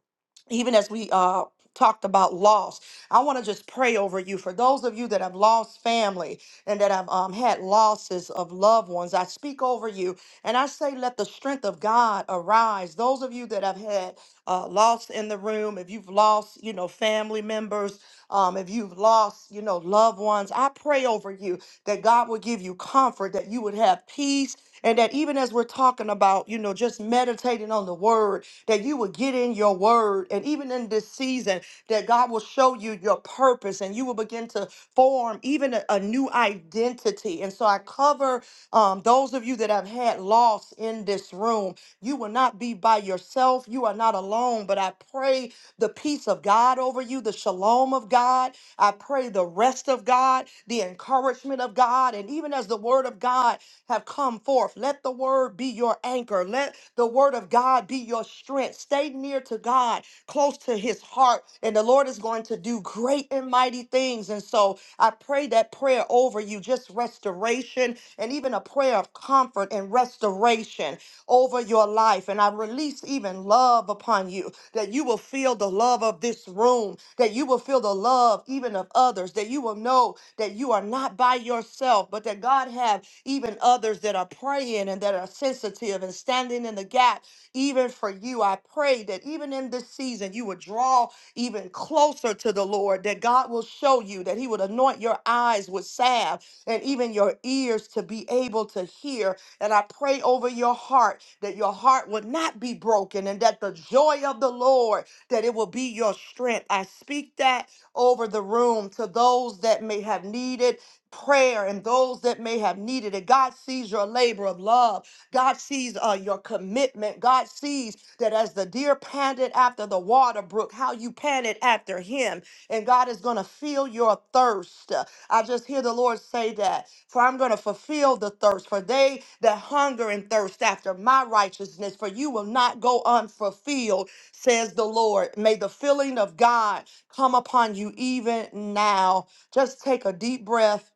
A: even as we uh talked about loss i want to just pray over you for those of you that have lost family and that have um, had losses of loved ones i speak over you and i say let the strength of god arise those of you that have had uh, loss in the room if you've lost you know family members um, if you've lost you know loved ones i pray over you that god will give you comfort that you would have peace and that even as we're talking about you know just meditating on the word that you will get in your word. And even in this season, that God will show you your purpose and you will begin to form even a, a new identity. And so I cover um, those of you that have had loss in this room. You will not be by yourself. You are not alone. But I pray the peace of God over you, the shalom of God. I pray the rest of God, the encouragement of God. And even as the word of God, have come forth. Let the word be your anchor. Let the word of God be your strength. Stay near to God, close to his heart, and the Lord is going to do great and mighty things. And so I pray that prayer over you, just restoration and even a prayer of comfort and restoration over your life. And I release even love upon you, that you will feel the love of this room, that you will feel the love even of others, that you will know that you are not by yourself, but that God have even others that are praying and that are sensitive and standing in the gap even for you. I pray that even in this season, you would draw even closer to the Lord, that God will show you, that He would anoint your eyes with salve and even your ears to be able to hear. And I pray over your heart that your heart would not be broken and that the joy of the Lord, that it will be your strength. I speak that over the room to those that may have needed prayer and those that may have needed it. God sees your labor of love. God sees uh, your commitment. God sees that as the deer panted after the water brook, how you panted after him. And God is going to feel your thirst. Uh, I just hear the Lord say that. For I'm going to fulfill the thirst. For they that hunger and thirst after my righteousness, for you will not go unfulfilled, says the Lord. May the filling of God come upon you even now. Just take a deep breath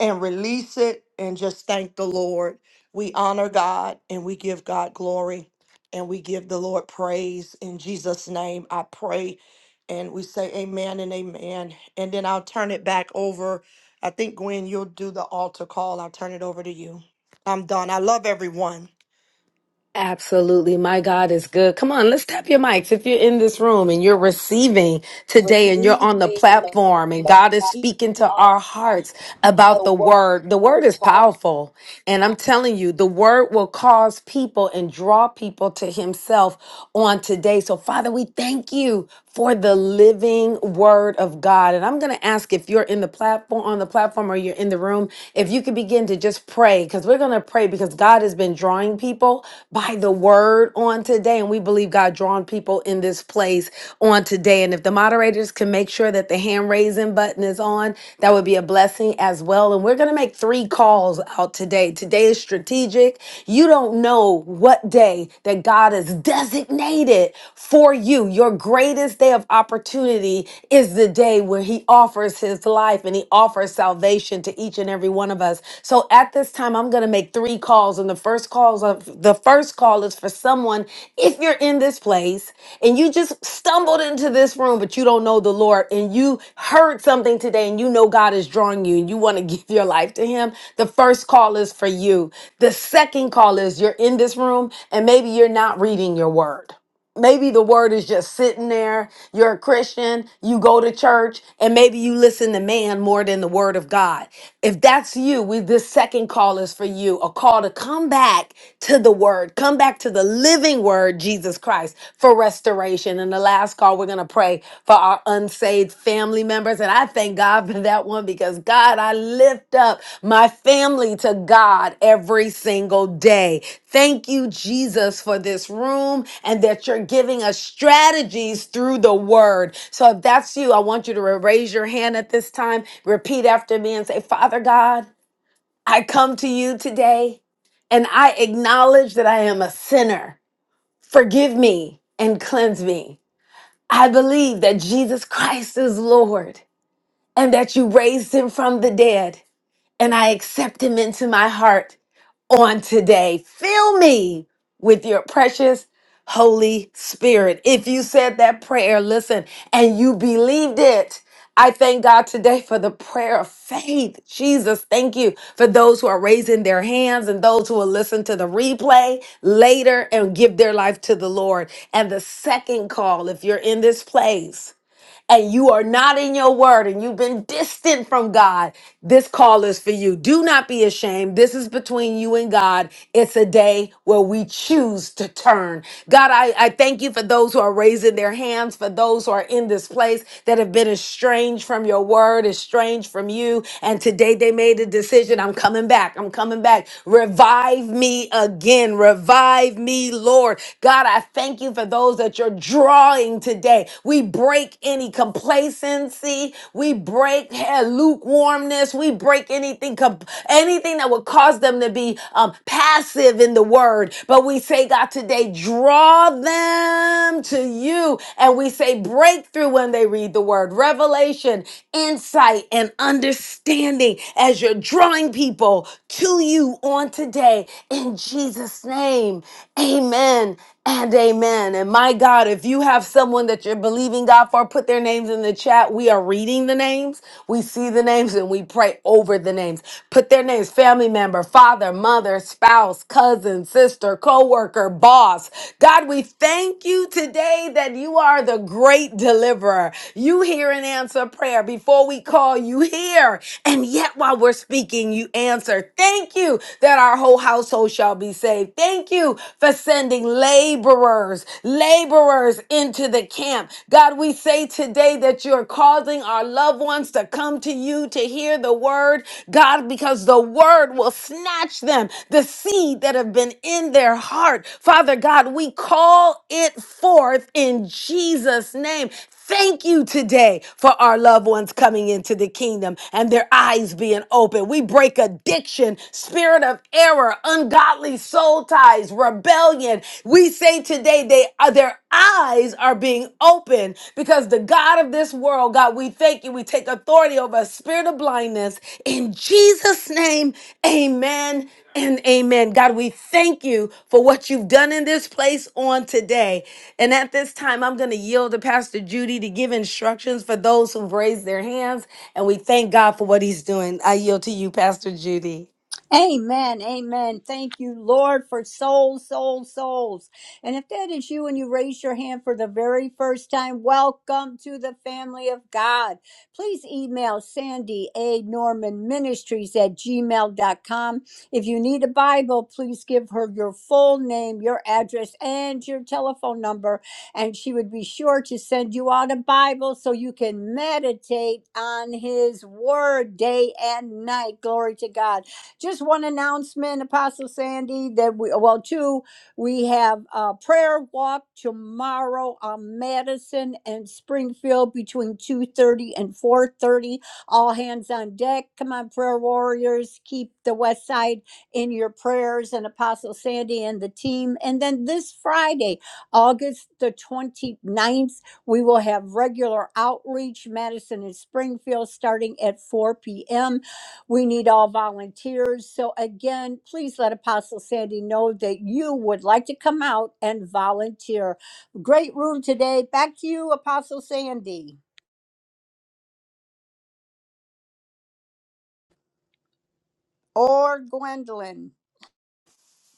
A: and release it and just thank the Lord. We honor God and we give God glory and we give the Lord praise. In Jesus' name, I pray. And we say amen and amen. And then I'll turn it back over. I think, Gwen, you'll do the altar call. I'll turn it over to you. I'm done. I love everyone.
C: Absolutely. My God is good. Come on, let's tap your mics. If you're in this room and you're receiving today and you're
G: Receive
C: on the platform and
G: the
C: God is speaking to
G: power
C: our hearts
G: of
C: about
G: the
C: the word, the word is
G: word.
C: powerful. And I'm telling you, the word will cause people and draw people to himself on today. So, Father, we thank you for the living word of God. And I'm going to ask if you're in the platform, on the platform, or you're in the room, if you could begin to just pray, because we're going to pray because God has been drawing people by the word on today. And we believe God drawn people in this place raise on today. And if the moderators can make sure that the hand raising button is on, that would be a blessing as well. And we're going to make three calls out today. Today is strategic. You don't know what day that God has designated for you. Your greatest day of opportunity is the day where He offers His life and He offers salvation to each and every one one of us. So at this time, I'm going to make three calls. And the first calls of the first call is for someone. If you're in this place and you just stumbled into this room, but you don't know the Lord and you heard something today and you know God is drawing you and you want to give your life to him, the first call is for you. The second call is you're in this room and maybe you're not reading your word maybe the word is just sitting there. You're a Christian, you go to church, and maybe you listen to man more than the word of God. If that's you, we this second call is for you, a call to come back to the word, come back to the living word, Jesus Christ, for restoration. And the last call, we're gonna pray for our unsaved family members. And I thank God for that one because God, I lift up my family to God every single day. Thank you, Jesus, for this room and that you're giving us strategies through the word. So if that's you, I want you to raise your hand at this time, repeat after me, and say, Father God, I come to you today and I acknowledge that I am a sinner. Forgive me and cleanse me. I believe that Jesus Christ is Lord and that you raised him from the dead, and I accept him into my heart on today. Fill me with your precious Holy Spirit. If you said that prayer, listen, and you believed it. I thank God today for the prayer of faith. Jesus, thank you for those who are raising their hands and those who will listen to the replay later and give their life to the Lord. And the second call, if you're in this place, and you are not in your word and you've been distant from God, this call is for you. Do not be ashamed. This is between you and God. It's a day where we choose to turn. God, I, I thank you for those who are raising their hands, for those who are in this place that have been estranged from your word, estranged from you. And today they made a decision. I'm coming back. I'm coming back. Revive me again. Revive me, Lord. God, I thank you for those that you're drawing morning today. We break any complacency. We break eh, lukewarmness. We break anything, com- anything that would cause them to be um, passive in the word. But we say, God, today, draw them to you. And we say breakthrough when they read the word, revelation, insight, and understanding as you're drawing people to you on today. In Jesus' name, amen and amen. And my God, if you have someone that you're believing God for, put their names in the chat. We are reading the names, we see the names, and we pray over the names. Put their names family member, father, mother, spouse, cousin, sister, coworker, boss. God, we thank you today that you are the great deliverer. You hear and answer prayer. Before we call, you hear. And yet, while we're speaking, you answer. Thank you that our whole household shall be saved. Thank thank you for sending laborers, laborers into the camp. God, we say today that you're causing our loved ones to come to you to hear the word, God, because the word will snatch them, the seed that have been in their heart. Father God, we call it forth in Jesus' name. Thank you today for our loved ones coming into the kingdom and their eyes being open. We break addiction, spirit of error, ungodly soul ties, rebellion. We say today they are their eyes are being opened because the God of this world, God, we thank you. We take authority over but spirit of blindness. In Jesus' name, amen and amen. God, we thank you for what you've done in this place on today. And at this time, I'm going to yield to Pastor Judy to give instructions for those who've raised their hands. And we thank God for what he's doing. I yield to you, Pastor Judy.
B: Amen. Amen. Thank you, Lord, for souls, souls, souls. And if that is you and you raise your hand for the very first time, welcome to the family of God. Please email Sandy A. Norman Ministries at gmail dot com. If you need a Bible, please give her your full name, your address, and your telephone number, and she would be sure to send you out a Bible so you can meditate on His Word day and night. Glory to God. Just one announcement, Apostle Sandy, that we, well, two, we have a prayer walk tomorrow on Madison and Springfield between 2.30 and 4.30. All hands on deck. Come on, prayer warriors. Keep the West Side in your prayers and Apostle Sandy and the team. And then this Friday, August the twenty ninth, we will have regular outreach, Madison and Springfield, starting at 4 p.m. We need all volunteers. So, again, please let Apostle Sandy know that you would like to come out and volunteer. Great room today. Back to you, Apostle Sandy or Gwendolyn.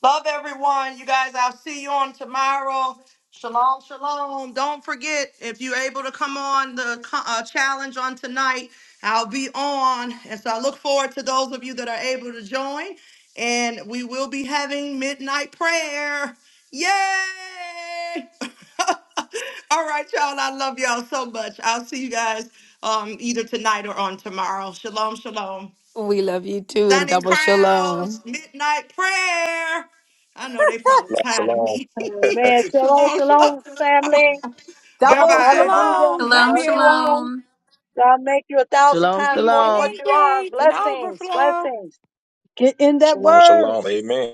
A: Love everyone. You guys, I'll see you on tomorrow. Shalom, shalom. Don't forget, if you're able to come on the co- uh, challenge on tonight, I'll be on. And so I look forward to those of you that are able to join. And we will be having midnight prayer. Yay! All right, y'all. I love y'all so much. I'll see you guys um, either tonight or on tomorrow. Shalom, shalom.
C: We love you too, and
A: Stunning
C: double shalom.
A: crowns, midnight prayer. I know they probably
M: Shalom,
A: tired of
M: shalom,
A: me.
P: Amen. Shalom,
A: shalom,
P: shalom,
A: shalom.
P: family.
A: Bye
B: Double
E: Double
A: bye.
B: shalom.
P: Hallelujah.
E: shalom. Love
D: Shalom,
P: Love
E: you
P: you
E: all.
P: all.
D: shalom.
P: God make you a thousand
L: Shalom,
P: times
E: Peace
P: more than
E: and
P: what
L: shalom.
P: you are.
E: increase and
P: Blessings,
E: overflow.
P: blessings. Get in that
M: shalom,
P: word.
M: shalom. Amen.